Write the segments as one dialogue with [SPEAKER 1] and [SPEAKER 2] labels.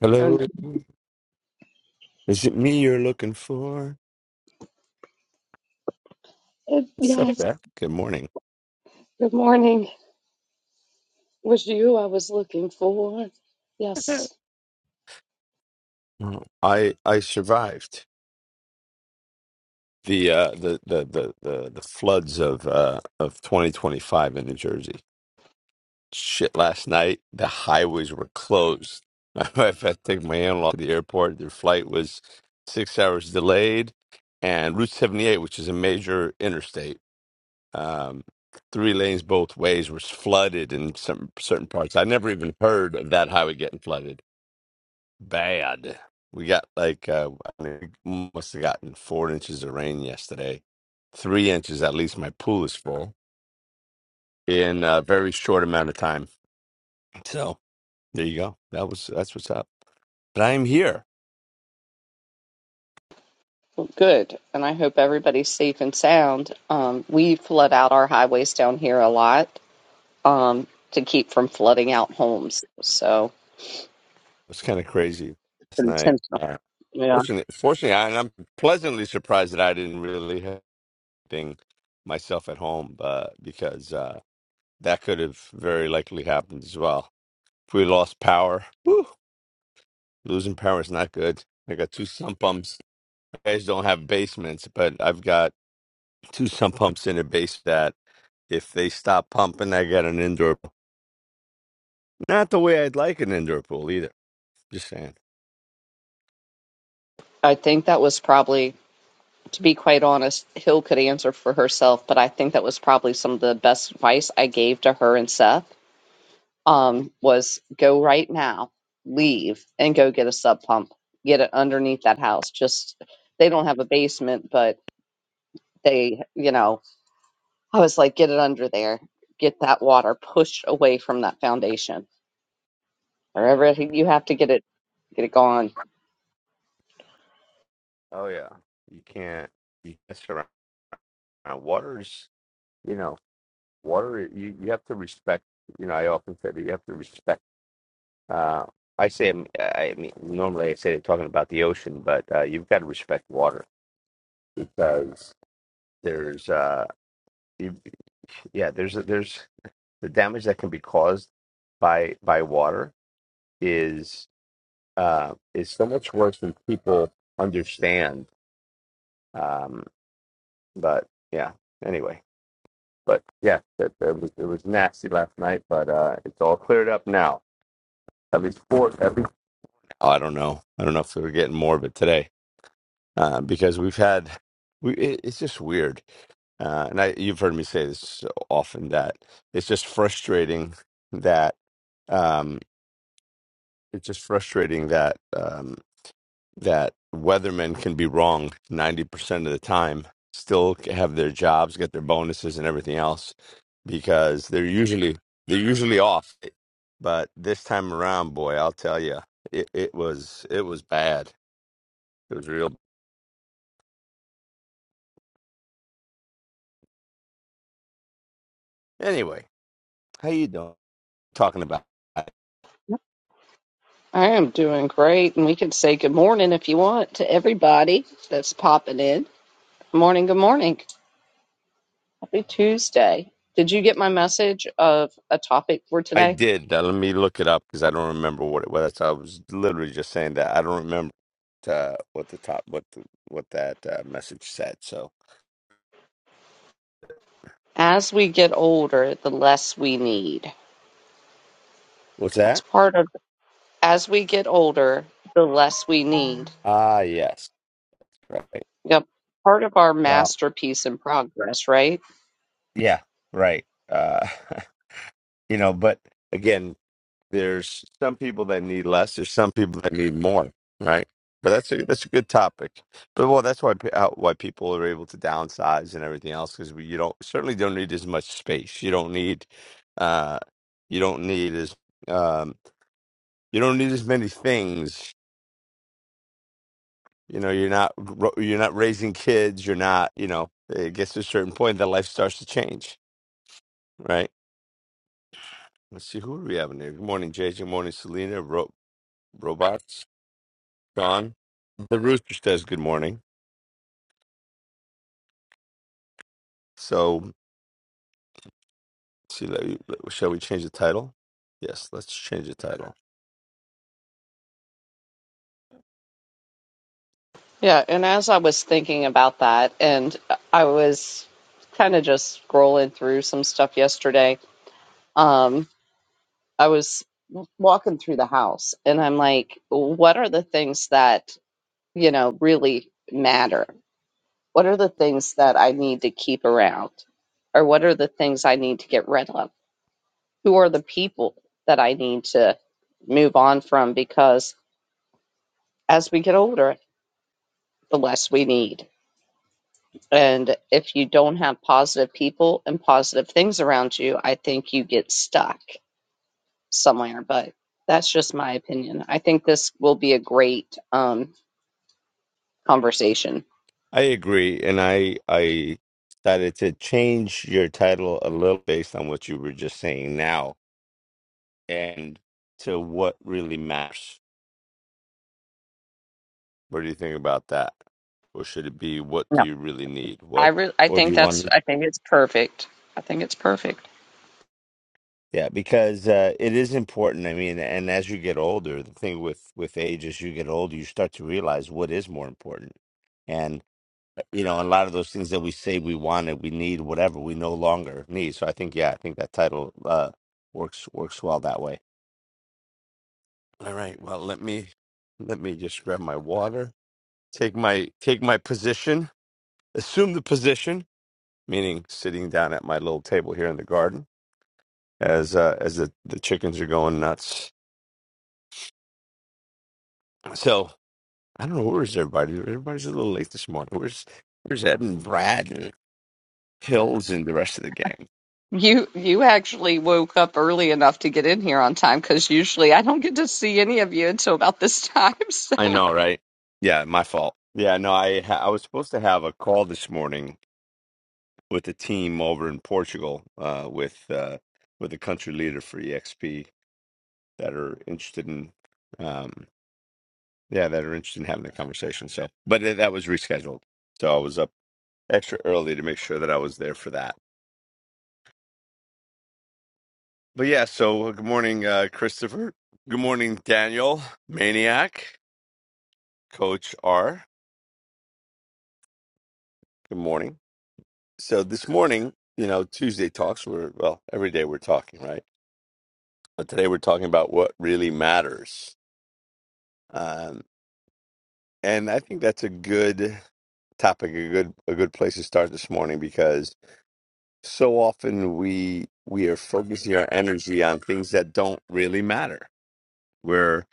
[SPEAKER 1] Hello.
[SPEAKER 2] And
[SPEAKER 1] Is it me you're looking for?
[SPEAKER 2] it,
[SPEAKER 1] What's up,
[SPEAKER 2] yes,
[SPEAKER 1] Beth? Good morning.
[SPEAKER 2] good morning. It Was you I was looking for? Yes,
[SPEAKER 1] Oh, I I survived the uh the the the the, the floods of uh of 2025 in New Jersey. Shit, last night the highways were closed. My wife had to take my in-law to the airport. Their flight was six hours delayed, and Route 78, which is a major interstate. um, three lanes both ways was flooded in some certain parts. I never even heard of that highway getting flooded. Bad. We got like uh, I mean, we must have gotten four inches of rain yesterday, three inches at least. My pool is full in a very short amount of time. So there you go. That was that's what's up. But I'm here.
[SPEAKER 2] good. And I hope everybody's safe and sound. Um, we flood out our highways down here a lot um, to keep from flooding out homes. So
[SPEAKER 1] It's kind of crazy last night.
[SPEAKER 2] intentional.
[SPEAKER 1] Uh,
[SPEAKER 2] Yeah,
[SPEAKER 1] fortunately, fortunately, I, and I'm pleasantly surprised that I didn't really have anything myself at home, uh, because. Uh, That could have very likely happened as well. If we lost power, whew, losing power is not good. I got two sump pumps. You guys don't have basements, but I've got two sump pumps in a base that if they stop pumping, I got an indoor pool. Not the way I'd like an indoor pool either. Just saying.
[SPEAKER 2] I think that was probably, to be quite honest, Hill could answer for herself, but I think that was probably some of the best advice I gave to her and Seth um, was go right now, leave, and go get a sub pump. Get it underneath that house. Just they don't have a basement, but they, you know, I was like, get it under there. Get that water pushed away from that foundation. Wherever you have to get it, get it gone.
[SPEAKER 1] Oh, yeah. You can't you mess around. Water is, you know, water, you, you have to respect. You know, I often say that you have to respect. Uh, I say, um, I mean, normally I say they're talking about the ocean, but uh, you've got to respect water because there's, uh, you, yeah, there's there's the damage that can be caused by by water is uh, is so much worse than people understand. Um, but yeah, anyway, but yeah, that, that was it was nasty last night, but uh, it's all cleared up now. At least four, at least. Oh, I don't know. I don't know if we're getting more of it today uh, because we've had we it, it's just weird uh, and I you've heard me say this often that it's just frustrating that um, it's just frustrating that um, that weathermen can be wrong ninety percent of the time, still have their jobs, get their bonuses and everything else because they're usually they're usually off. But this time around, boy, I'll tell you, it, it was it was bad. It was real. Anyway, how you doing? talking about. I
[SPEAKER 2] I am doing great, and we can say good morning if you want to everybody that's popping in. Good morning, good morning. Happy Tuesday. Did you get my message of a topic for
[SPEAKER 1] I
[SPEAKER 2] today?
[SPEAKER 1] did. Uh, let me look it up because I don't remember what it was. I was literally just saying that I don't remember uh, what the top what the, what that uh, message said. So
[SPEAKER 2] As we get older, the less we need.
[SPEAKER 1] what's
[SPEAKER 2] That's
[SPEAKER 1] that?
[SPEAKER 2] part of, as we get older, the less we need.
[SPEAKER 1] Ah, yes, right.
[SPEAKER 2] Yep. Part of our
[SPEAKER 1] Well,
[SPEAKER 2] masterpiece in progress, right?
[SPEAKER 1] yeah, right. Uh, you know, but again. There's some people that need less. There's some people that need more, right? But that's a that's a good topic. But well, that's why pe- how- why people are able to downsize and everything else because you don't certainly don't need as much space. You don't need uh you don't need as um you don't need as many things. You know, you're not ro- you're not raising kids. You're not you know. It gets to a certain point that life starts to change, right? Let's see who do we have in there. Good morning, JJ. Good morning, Selena. Ro- Robot. John, the rooster says good morning. So, see, let- let- shall we change the title? Yes, let's change the title.
[SPEAKER 2] Yeah. And as I was thinking about that, and I was kind of just scrolling through some stuff yesterday, um, I was walking through the house and I'm like, what are the things that, you know, really matter? What are the things that I need to keep around? Or what are the things I need to get rid of? Who are the people that I need to move on from? Because as we get older, the less we need. And if you don't have positive people and positive things around you, I think you get stuck somewhere. But that's just my opinion. I think this will be a great um, conversation.
[SPEAKER 1] I agree, and I I decided to change your title a little based on what you were just saying now, and to what really matters. What do you think about that? Or should it be what do
[SPEAKER 2] No,
[SPEAKER 1] you really need?
[SPEAKER 2] I
[SPEAKER 1] What
[SPEAKER 2] re- I
[SPEAKER 1] or do
[SPEAKER 2] think
[SPEAKER 1] you
[SPEAKER 2] that's
[SPEAKER 1] want?
[SPEAKER 2] I think it's perfect. I think it's perfect.
[SPEAKER 1] Yeah, because uh, it is important. I mean, and as you get older, the thing with with age, as you get older, you start to realize what is more important. And you know, a lot of those things that we say we wanted, we need, whatever, we no longer need. So I think, yeah, I think that title uh, works works well that way. All right. Well, let me let me just grab my water. Take my take my position. Assume the position, meaning sitting down at my little table here in the garden as uh, as the the chickens are going nuts. So I don't know where's everybody. Everybody's a little late this morning. Where's where's Ed and Brad and Hills and the rest of the gang?
[SPEAKER 2] You you actually woke up early enough to get in here on time because usually I don't get to see any of you until about this time.
[SPEAKER 1] I know, right? Yeah, my fault. Yeah, no, I ha- I was supposed to have a call this morning with the team over in Portugal, uh, with uh, with the country leader for EXP that are interested in, um, yeah, that are interested in having a conversation. So, but that was rescheduled. So I was up extra early to make sure that I was there for that. But yeah, so uh, good morning, uh, Christopher. Good morning, Daniel, Maniac, Coach R. Good morning. So this morning, you know, Tuesday talks were, well, every day we're talking, right? But today we're talking about what really matters. Um, and I think that's a good topic, a good a good place to start this morning because so often we we are focusing our energy on things that don't really matter. We're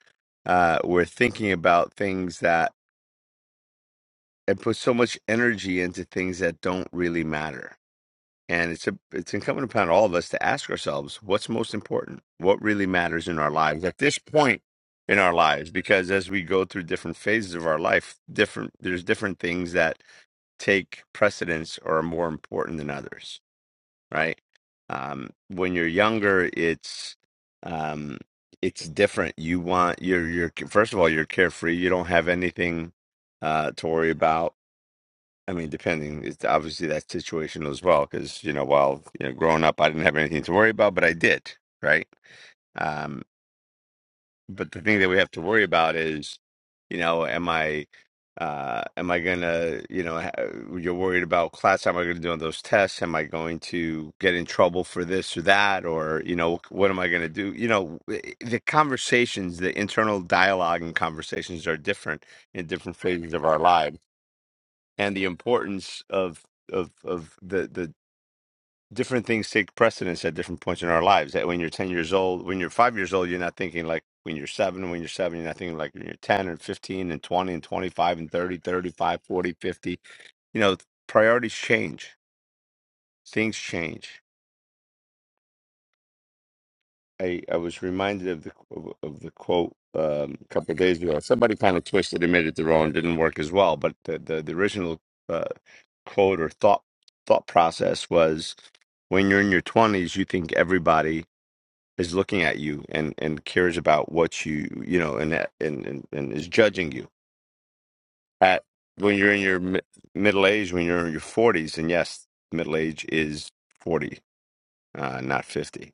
[SPEAKER 1] uh, we're thinking about things that and put so much energy into things that don't really matter. And it's a, it's incumbent upon all of us to ask ourselves what's most important, what really matters in our lives at this point in our lives, because as we go through different phases of our life, different there's different things that take precedence or are more important than others, right? Um, when you're younger, it's um, it's different. You want you're you're first of all you're carefree. You don't have anything uh, to worry about I mean, depending, it's obviously that's situational as well, because you know, while you know, growing up, I didn't have anything to worry about, but I did, right? Um, but the thing that we have to worry about is, you know, am I, uh, am I gonna, you know, ha- you're worried about class? How am I gonna do on those tests? Am I going to get in trouble for this or that? Or, you know, what am I gonna do? You know, w- eh, the conversations, the internal dialogue and conversations are different in different phases of our lives and the importance of of of the the different things take precedence at different points in our lives. That when you're ten years old, when you're five years old, you're not thinking like when you're seven. When you're seven, you're not thinking like when you're ten and fifteen and twenty and twenty five and 30, 35, 40, 50. You know, priorities change, things change I, I was reminded of the of, of the quote um, a couple of days ago. Somebody kind of twisted and made it their own. Didn't work as well, but the the, the original uh, quote or thought thought process was: when you're in your twenties, you think everybody is looking at you and and cares about what you you know and that- and and, and is judging you. At when you're in your mi- middle age, when you're in your forties, and yes, middle age is forty, uh, not fifty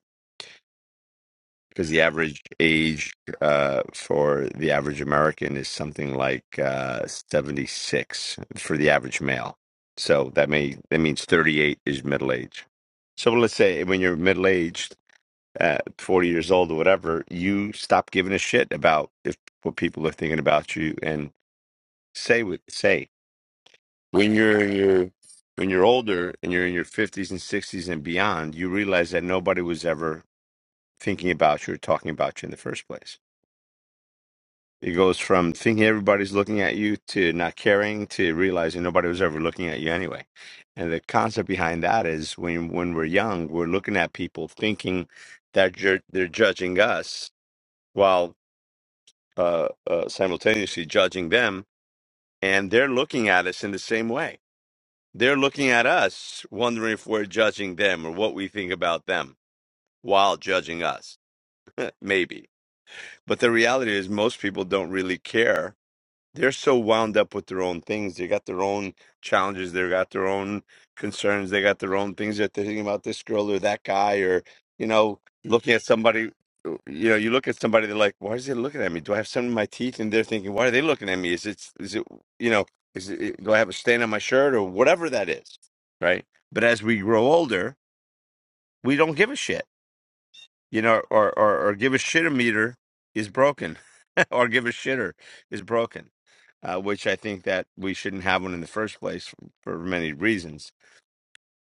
[SPEAKER 1] because the average age uh, for the average American is something like uh, 76 for the average male. So that may that means 38 is middle age. So let's say when you're middle aged, uh, 40 years old or whatever, you stop giving a shit about if what people are thinking about you and say what say. When you're in your when you're older and you're in your 50s and 60s and beyond, you realize that nobody was ever thinking about you or talking about you in the first place. It goes from thinking everybody's looking at you to not caring to realizing nobody was ever looking at you anyway. And the concept behind that is when when we're young, we're looking at people thinking that ju- they're judging us while uh, uh, simultaneously judging them, and they're looking at us in the same way. They're looking at us, wondering if we're judging them or what we think about them while judging us, maybe. But the reality is, most people don't really care they're so wound up with their own things. They got their own challenges. They got their own concerns. They got their own things that they're thinking about this girl or that guy or, you know, looking at somebody. uh, You know, you look at somebody, they're like, why is he looking at me? Do I have something in my teeth? And they're thinking, why are they looking at me? Is it, is it, you know, is it, do I have a stain on my shirt or whatever that is? Right. But as we grow older, we don't give a shit, you know, or, or, or give a shit a meter is broken or give a shitter is broken, uh, which I think that we shouldn't have one in the first place for many reasons.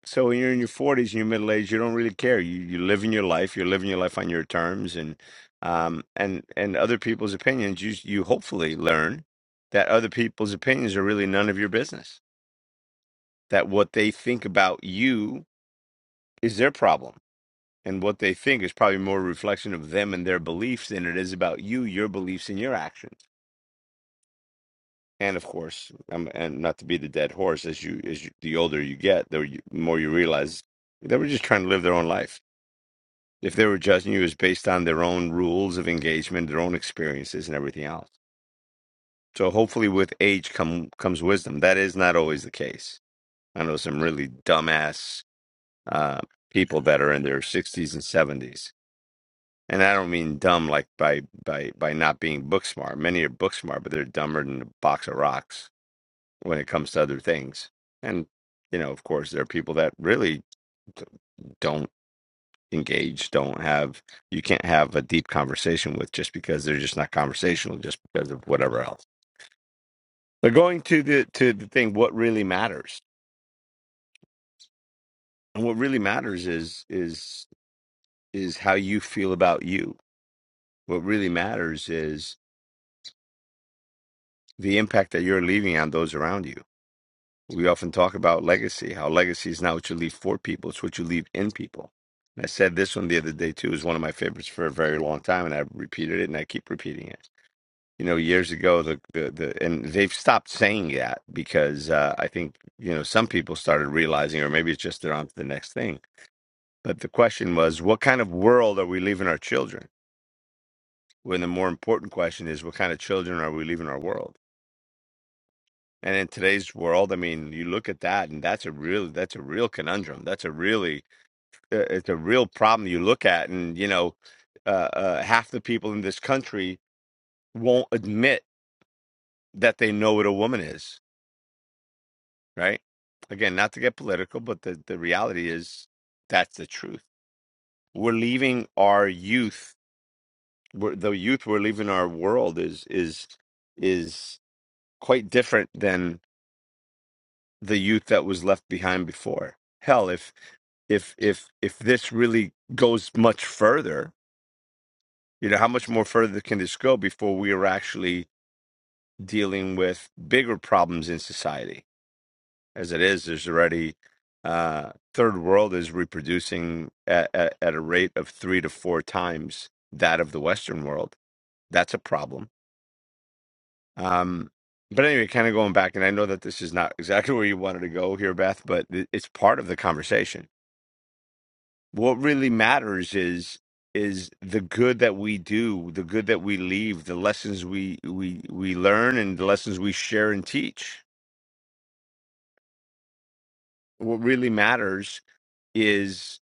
[SPEAKER 1] So when you're in your 40s and you're middle aged, you don't really care. You you live in your life. You're living your life on your terms, and um and and other people's opinions. You you hopefully learn that other people's opinions are really none of your business. That what they think about you is their problem. And what they think is probably more a reflection of them and their beliefs than it is about you, your beliefs, and your actions And of course, um, and not to be the dead horse, as you as you, the older you get, the you- more you realize they were just trying to live their own life. If they were judging you, it was based on their own rules of engagement, their own experiences, and everything else. So hopefully, with age come comes wisdom. That is not always the case. I know some really dumbass uh, people that are in their sixties and seventies, and I don't mean dumb like by by by not being book smart. Many are book smart, but they're dumber than a box of rocks when it comes to other things. And, you know, of course, there are people that really d- don't engage, don't have, you can't have a deep conversation with just because they're just not conversational, just because of whatever else. But going to the, to the thing, what really matters and what really matters is, is, is how you feel about you. What really matters is the impact that you're leaving on those around you We often talk about legacy, how legacy is not what you leave for people, it's what you leave in people. And I said this one the other day too, is one of my favorites for a very long time, and I have repeated it and I keep repeating it. You know, years ago, the, the, the and they've stopped saying that because uh, I think, you know, some people started realizing, or maybe it's just they're on to the next thing. But the question was, what kind of world are we leaving our children? When the more important question is, what kind of children are we leaving our world? And in today's world, I mean, you look at that, and that's a real that's a real conundrum. That's a really uh, it's a real problem you look at, and you know, uh, uh, half the people in this country won't admit that they know what a woman is, right? Again, not to get political, but the the reality is that's the truth. We're leaving our youth, we're, the youth we're leaving our world is is is quite different than the youth that was left behind before. Hell, if if if if this really goes much further you know how much more further can this go before we are actually dealing with bigger problems in society as it is there's already uh third world is reproducing at, at, at a rate of three to four times that of the western world that's a problem um but anyway kind of going back and i know that this is not exactly where you wanted to go here beth but it- it's part of the conversation what really matters is is the good that we do the good that we leave the lessons we we we learn and the lessons we share and teach what really matters is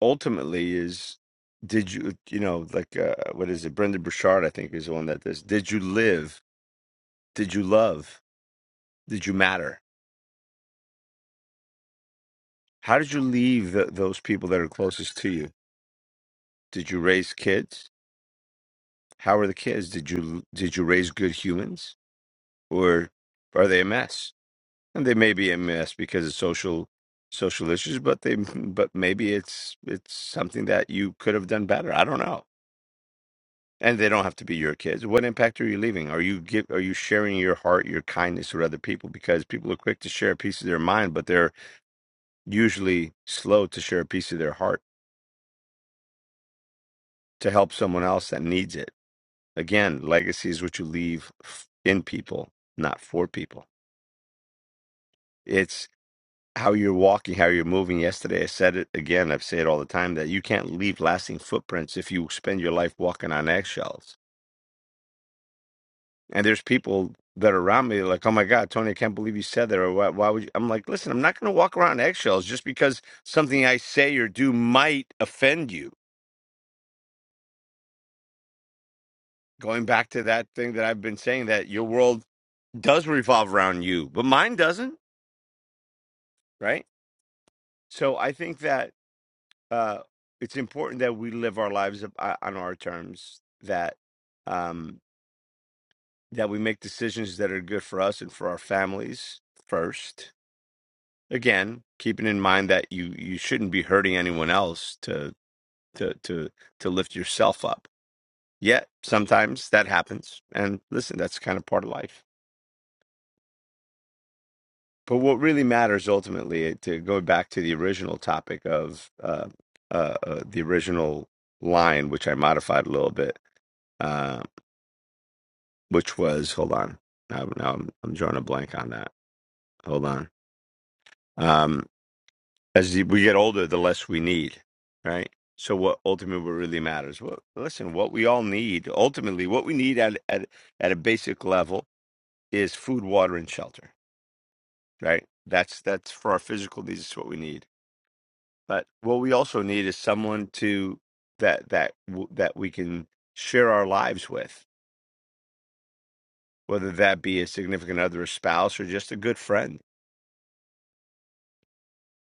[SPEAKER 1] ultimately is did you you know like uh, what is it brendan burchard i think is the one that does did you live did you love did you matter how did you leave th those people that are closest to you did you raise kids how are the kids did you did you raise good humans or are they a mess And they may be a mess because of social social issues, but they but maybe it's it's something that you could have done better. I don't know. And they don't have to be your kids. What impact are you leaving? Are you give are you sharing your heart, your kindness with other people? Because people are quick to share a piece of their mind, but they're usually slow to share a piece of their heart to help someone else that needs it. Again, legacy is what you leave f- in people, not for people. It's. how you're walking, how you're moving. Yesterday, I said it again. I've said it all the time that you can't leave lasting footprints if you spend your life walking on eggshells. And there's people that are around me like, oh my God, Tony, I can't believe you said that. Or why, why would you? I'm like, listen, I'm not going to walk around on eggshells just because something I say or do might offend you. Going back to that thing that I've been saying that your world does revolve around you, but mine doesn't, right? So I think that uh, it's important that we live our lives up- uh, on our terms. That um, that we make decisions that are good for us and for our families first. Again, keeping in mind that you you shouldn't be hurting anyone else to to to to lift yourself up. Yet sometimes that happens, and listen, that's kind of part of life. But what really matters ultimately, eh, to go back to the original topic of uh, uh, uh, the original line, which I modified a little bit uh, which was hold on. Now, now I'm I'm drawing a blank on that. Hold on. Um, as we get older, the less we need, right? So what ultimately what really matters? What listen, what we all need ultimately, what we need at at at a basic level is food, water, and shelter, right? That's that's for our physical needs. It's what we need. But what we also need is someone to that that w- that we can share our lives with, whether that be a significant other, a spouse, or just a good friend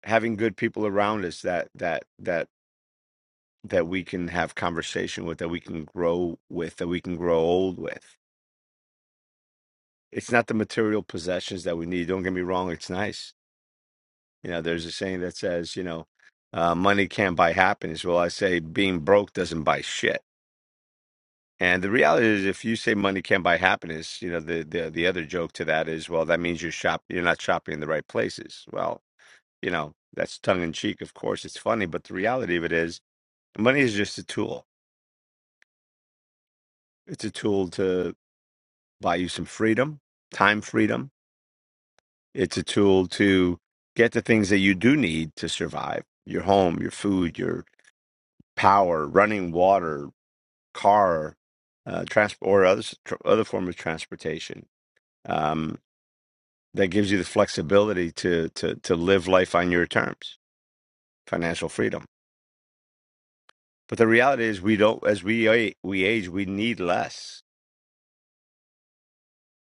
[SPEAKER 1] having good people around us that that that that we can have conversation with that we can grow with that we can grow old with it's not the material possessions that we need don't get me wrong it's nice you know there's a saying that says you know uh, money can't buy happiness well i say being broke doesn't buy shit and the reality is if you say money can't buy happiness you know the, the the other joke to that is well that means you're shop you're not shopping in the right places well you know that's tongue in cheek of course it's funny but the reality of it is money is just a tool It's a tool to buy you some freedom, time freedom. It's a tool to get the things that you do need to survive your home, your food, your power, running water, car, uh, transport, or other, tr- other form of transportation. Um, that gives you the flexibility to, to, to live life on your terms, financial freedom. But the reality is, we don't, as we, a- we age, we need less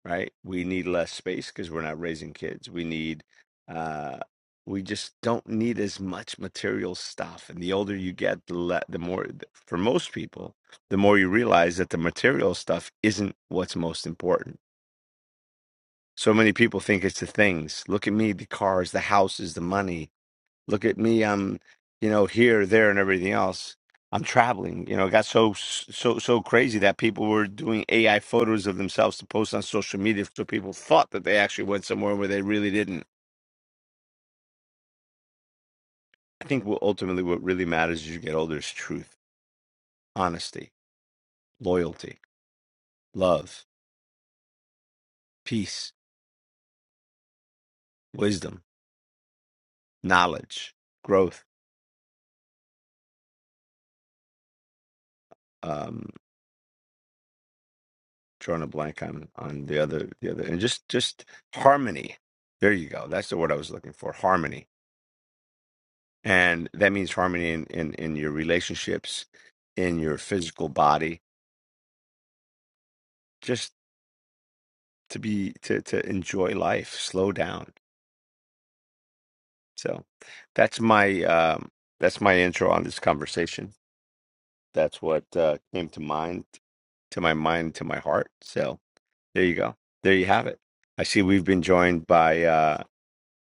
[SPEAKER 1] right? We need less space because we're not raising kids. We need, uh, we just don't need as much material stuff. And the older you get, the le- the more, for most people, the more you realize that the material stuff isn't what's most important. So many people think it's the things. Look at me, the cars, the houses, the money, Look at me. I'm, you know, here, there, and everything else. I'm traveling. You know, it got so so so crazy that people were doing AI photos of themselves to post on social media, so people thought that they actually went somewhere where they really didn't. I think what ultimately what really matters as you get older is truth, honesty, loyalty, love, peace, wisdom, knowledge, growth. Um, drawing a blank on on the other the other, and just just harmony. There you go. That's the word I was looking for. Harmony And that means harmony in, in, in your relationships, in your physical body, just to be to, to enjoy life, slow down. So that's my um, that's my intro on this conversation. That's what uh, came to mind to my mind, to my heart. So there you go. There you have it. I see we've been joined by uh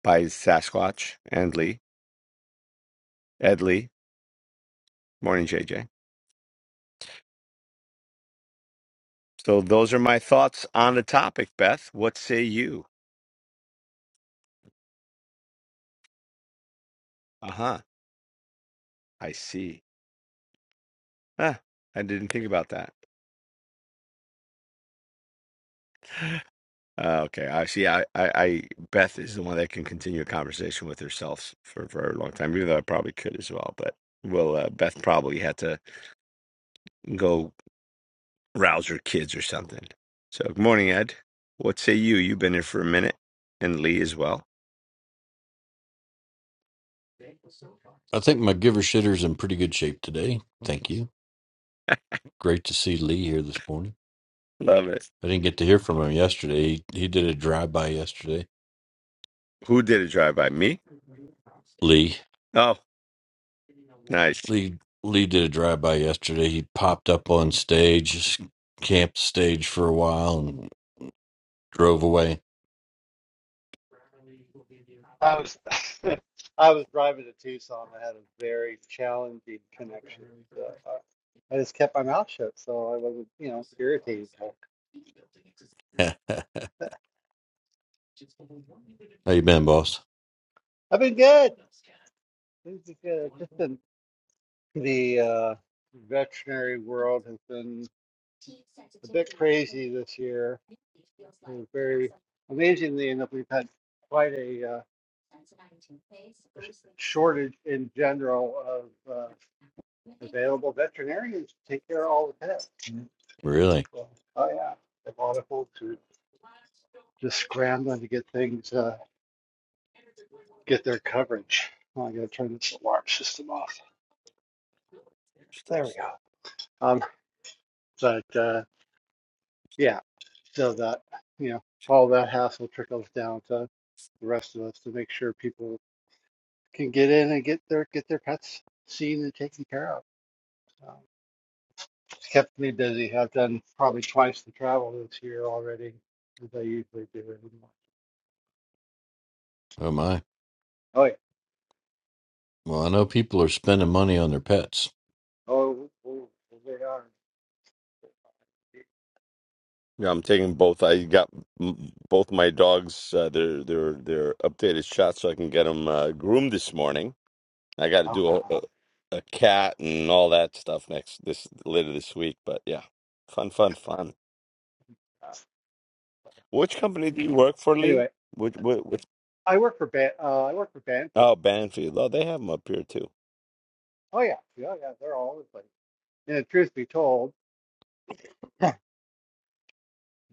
[SPEAKER 1] by Sasquatch and Lee. Ed Lee. Morning, JJ. So those are my thoughts on the topic, Beth. What say you? Uh-huh. I see. Ah, I didn't think about that. Uh, okay, I see. I, I, I, Beth is the one that can continue a conversation with herself for, for a long time, even though I probably could as well. But well, uh, Beth probably had to go rouse her kids or something. So, good morning, Ed. What say you? You've been here for a minute, and Lee as well.
[SPEAKER 3] I think my giver shitter's in pretty good shape today. Thank you. Great to see Lee here this morning.
[SPEAKER 1] Love it.
[SPEAKER 3] I didn't get to hear from him yesterday. He, he did a drive by yesterday.
[SPEAKER 1] Who did a drive by? Me?
[SPEAKER 3] Lee,
[SPEAKER 1] Oh, nice.
[SPEAKER 3] Lee, Lee did a drive by yesterday. He popped up on stage, just camped stage for a while, and drove away.
[SPEAKER 4] I was I was driving to Tucson. I had a very challenging connection, so I, I just kept my mouth shut, so I wasn't, you know, irritated. But
[SPEAKER 3] How you been, boss?
[SPEAKER 4] I've been good. Things are good. It's just been the uh, veterinary world has been a bit crazy this year. It was very amazingly enough, we've had quite a, uh, sh- shortage in general of uh, available veterinarians to take care of all the pets. Mhm.
[SPEAKER 3] Really?
[SPEAKER 4] So, oh yeah, a lot of folks just scrambling to get things, uh, get their coverage. Oh, I gotta turn this alarm system off. There we go. Um, but uh, yeah, so that you know, all that hassle trickles down to the rest of us to make sure people can get in and get their get their pets seen and taken care of. Um, it's kept me busy. I've done probably twice the travel this year already as I usually do.
[SPEAKER 3] Oh my.
[SPEAKER 4] Oh yeah.
[SPEAKER 3] Well, I know people are spending money on their pets.
[SPEAKER 4] Oh, oh, oh, they are.
[SPEAKER 1] Yeah, I'm taking both. I got mm, both my dogs. Uh, their their their updated shots, so I can get them uh, groomed this morning I got to do
[SPEAKER 4] Uh-huh.
[SPEAKER 1] a, a a cat and all that stuff next this later this week. But yeah, fun, fun, fun.
[SPEAKER 4] Uh,
[SPEAKER 1] Which company do you work for, Lee?
[SPEAKER 4] Anyway.
[SPEAKER 1] Which, which, which
[SPEAKER 4] I work for Ban uh, I work for Banfield.
[SPEAKER 1] oh, Banfield. Oh, they have them up here too.
[SPEAKER 4] Oh yeah, yeah, yeah. They're always like. And the truth be told,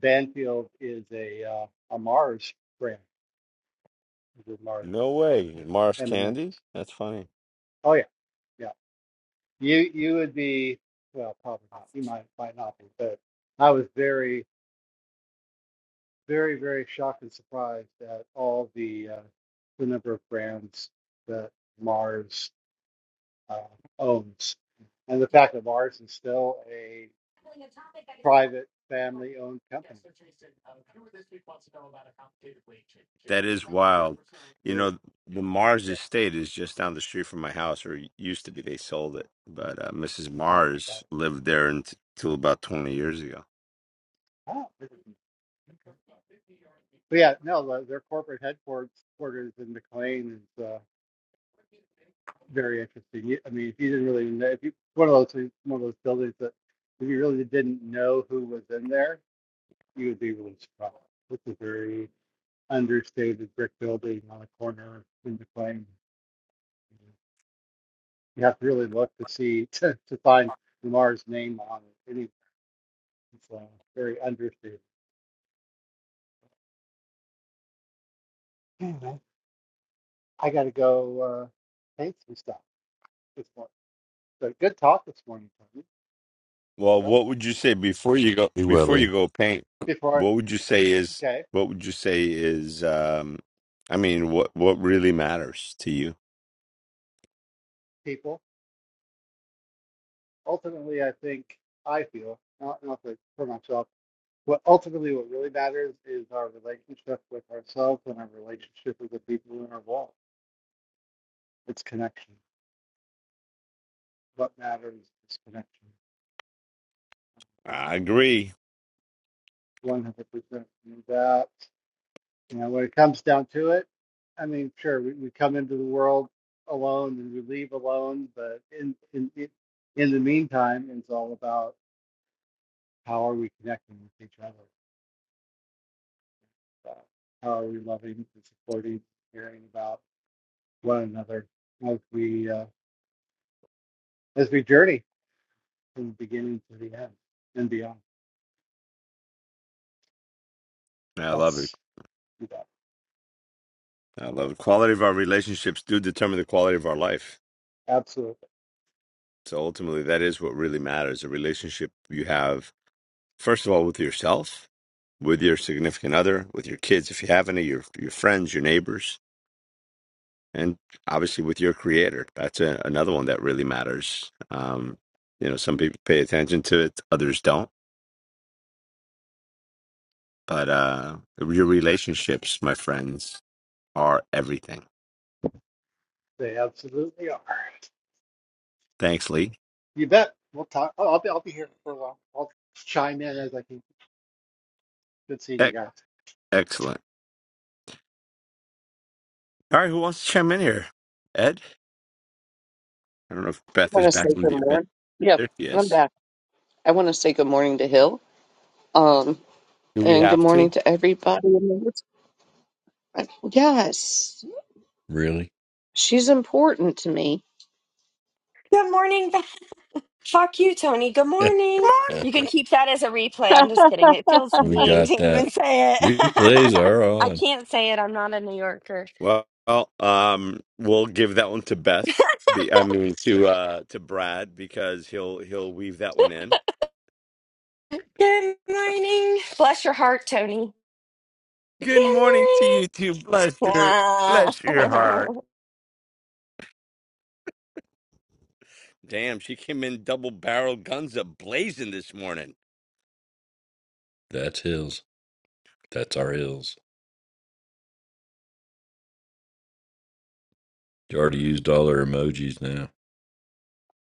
[SPEAKER 4] Banfield is a uh, a Mars brand. Is a Mars,
[SPEAKER 1] No
[SPEAKER 4] you
[SPEAKER 1] way, Mars
[SPEAKER 4] know, M&Ms.
[SPEAKER 1] Candy. That's funny.
[SPEAKER 4] Oh yeah, yeah. You you would be well, probably not. You might might not be, but I was very very very shocked and surprised at all the uh, the number of brands that Mars uh, owns, and the fact that Mars is still a private family owned company
[SPEAKER 1] That is
[SPEAKER 4] which is
[SPEAKER 1] wild.
[SPEAKER 4] really,
[SPEAKER 1] You
[SPEAKER 4] really,
[SPEAKER 1] know, the Mars
[SPEAKER 4] yeah.
[SPEAKER 1] Estate is just down the street from my house, or used to be. They sold it, but uh, Mrs.
[SPEAKER 4] Oh, wow.
[SPEAKER 1] Mars lived there unt- until about twenty years ago.
[SPEAKER 4] Oh, this is, okay. But yeah, no, the, their corporate headquarters quarters in McLean is uh, very interesting. You- I mean, if you didn't really know, if you one of those one of those buildings that if you really didn't know who was in there, you would be really surprised. It's a very understated brick building on a corner in McLean. You have to really look to see to, to find Lamar's name on it. Any, it's uh, very understated. I got to go uh, paint some stuff this morning. So good talk this morning, Tony.
[SPEAKER 1] Well,
[SPEAKER 4] Well
[SPEAKER 1] what would you say before you go
[SPEAKER 3] Be well,
[SPEAKER 1] before
[SPEAKER 3] Lee.
[SPEAKER 1] you go paint?
[SPEAKER 4] Before, I,
[SPEAKER 1] What would you say is
[SPEAKER 4] okay,
[SPEAKER 1] what would you say is um I mean what what really matters to you?
[SPEAKER 4] people. Ultimately, I think I feel not not for, for myself. What ultimately what really matters is our relationship with ourselves and our relationship with the people in our world. It's connection. What matters is connection.
[SPEAKER 1] I agree.
[SPEAKER 4] One hundred percent. And that's You know, when it comes down to it, I mean, sure, we, we come into the world alone and we leave alone, but in in in in the meantime, it's all about how are we connecting with each other? So how are we loving and supporting, caring about one another as we uh, as we journey from the beginning to the end and beyond?
[SPEAKER 1] I love it.
[SPEAKER 4] That's that.
[SPEAKER 1] I
[SPEAKER 4] So,
[SPEAKER 1] love it. Quality of our relationships do determine the quality of our life.
[SPEAKER 4] absolutely,
[SPEAKER 1] So ultimately that is what really matters. A relationship you have first of all with yourself, with your significant other, with your kids if you have any, your your friends, your neighbors and obviously with your creator that's a, another one that really matters um you know some people pay attention to it others don't but uh your relationships my friends are everything
[SPEAKER 4] they absolutely are.
[SPEAKER 1] thanks lee
[SPEAKER 4] You bet. We'll talk. Oh, I'll be I'll be here for a while. I'll chime in as I can. Good seeing
[SPEAKER 1] Ec-
[SPEAKER 4] you guys.
[SPEAKER 1] excellent all right who wants to chime in here ed i don't know if beth
[SPEAKER 2] So I want
[SPEAKER 1] is
[SPEAKER 2] to say
[SPEAKER 1] back in
[SPEAKER 2] good
[SPEAKER 1] a bit
[SPEAKER 2] morning.
[SPEAKER 1] there
[SPEAKER 2] Yep,
[SPEAKER 1] she
[SPEAKER 2] I'm
[SPEAKER 1] is
[SPEAKER 2] back. I want to say good morning to Hill. Um,
[SPEAKER 1] do we
[SPEAKER 2] and good
[SPEAKER 1] have to
[SPEAKER 2] morning
[SPEAKER 1] good
[SPEAKER 2] to everybody. in the room. Yes,
[SPEAKER 3] Really?
[SPEAKER 2] she's important to me.
[SPEAKER 5] Good morning. Beth. Fuck you, Tony. Good morning.
[SPEAKER 1] morning
[SPEAKER 5] You can keep that as a replay. I'm just kidding. It feels
[SPEAKER 3] we
[SPEAKER 5] mean to
[SPEAKER 3] got
[SPEAKER 5] even
[SPEAKER 3] that.
[SPEAKER 5] say it.
[SPEAKER 3] Replays are
[SPEAKER 5] I
[SPEAKER 3] on.
[SPEAKER 5] can't say it. I'm not a New Yorker.
[SPEAKER 1] well well, um we'll give that one to beth be, i mean to uh to brad because he'll he'll weave that one in
[SPEAKER 5] Good morning. Bless your heart, Tony.
[SPEAKER 1] Good
[SPEAKER 5] Good
[SPEAKER 1] morning to
[SPEAKER 5] morning.
[SPEAKER 1] you too. Bless your
[SPEAKER 5] Ah.
[SPEAKER 1] bless your heart. Damn, she came in double barrel guns a blazing this morning.
[SPEAKER 3] That's Hills. That's our Hills. You already used all their emojis now.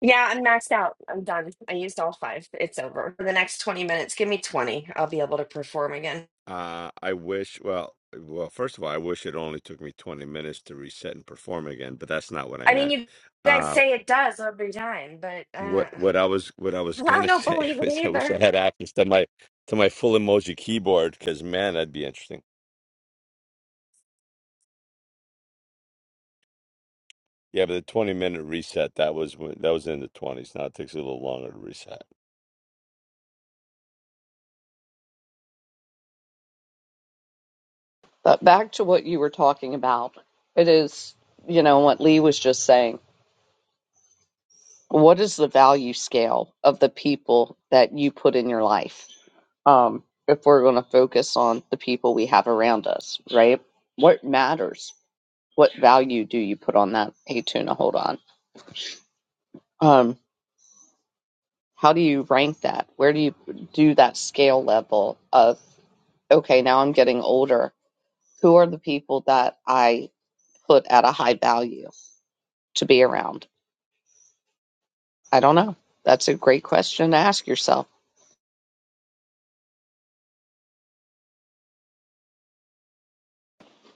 [SPEAKER 5] yeah, I'm maxed out. I'm done. I used all five. It's over. For the next 20 minutes, give me 20. I'll be able to perform again.
[SPEAKER 1] Uh, I wish, well, well, first of all, I wish it only took me 20 minutes to reset and perform again, but that's not what I
[SPEAKER 5] I mean,
[SPEAKER 1] meant.
[SPEAKER 5] you guys
[SPEAKER 1] Uh,
[SPEAKER 5] say it does every time, but
[SPEAKER 1] what
[SPEAKER 5] uh,
[SPEAKER 1] what I was what I was
[SPEAKER 5] I
[SPEAKER 1] gonna
[SPEAKER 5] don't
[SPEAKER 1] say
[SPEAKER 5] believe it
[SPEAKER 1] was I wish
[SPEAKER 5] either.
[SPEAKER 1] I had access to my to my full emoji keyboard because man, that'd be interesting. Yeah, but the 20 minute reset that was when, that was in the 20s. Now it takes a little longer to reset.
[SPEAKER 2] But back to what you were talking about, it is you know what Lee was just saying. What is the value scale of the people that you put in your life? um, if we're going to focus on the people we have around us, right? What matters? What value do you put on that? Hey, tuna, hold on. Um, how do you rank that? Where do you do that scale level of, okay, now I'm getting older. Who are the people that I put at a high value to be around? I don't know. That's a great question to ask yourself.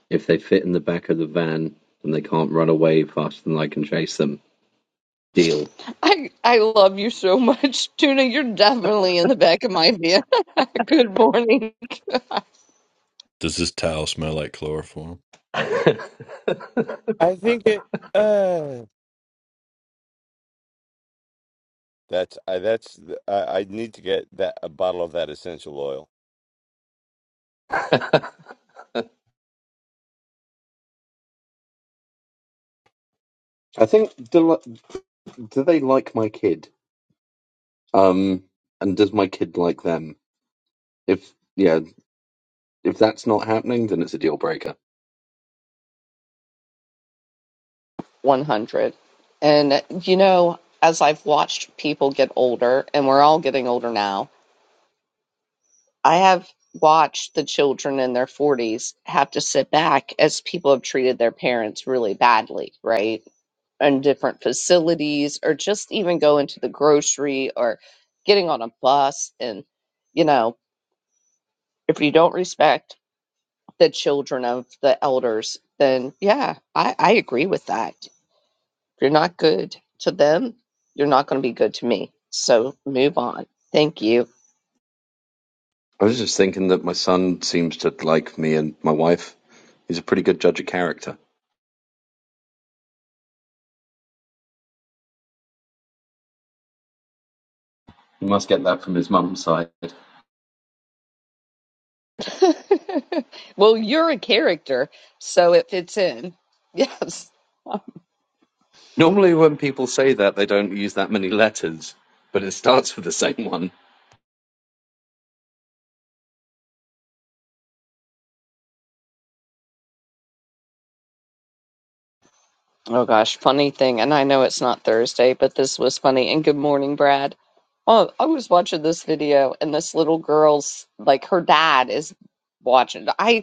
[SPEAKER 6] If they fit in the back of the van, then they can't run away faster than I can chase them. Deal.
[SPEAKER 2] I I love you so much, Tuna. You're definitely in the back of my head. Good morning.
[SPEAKER 3] Does this towel smell like chloroform?
[SPEAKER 1] I think it. Uh, That's I. That's I, I need to get that a bottle of that essential oil.
[SPEAKER 6] I think do, do they like my kid? Um, and does my kid like them? If yeah, if that's not happening, then it's a deal breaker.
[SPEAKER 2] 100. And, you know, as I've watched people get older, and we're all getting older now, I have watched the children in their 40s have to sit back as people have treated their parents really badly, right? In different facilities, or just even go into the grocery or getting on a bus. And, you know, if you don't respect the children of the elders, then yeah, I, I agree with that. If you're not good to them, you're not going to be good to me. So move on. Thank you.
[SPEAKER 6] I was just thinking that my son seems to like me and my wife. He's a pretty good judge of character. He must get that from his mum's side.
[SPEAKER 2] well, you're a character, so it fits in. Yes.
[SPEAKER 6] Normally, when people say that, they don't use that many letters, but it starts with the same one.
[SPEAKER 2] Oh gosh, funny thing, and I know it's not Thursday, but this was funny. And good morning, Brad. Oh, I was watching this video, and this little girl's like her dad is watching. I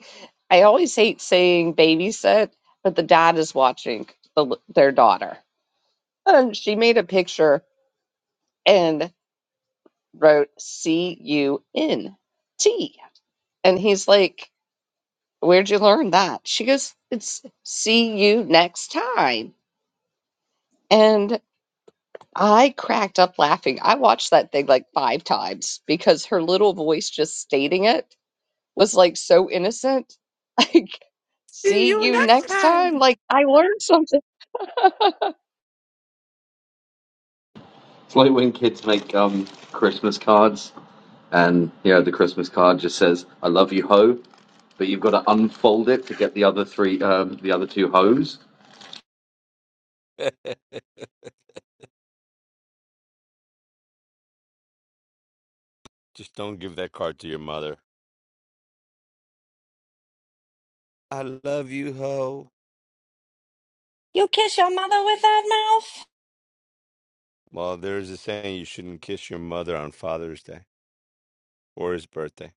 [SPEAKER 2] I always hate saying babysit, but the dad is watching the, l- their daughter, and she made a picture and wrote C U N T, and he's like, "Where'd you learn that?" She goes, "It's see you next time," and. I cracked up laughing. I watched that thing like five times because her little voice just stating it was like so innocent. Like,
[SPEAKER 1] See
[SPEAKER 2] see
[SPEAKER 1] you
[SPEAKER 2] you
[SPEAKER 1] next
[SPEAKER 2] next time.
[SPEAKER 1] time.
[SPEAKER 2] Like, I learned something.
[SPEAKER 6] It's like when kids make um, Christmas cards and you know the Christmas card just says "I love you, ho," but you've got to unfold it to get the other three, um, the other two hoes.
[SPEAKER 1] Just don't give that card to your mother. I love you, ho.
[SPEAKER 5] You kiss your mother with that mouth?
[SPEAKER 1] Well, there's a saying you shouldn't kiss your mother on Father's Day or his birthday.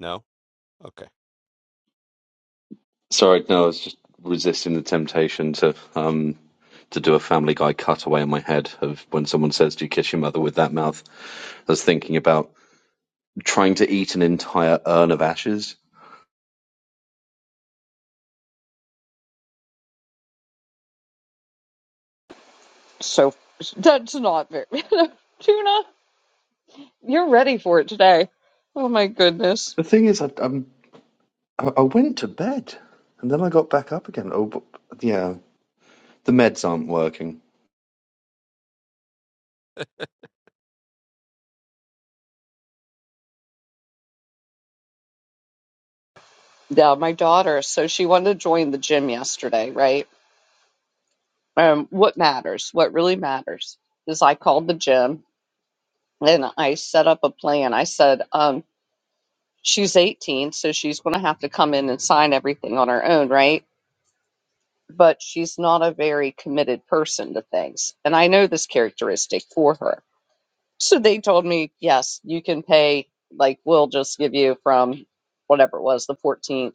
[SPEAKER 1] No, okay.
[SPEAKER 6] Sorry, no, I was just resisting the temptation to um, to do a Family Guy cutaway in my head of when someone says, "Do you kiss your mother with that mouth?" I was thinking about trying to eat an entire urn of ashes.
[SPEAKER 2] so that's not very. Tuna, you're ready for it today. Oh my goodness.
[SPEAKER 6] The thing is, I, I'm, I went to bed and then I got back up again. Oh, but, yeah, the meds aren't working.
[SPEAKER 2] Yeah, my daughter. So she wanted to join the gym yesterday, right? Um, what matters, what really matters is I called the gym and I set up a plan. I said, um, She's 18, so she's going to have to come in and sign everything on her own, right? But she's not a very committed person to things. And I know this characteristic for her. So they told me, yes, you can pay, like, we'll just give you from whatever it was, the 14th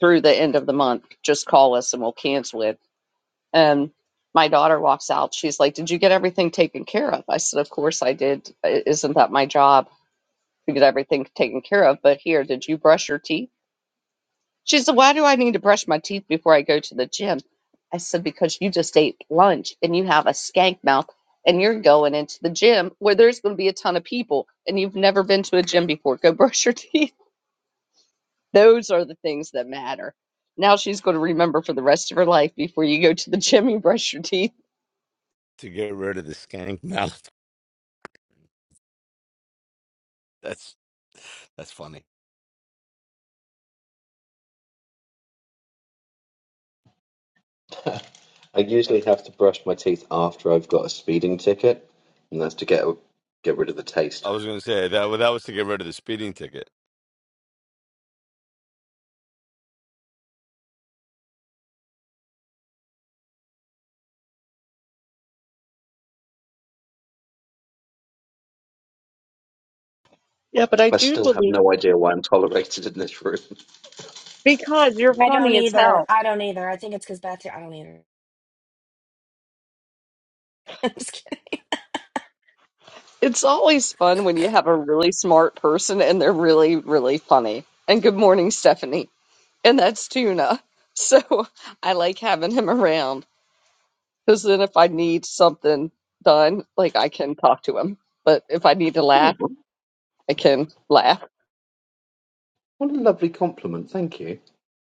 [SPEAKER 2] through the end of the month. Just call us and we'll cancel it. And my daughter walks out. She's like, Did you get everything taken care of? I said, Of course I did. Isn't that my job to get everything taken care of? But here, did you brush your teeth? She said, Why do I need to brush my teeth before I go to the gym? I said, Because you just ate lunch and you have a skank mouth and you're going into the gym where there's going to be a ton of people and you've never been to a gym before. Go brush your teeth. Those are the things that matter. Now she's going to remember for the rest of her life before you go to the gym, you brush your teeth.
[SPEAKER 1] To get rid of the skank mouth. That's that's funny.
[SPEAKER 6] I usually have to brush my teeth after I've got a speeding ticket, and that's to get get rid of the taste.
[SPEAKER 1] I was gonna say that that was to get rid of the speeding ticket.
[SPEAKER 2] Yeah, but I
[SPEAKER 6] I
[SPEAKER 2] do
[SPEAKER 6] still have
[SPEAKER 2] believe
[SPEAKER 6] no idea why I'm tolerated in this room.
[SPEAKER 2] Because you're
[SPEAKER 5] I don't
[SPEAKER 2] funny as
[SPEAKER 5] either.
[SPEAKER 2] hell.
[SPEAKER 5] I don't either. I think it's because Beth. I don't either. I'm just kidding.
[SPEAKER 2] It's always fun when you have a really smart person and they're really, really funny. And good morning, Stephanie. and that's tuna. So I like having him around because then if I need something done, like I can talk to him. But if I need to laugh,
[SPEAKER 6] Well,
[SPEAKER 2] I can laugh.
[SPEAKER 6] What a lovely compliment, thank you.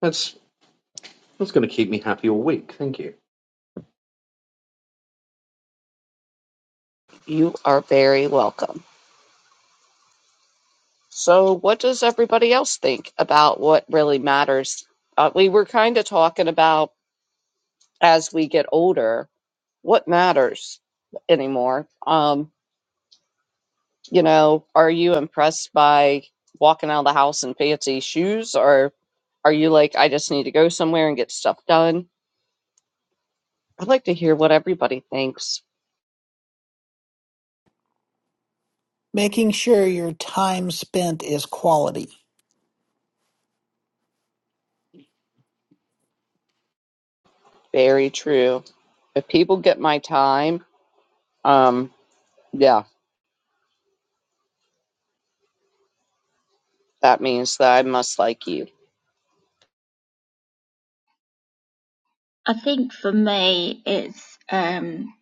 [SPEAKER 6] That's that's going to keep me happy all week, thank you.
[SPEAKER 2] You are very welcome. So, what does everybody else think about what really matters? Uh, we were kind of talking about as we get older, what matters anymore. Um, you know, are you impressed by walking out of the house in fancy shoes or are you like, I just need to go somewhere and get stuff done? I'd like to hear what everybody thinks.
[SPEAKER 7] Making sure your time spent is quality.
[SPEAKER 2] Very true. If people get my time, um, yeah, that means that I must like you.
[SPEAKER 8] I think for me, it's um,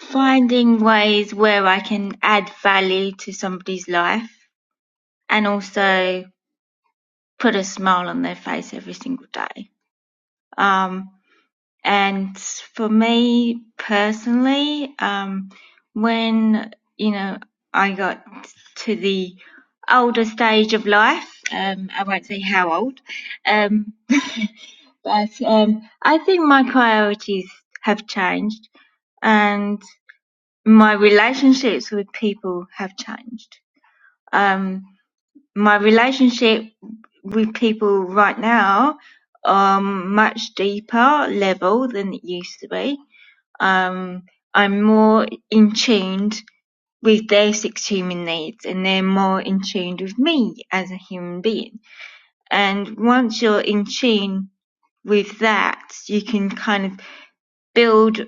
[SPEAKER 8] finding ways where I can add value to somebody's life and also put a smile on their face every single day. Um, And for me personally, um, when you know I got to the older stage of life, um, I won't say how old, um, but um, I think my priorities have changed, and my relationships with people have changed. Um, my relationship with people right now are much deeper level than it used to be um, I'm more in tune with their six human needs and they're more in tune with me as a human being. And once you're in tune with that, you can kind of build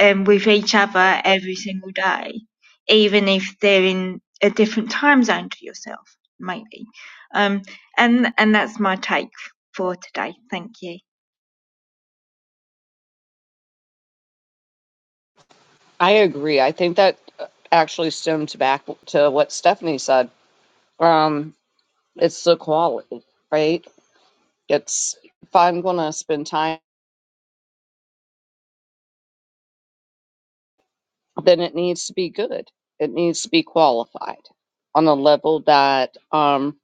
[SPEAKER 8] um, with each other every single day, even if they're in a different time zone to yourself, maybe. Um, and, and that's my take for today. Thank you.
[SPEAKER 2] I agree. I think that uh, actually stems back to what Stephanie said. Um, it's the quality, right? It's if I'm gonna spend time then it needs to be good. It needs to be qualified on a level that um,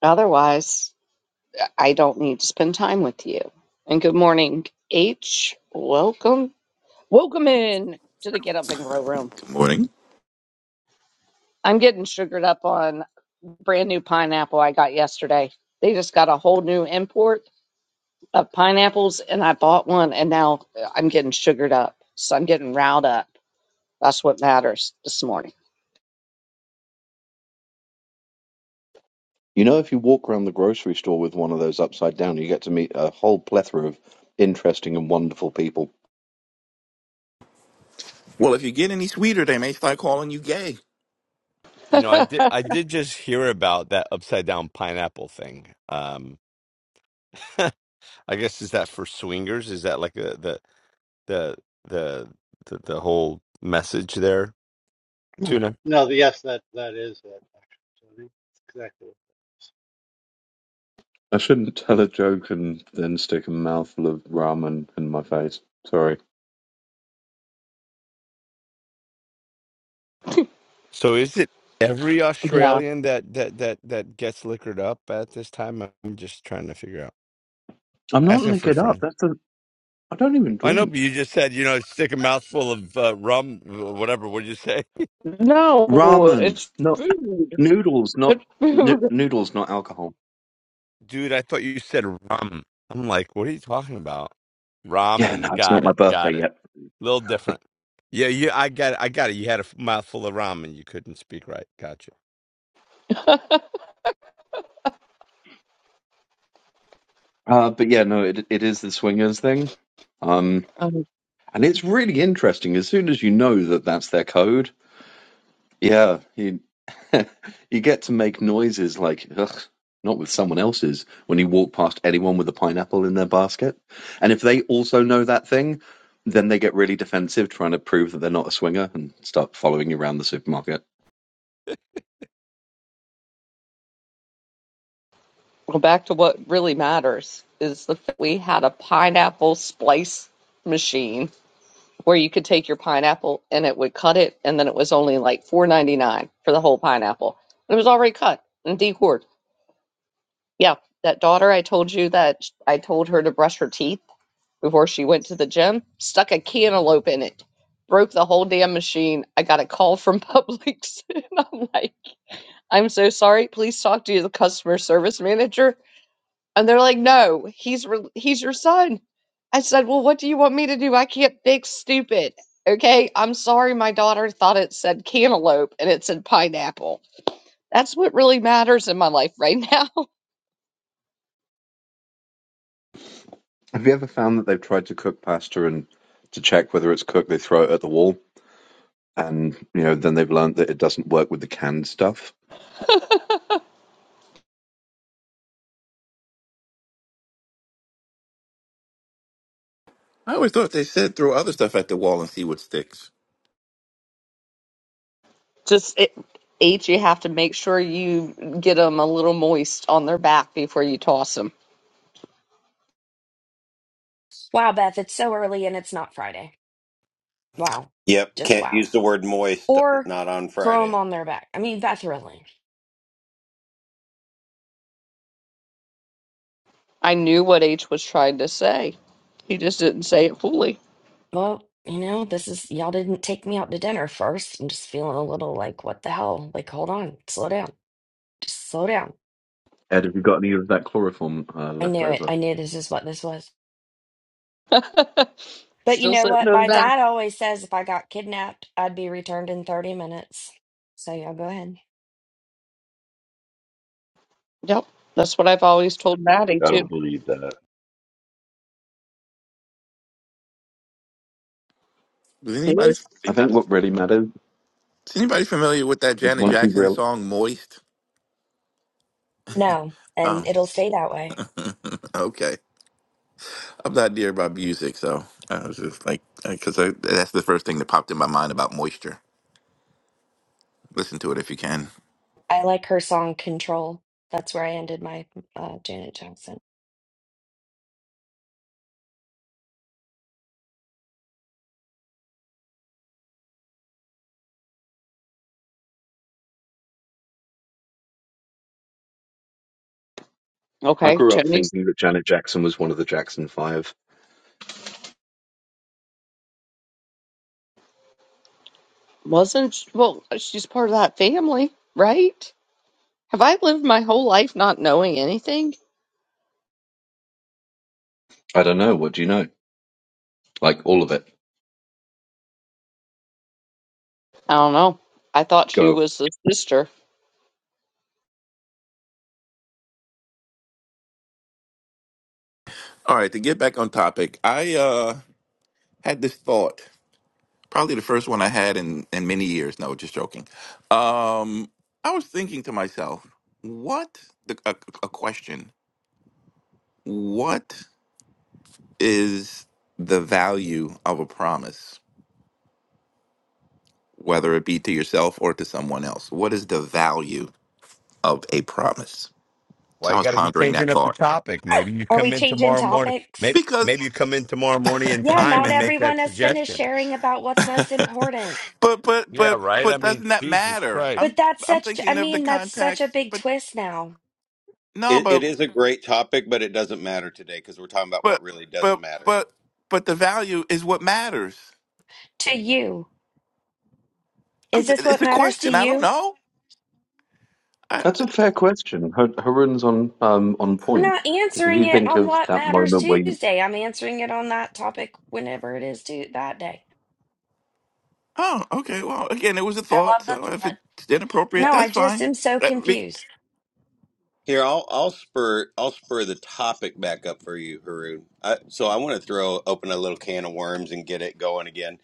[SPEAKER 2] otherwise I don't need to spend time with you. And good morning, H. Welcome. Welcome in to the Get Up and Grow Room.
[SPEAKER 9] Morning.
[SPEAKER 2] I'm getting sugared up on brand new pineapple I got yesterday. They just got a whole new import of pineapples, and I bought one, and now uh, I'm getting sugared up. So I'm getting riled up. That's what matters this morning.
[SPEAKER 6] You know, if you walk around the grocery store with one of those upside down, you get to meet a whole plethora of interesting and wonderful people.
[SPEAKER 9] Well, if you get any sweeter, they may start calling you gay.
[SPEAKER 1] You know, I did I did just hear about that upside down pineapple thing. Um, I guess is that for swingers? Is that like the the? the the the, the whole message there, tuna.
[SPEAKER 4] No, the, yes, that that is what actually. So I think it's exactly what that is.
[SPEAKER 6] I shouldn't tell a joke and then stick a mouthful of ramen in my face. Sorry.
[SPEAKER 1] So is it every
[SPEAKER 2] yeah.
[SPEAKER 1] Australian that that that that gets liquored up at this time? I'm just trying to figure out.
[SPEAKER 6] I'm not
[SPEAKER 1] Asking for a
[SPEAKER 6] liquored up.
[SPEAKER 1] friend.
[SPEAKER 6] That's a. I don't even
[SPEAKER 1] I know, but
[SPEAKER 6] drink.
[SPEAKER 1] you just said you know stick a mouthful of uh, rum, wh- whatever. What did you say,
[SPEAKER 2] No,
[SPEAKER 6] Ramen.
[SPEAKER 2] it's
[SPEAKER 6] No,
[SPEAKER 2] food.
[SPEAKER 6] Noodles, not
[SPEAKER 2] It's
[SPEAKER 6] n-
[SPEAKER 2] food.
[SPEAKER 6] noodles, not alcohol.
[SPEAKER 1] dude? I thought you said rum. I'm like, what are you talking about?
[SPEAKER 6] Yeah, no,
[SPEAKER 1] Ramen.
[SPEAKER 6] it's
[SPEAKER 1] Got
[SPEAKER 6] not my
[SPEAKER 1] it. Got
[SPEAKER 6] birthday
[SPEAKER 1] it.
[SPEAKER 6] yet.
[SPEAKER 1] little different. Yeah, yeah. I got it. I got it. You had a f- mouthful of ramen. You couldn't speak right. Gotcha.
[SPEAKER 6] Uh, but yeah, no, it it is the swingers thing. Um,
[SPEAKER 2] um,
[SPEAKER 6] and it's really interesting. As soon as you know that that's their code, yeah, you you get to make noises like ugh, not with someone else's when you walk past anyone with a pineapple in their basket. And if they also know that thing, then they get really defensive, trying to prove that they're not a swinger and start following you around the supermarket.
[SPEAKER 2] well, back to what really matters is the f- we had a pineapple splice machine where you could take your pineapple and it would cut it, and then it was only like four ninety nine for the whole pineapple. It was already cut and decored. Yeah, that daughter I told you that sh- I told her to brush her teeth before she went to the gym, stuck a cantaloupe in it, broke the whole damn machine. I got a call from Publix, and I'm like. I'm so sorry. Please talk to the customer service manager. And they're like, no, he's re- he's your son. I said, well, what do you want me to do? I can't fix stupid. Okay, I'm sorry. My daughter thought it said cantaloupe and it said pineapple. That's what really matters in my life right now.
[SPEAKER 6] Have you ever found that they've tried to cook pasta and to check whether it's cooked, they throw it at the wall, and you know then they've learned that it doesn't work with the canned stuff.
[SPEAKER 9] I always thought they said throw other stuff at the wall and see what sticks.
[SPEAKER 2] Just it, H, you have to make sure you get them a little moist on their back before you toss them.
[SPEAKER 5] Wow, Beth, it's so early and it's not Friday. Wow,
[SPEAKER 10] Yep,
[SPEAKER 5] just
[SPEAKER 10] can't
[SPEAKER 5] wow.
[SPEAKER 10] use the word moist,
[SPEAKER 5] Or
[SPEAKER 10] not on
[SPEAKER 5] throw them
[SPEAKER 10] Friday.
[SPEAKER 5] on their back. I mean, that's really.
[SPEAKER 2] I knew what H was trying to say. He just didn't say it fully.
[SPEAKER 5] Well, you know, this is y'all didn't take me out to dinner first. I'm just feeling a little like, what the hell? Like, hold on, slow down, just slow down.
[SPEAKER 6] Ed, have you got any of that chloroform uh,
[SPEAKER 5] I
[SPEAKER 6] left
[SPEAKER 5] knew it.
[SPEAKER 6] over?
[SPEAKER 5] I knew this is what this was. But you
[SPEAKER 2] Still
[SPEAKER 5] know
[SPEAKER 2] sitting
[SPEAKER 5] what?
[SPEAKER 2] on
[SPEAKER 5] My
[SPEAKER 2] that.
[SPEAKER 5] dad always says if I got kidnapped, I'd be returned in 30 minutes. So y'all go ahead.
[SPEAKER 2] Yep, that's what I've always told Maddie
[SPEAKER 3] I don't
[SPEAKER 2] too.
[SPEAKER 3] know.
[SPEAKER 9] Was
[SPEAKER 2] It
[SPEAKER 9] anybody
[SPEAKER 2] is.
[SPEAKER 9] is
[SPEAKER 6] I think what really matters
[SPEAKER 9] anybody familiar with that
[SPEAKER 6] is
[SPEAKER 9] Janet
[SPEAKER 6] once you
[SPEAKER 9] Jackson
[SPEAKER 6] real.
[SPEAKER 9] song "Moist"?
[SPEAKER 5] No,
[SPEAKER 9] Oh,
[SPEAKER 5] and it'll stay that way.
[SPEAKER 9] okay. I'm not near about music, so I was just like, because that's the first thing that popped in my mind about moisture. Listen to it if you can.
[SPEAKER 5] I like her song Control. That's where I ended my uh, Janet Jackson.
[SPEAKER 6] I
[SPEAKER 2] Okay,
[SPEAKER 6] grew up
[SPEAKER 2] Tony's
[SPEAKER 6] thinking that Janet Jackson was one of the Jackson Five.
[SPEAKER 2] wasn't sh- well, she's part of that family, right? Have I lived my whole life not knowing anything?
[SPEAKER 6] I don't know. What do you know? Like all of it.
[SPEAKER 2] I don't know. I thought she
[SPEAKER 6] Go.
[SPEAKER 2] was the sister.
[SPEAKER 9] All right, to get back on topic, I uh, had this thought. Probably the first one I had in in many years. No, just joking. Um, I was thinking to myself, what the, a, a question? What is the value of a promise, whether it be to yourself or to someone else? What is the value of a promise?
[SPEAKER 1] Why
[SPEAKER 9] So I
[SPEAKER 1] you
[SPEAKER 9] was
[SPEAKER 1] got to be
[SPEAKER 9] pondering
[SPEAKER 1] changing
[SPEAKER 9] that
[SPEAKER 1] up the
[SPEAKER 9] thought
[SPEAKER 1] topic? Maybe you
[SPEAKER 5] Are
[SPEAKER 1] come
[SPEAKER 5] we
[SPEAKER 1] in
[SPEAKER 5] changing
[SPEAKER 1] tomorrow morning. Maybe
[SPEAKER 5] topics?
[SPEAKER 9] because,
[SPEAKER 1] maybe you come in tomorrow morning in
[SPEAKER 5] Yeah,
[SPEAKER 1] time
[SPEAKER 5] not
[SPEAKER 1] and make
[SPEAKER 5] everyone
[SPEAKER 1] that
[SPEAKER 5] has finished
[SPEAKER 1] suggestion.
[SPEAKER 5] sharing about what's most important.
[SPEAKER 9] but but
[SPEAKER 1] Yeah,
[SPEAKER 9] but
[SPEAKER 1] right. I
[SPEAKER 9] but
[SPEAKER 1] mean,
[SPEAKER 9] doesn't that
[SPEAKER 1] Jesus
[SPEAKER 9] matter?
[SPEAKER 1] Christ,
[SPEAKER 5] But
[SPEAKER 9] I'm
[SPEAKER 5] that's
[SPEAKER 9] I'm
[SPEAKER 5] such, I
[SPEAKER 9] thinking of the
[SPEAKER 5] mean, that's such a
[SPEAKER 9] context,
[SPEAKER 5] big
[SPEAKER 9] but
[SPEAKER 5] twist now
[SPEAKER 9] no,
[SPEAKER 10] It,
[SPEAKER 9] but.
[SPEAKER 10] it is a great topic, but it doesn't matter today because we're talking about
[SPEAKER 9] but
[SPEAKER 10] what really does
[SPEAKER 9] but
[SPEAKER 10] matter.
[SPEAKER 9] but but the value is what matters.
[SPEAKER 5] to you.
[SPEAKER 9] I'm,
[SPEAKER 5] Is this
[SPEAKER 9] it's
[SPEAKER 5] what
[SPEAKER 9] a
[SPEAKER 5] matters to
[SPEAKER 9] question. I don't
[SPEAKER 5] you?
[SPEAKER 9] know. I,
[SPEAKER 6] That's a fair question. Her, Harun's on um, on
[SPEAKER 5] I'm
[SPEAKER 6] point
[SPEAKER 5] not
[SPEAKER 6] because if
[SPEAKER 5] answering
[SPEAKER 6] you
[SPEAKER 5] it
[SPEAKER 6] think
[SPEAKER 5] on
[SPEAKER 6] of
[SPEAKER 5] what
[SPEAKER 6] that
[SPEAKER 5] matters
[SPEAKER 6] moment where you
[SPEAKER 5] Tuesday. I'm answering it on that topic whenever it is to that day.
[SPEAKER 9] oh, okay. Well, again, it was a
[SPEAKER 5] I
[SPEAKER 9] thought.
[SPEAKER 5] love the
[SPEAKER 9] So if
[SPEAKER 5] thought.
[SPEAKER 9] it's inappropriate,
[SPEAKER 5] No, I
[SPEAKER 9] that's
[SPEAKER 5] just
[SPEAKER 9] fine.
[SPEAKER 5] am so
[SPEAKER 9] That be-
[SPEAKER 5] confused.
[SPEAKER 10] Here, I'll I'll spur I'll spur the topic back up for you, Haroon. I, so I want to throw open a little can of worms and get it going again.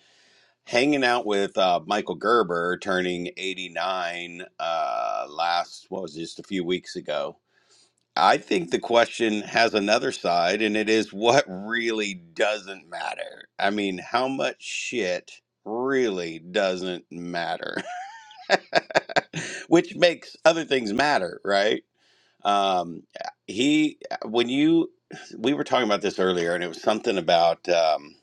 [SPEAKER 10] Hanging out with uh, Michael Gerber, turning eighty nine uh, last what was it, just a few weeks ago I think the question has another side, and it is what really doesn't matter. I mean, how much shit really doesn't matter, which makes other things matter, right? Um, he, when you, we were talking about this earlier, and it was something about, um,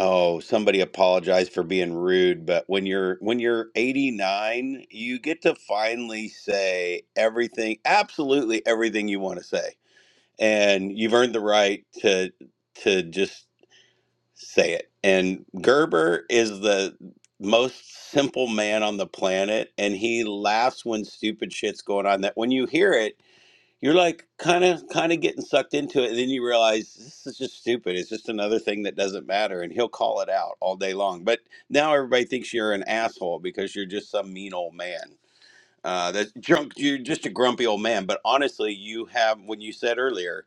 [SPEAKER 10] oh, somebody apologized for being rude, but when you're when you're 89, you get to finally say everything, absolutely everything you want to say and you've earned the right to to just say it. And Gerber is the most simple man on the planet, and he laughs when stupid shit's going on. That when you hear it, you're like kind of kind of getting sucked into it, and then you realize this is just stupid. It's just another thing that doesn't matter, and he'll call it out all day long. But now everybody thinks you're an asshole because you're just some mean old man. Uh, that drunk, you're just a grumpy old man. But honestly, you have when you said earlier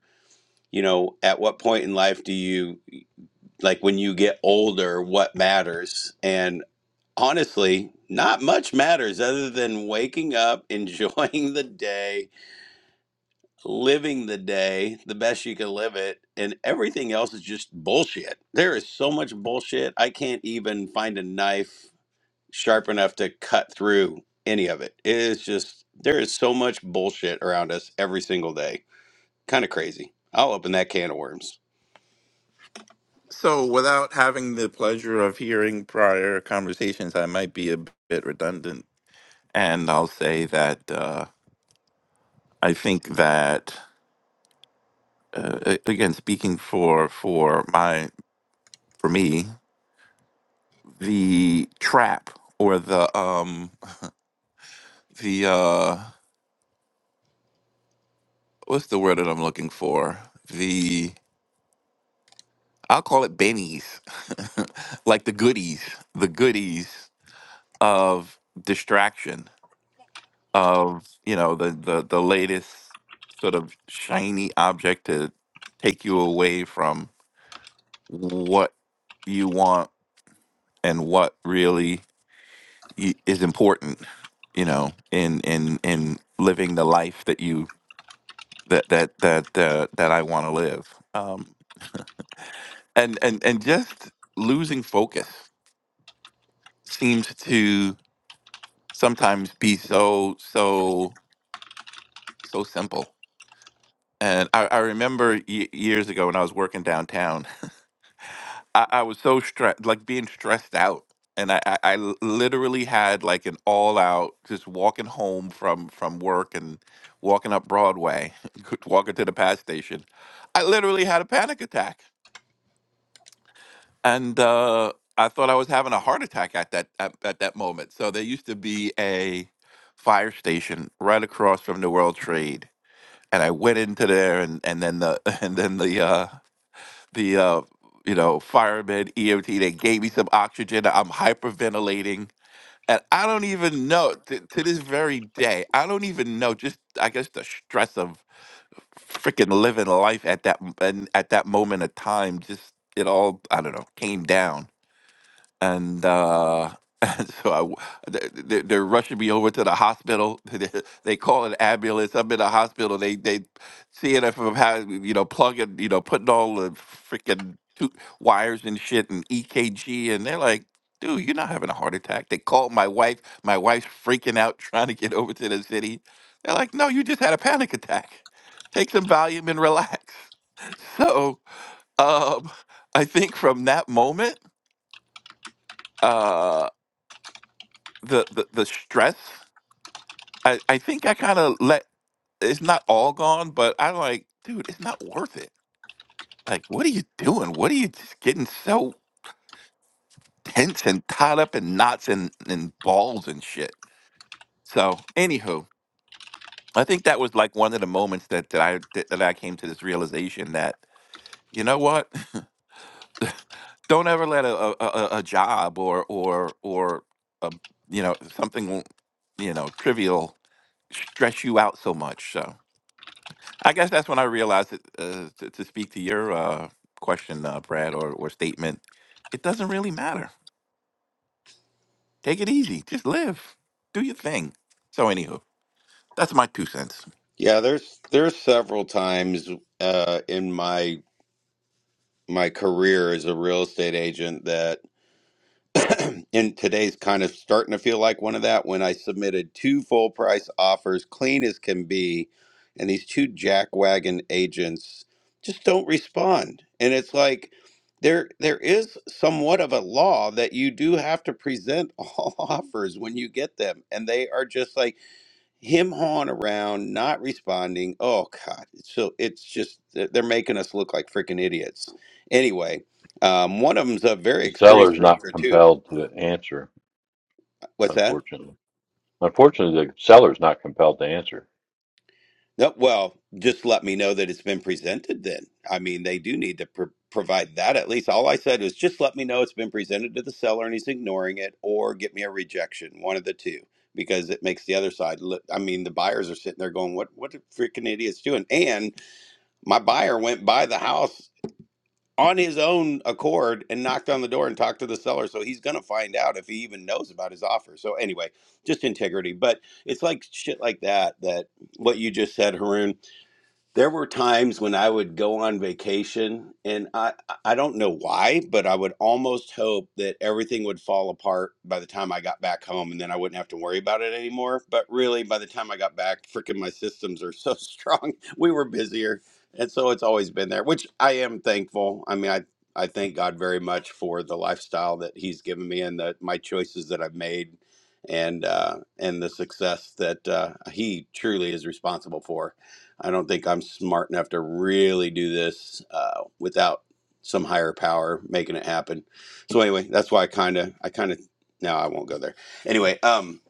[SPEAKER 10] you know at what point in life do you like when you get older what matters and honestly not much matters other than waking up enjoying the day living the day the best you can live it and everything else is just bullshit there is so much bullshit i can't even find a knife sharp enough to cut through any of it it is just there is so much bullshit around us every single day kind of crazy i'll open that can of worms
[SPEAKER 9] So without having the pleasure of hearing prior conversations, I might be a bit redundant, and I'll say that uh, I think that uh, a- again, speaking for for my for me, the trap or the um the uh what's the word that I'm looking for? The I'll call it bennies, like the goodies, the goodies of distraction, of you know the the the latest sort of shiny object to take you away from what you want and what really y- is important, you know, in in in living the life that you that that that uh, that I want to live. Um, and and and just losing focus seems to sometimes be so so so simple and i, I remember y- years ago when i was working downtown i, I was so stressed like being stressed out and I, I I l- literally had like an all out just walking home from from work and walking up broadway walking to the pass station i literally had a panic attack and uh, I thought I was having a heart attack at that at, at that moment. So there used to be a fire station right across from the World Trade, and I went into there, and and then the and then the uh, the uh, you know firemen EMT they gave me some oxygen. I'm hyperventilating. And I don't even know to, to this very day. I don't even know. Just I guess the stress of freaking living life at that m- and at that moment of time. Just it all I don't know came down and uh, and so I, w- th- th- they're rushing me over to the hospital. They they call an ambulance. I'm in the hospital. They they seeing if I'm having you know plugging you know putting all the freaking tu- wires and shit and EKG, and they're like. Dude, you're not having a heart attack. They called my wife. My wife's freaking out trying to get over to the city. They're like, no, you just had a panic attack. Take some Valium and relax. So um, I think from that moment, uh, the the, the stress i i think i kind of let it's not all gone but i like dude it's not worth it like what are you doing what are you just getting so tense and tied up in knots and and balls and shit so anywho i think that was like one of the moments that, that i that, that i came to this realization that you know what don't ever let a a, a a job or or or a, you know something you know trivial stress you out so much so I guess that's when I realized that, uh, to, to speak to your uh, question, uh, Brad, or, or statement, it doesn't really matter. Take it easy. Just live. Do your thing. So, anywho, that's my two cents.
[SPEAKER 10] Yeah, there's there's several times uh, in my my career as a real estate agent that, and today's kind of starting to feel like one of that when I submitted two full price offers, clean as can be, and these two jackwagon agents just don't respond, and it's like there there is somewhat of a law that you do have to present all offers when you get them, and they are just like him hawing around, not responding. Oh God, it's so it's just they're they're making us look like freaking idiots. Anyway, um, one of them's a very
[SPEAKER 3] The
[SPEAKER 10] experienced
[SPEAKER 3] seller's not
[SPEAKER 10] realtor too.
[SPEAKER 3] compelled to answer,
[SPEAKER 10] What's that?
[SPEAKER 3] unfortunately. Unfortunately, the seller's not compelled to answer.
[SPEAKER 10] No, well, just let me know that it's been presented. Then I mean, they do need to pr- provide that at least. All I said was just let me know it's been presented to the seller and he's ignoring it, or get me a rejection, one of the two. Because it makes the other side look. I mean, the buyers are sitting there going, "What? What are freaking idiots doing?" And my buyer went by the house on his own accord and knocked on the door and talked to the seller. So he's going to find out if he even knows about his offer. So anyway, just integrity. But it's like shit like that, that what you just said, Haroon there were times when I would go on vacation and I I don't know why, but I would almost hope that everything would fall apart by the time I got back home and then I wouldn't have to worry about it anymore. But really by the time I got back, freaking my systems are so strong. We were busier. And so it's always been there, which I am thankful. I mean, I I thank God very much for the lifestyle that he's given me and the my choices that I've made and uh and the success that uh he truly is responsible for. I don't think I'm smart enough to really do this uh, without some higher power making it happen. So anyway, that's why I kind of, I kind of, no, I won't go there. Anyway, um,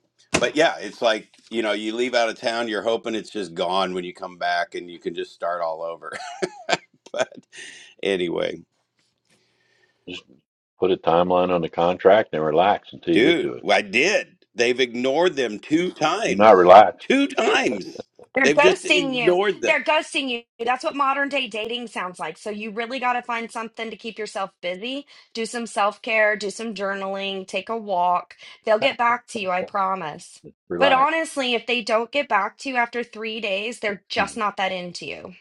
[SPEAKER 10] but yeah, it's like you know, you leave out of town, you're hoping it's just gone when you come back, and you can just start all over. but anyway,
[SPEAKER 3] Just put a timeline on the contract and relax until you get
[SPEAKER 10] dude,
[SPEAKER 3] to it.
[SPEAKER 10] I did. They've ignored them two
[SPEAKER 3] You're not
[SPEAKER 10] times.
[SPEAKER 3] relaxed.
[SPEAKER 10] Two times.
[SPEAKER 5] They're
[SPEAKER 10] They've just
[SPEAKER 5] ghosting you.
[SPEAKER 10] ignored them.
[SPEAKER 5] They're ghosting you. That's what modern day dating sounds like. So you really got to find something to keep yourself busy. Do some self care, do some journaling, take a walk. They'll get back to you, I promise. But
[SPEAKER 3] Relax.
[SPEAKER 5] honestly, if they don't get back to you after three days, they're
[SPEAKER 3] Hmm.
[SPEAKER 5] just not that into you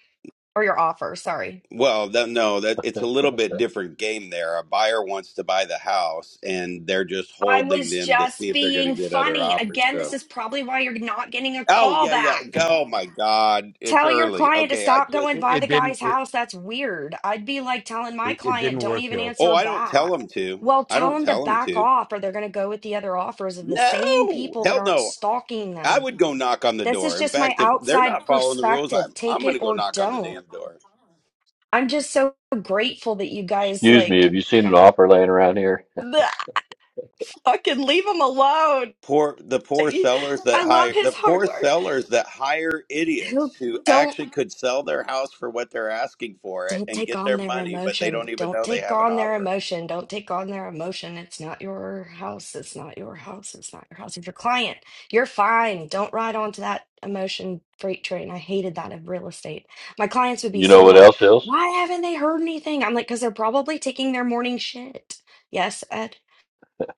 [SPEAKER 5] or your offer. Sorry.
[SPEAKER 10] Well, that, no, that it's a little bit different game there. A buyer wants to buy the house, and they're just
[SPEAKER 5] I
[SPEAKER 10] holding
[SPEAKER 5] was
[SPEAKER 10] them to see
[SPEAKER 5] just
[SPEAKER 10] if they're going to
[SPEAKER 5] being
[SPEAKER 10] get other
[SPEAKER 5] funny.
[SPEAKER 10] offers.
[SPEAKER 5] Again, this
[SPEAKER 10] So,
[SPEAKER 5] is probably why you're not getting a
[SPEAKER 10] oh
[SPEAKER 5] call
[SPEAKER 10] yeah, yeah.
[SPEAKER 5] back.
[SPEAKER 10] Oh my God, it's
[SPEAKER 5] Tell your
[SPEAKER 10] early.
[SPEAKER 5] client to
[SPEAKER 10] Okay, I
[SPEAKER 5] stop
[SPEAKER 10] just.
[SPEAKER 5] going
[SPEAKER 1] it,
[SPEAKER 5] by
[SPEAKER 1] it
[SPEAKER 5] the
[SPEAKER 1] didn't
[SPEAKER 5] guy's
[SPEAKER 1] it,
[SPEAKER 5] house. That's weird. I'd be like telling my
[SPEAKER 1] it, it
[SPEAKER 5] client,
[SPEAKER 1] didn't
[SPEAKER 5] don't
[SPEAKER 1] work,
[SPEAKER 5] even
[SPEAKER 1] Hill.
[SPEAKER 10] Oh,
[SPEAKER 5] answer
[SPEAKER 10] I don't tell
[SPEAKER 5] back.
[SPEAKER 10] them to.
[SPEAKER 5] Well,
[SPEAKER 10] I
[SPEAKER 5] tell
[SPEAKER 10] don't
[SPEAKER 5] them to
[SPEAKER 10] tell them
[SPEAKER 5] back
[SPEAKER 10] to.
[SPEAKER 5] off or they're going to go with the other offers of the same
[SPEAKER 10] No,
[SPEAKER 5] people that
[SPEAKER 10] hell
[SPEAKER 5] aren't
[SPEAKER 10] no.
[SPEAKER 5] stalking
[SPEAKER 10] I
[SPEAKER 5] them.
[SPEAKER 10] would go knock on the
[SPEAKER 5] This
[SPEAKER 10] door.
[SPEAKER 5] is
[SPEAKER 10] In
[SPEAKER 5] just my
[SPEAKER 10] fact, if they're
[SPEAKER 5] outside
[SPEAKER 10] not following the rules,
[SPEAKER 5] perspective.
[SPEAKER 10] I'm I'm
[SPEAKER 5] Take
[SPEAKER 10] going
[SPEAKER 5] it
[SPEAKER 10] to go
[SPEAKER 5] or
[SPEAKER 10] knock on the
[SPEAKER 5] don't.
[SPEAKER 10] damn door.
[SPEAKER 5] I'm just so grateful that you guys
[SPEAKER 3] Excuse me,
[SPEAKER 5] like
[SPEAKER 3] have you seen an offer laying around here?
[SPEAKER 5] fucking leave him alone.
[SPEAKER 10] poor the poor sellers that
[SPEAKER 5] I love
[SPEAKER 10] hire the
[SPEAKER 5] his hard
[SPEAKER 10] poor
[SPEAKER 5] work.
[SPEAKER 10] sellers that hire idiots
[SPEAKER 5] Who
[SPEAKER 10] who
[SPEAKER 5] don't
[SPEAKER 10] actually could sell their house for what they're asking for it
[SPEAKER 5] don't
[SPEAKER 10] and
[SPEAKER 5] take
[SPEAKER 10] get
[SPEAKER 5] on
[SPEAKER 10] their
[SPEAKER 5] their
[SPEAKER 10] money but they
[SPEAKER 5] emotion.
[SPEAKER 10] don't even
[SPEAKER 5] Don't
[SPEAKER 10] know they
[SPEAKER 5] take
[SPEAKER 10] have an
[SPEAKER 5] on their
[SPEAKER 10] offer
[SPEAKER 5] emotion. Don't take on their emotion. It's not your house. It's not your house. It's not your house. If your client, you're fine. Don't ride onto that emotion freight train. I hated that of real estate. My clients would be
[SPEAKER 3] You know
[SPEAKER 5] so
[SPEAKER 3] what
[SPEAKER 5] like,
[SPEAKER 3] else is?
[SPEAKER 5] why haven't they heard anything? I'm like, because they're probably taking their morning shit. Yes, Ed.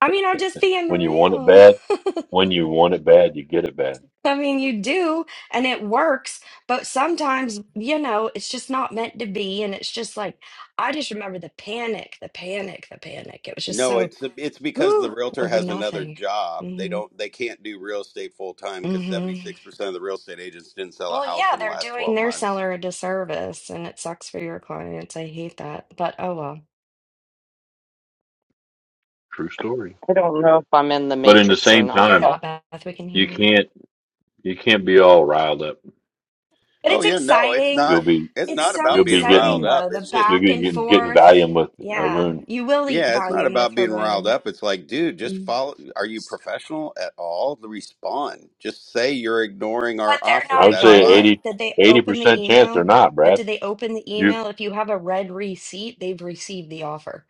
[SPEAKER 5] I mean, I'm just being
[SPEAKER 3] When you want it
[SPEAKER 5] real.
[SPEAKER 3] bad, when you want it bad, you get it bad.
[SPEAKER 5] I mean, you do, and it works, but sometimes, you know, it's just not meant to be. And it's just like, I just remember the panic, the panic, the panic. It was just
[SPEAKER 10] no
[SPEAKER 5] so,
[SPEAKER 10] it's it's because the
[SPEAKER 5] whew,
[SPEAKER 10] realtor
[SPEAKER 5] over
[SPEAKER 10] has another
[SPEAKER 5] nothing.
[SPEAKER 10] job they
[SPEAKER 5] hmm
[SPEAKER 10] don't they can't do real estate full time because
[SPEAKER 5] hmm
[SPEAKER 10] 76% of the real estate agents didn't sell a
[SPEAKER 5] Well,
[SPEAKER 10] house
[SPEAKER 5] yeah,
[SPEAKER 10] in the
[SPEAKER 5] they're
[SPEAKER 10] last
[SPEAKER 5] doing
[SPEAKER 10] 12
[SPEAKER 5] their
[SPEAKER 10] months
[SPEAKER 5] seller a disservice, and it sucks for your clients. I hate that. But oh well,
[SPEAKER 3] True story.
[SPEAKER 2] I don't know if I'm in the
[SPEAKER 3] But in the
[SPEAKER 2] matrix or
[SPEAKER 3] same
[SPEAKER 2] not.
[SPEAKER 5] you're
[SPEAKER 3] time,
[SPEAKER 5] not, Beth. We can
[SPEAKER 3] you
[SPEAKER 5] hear you.
[SPEAKER 3] can't you can't be all riled up
[SPEAKER 5] But
[SPEAKER 10] oh
[SPEAKER 5] it's
[SPEAKER 10] yeah no it's
[SPEAKER 5] exciting.
[SPEAKER 10] not
[SPEAKER 3] You'll be
[SPEAKER 10] it's
[SPEAKER 5] It's
[SPEAKER 10] not
[SPEAKER 5] so
[SPEAKER 10] about
[SPEAKER 3] you'll
[SPEAKER 10] being
[SPEAKER 3] be
[SPEAKER 10] riled
[SPEAKER 5] exciting,
[SPEAKER 3] getting
[SPEAKER 10] up
[SPEAKER 5] though, the
[SPEAKER 10] it's just
[SPEAKER 3] you'll
[SPEAKER 5] back
[SPEAKER 3] be
[SPEAKER 5] and
[SPEAKER 3] getting, getting
[SPEAKER 5] forth.
[SPEAKER 3] Valium with
[SPEAKER 5] Yeah,
[SPEAKER 3] Arun.
[SPEAKER 5] you will eat
[SPEAKER 10] Yeah, it's not
[SPEAKER 5] volume with
[SPEAKER 10] about being riled
[SPEAKER 5] Haroon.
[SPEAKER 10] up. It's like, dude, just
[SPEAKER 5] Mm.
[SPEAKER 10] follow. Are you professional at all? Respond. Just say you're ignoring our
[SPEAKER 5] But they're
[SPEAKER 3] I
[SPEAKER 10] offer.
[SPEAKER 5] not
[SPEAKER 3] would
[SPEAKER 10] That's
[SPEAKER 3] say
[SPEAKER 5] ignoring
[SPEAKER 10] fine.
[SPEAKER 5] it.
[SPEAKER 3] eighty,
[SPEAKER 5] Did they
[SPEAKER 3] eighty
[SPEAKER 5] open the
[SPEAKER 3] percent chance they're
[SPEAKER 5] email?
[SPEAKER 3] not,
[SPEAKER 5] But
[SPEAKER 3] Brad.
[SPEAKER 5] did they open the
[SPEAKER 3] You
[SPEAKER 5] email? If you have a red receipt, they've received the offer.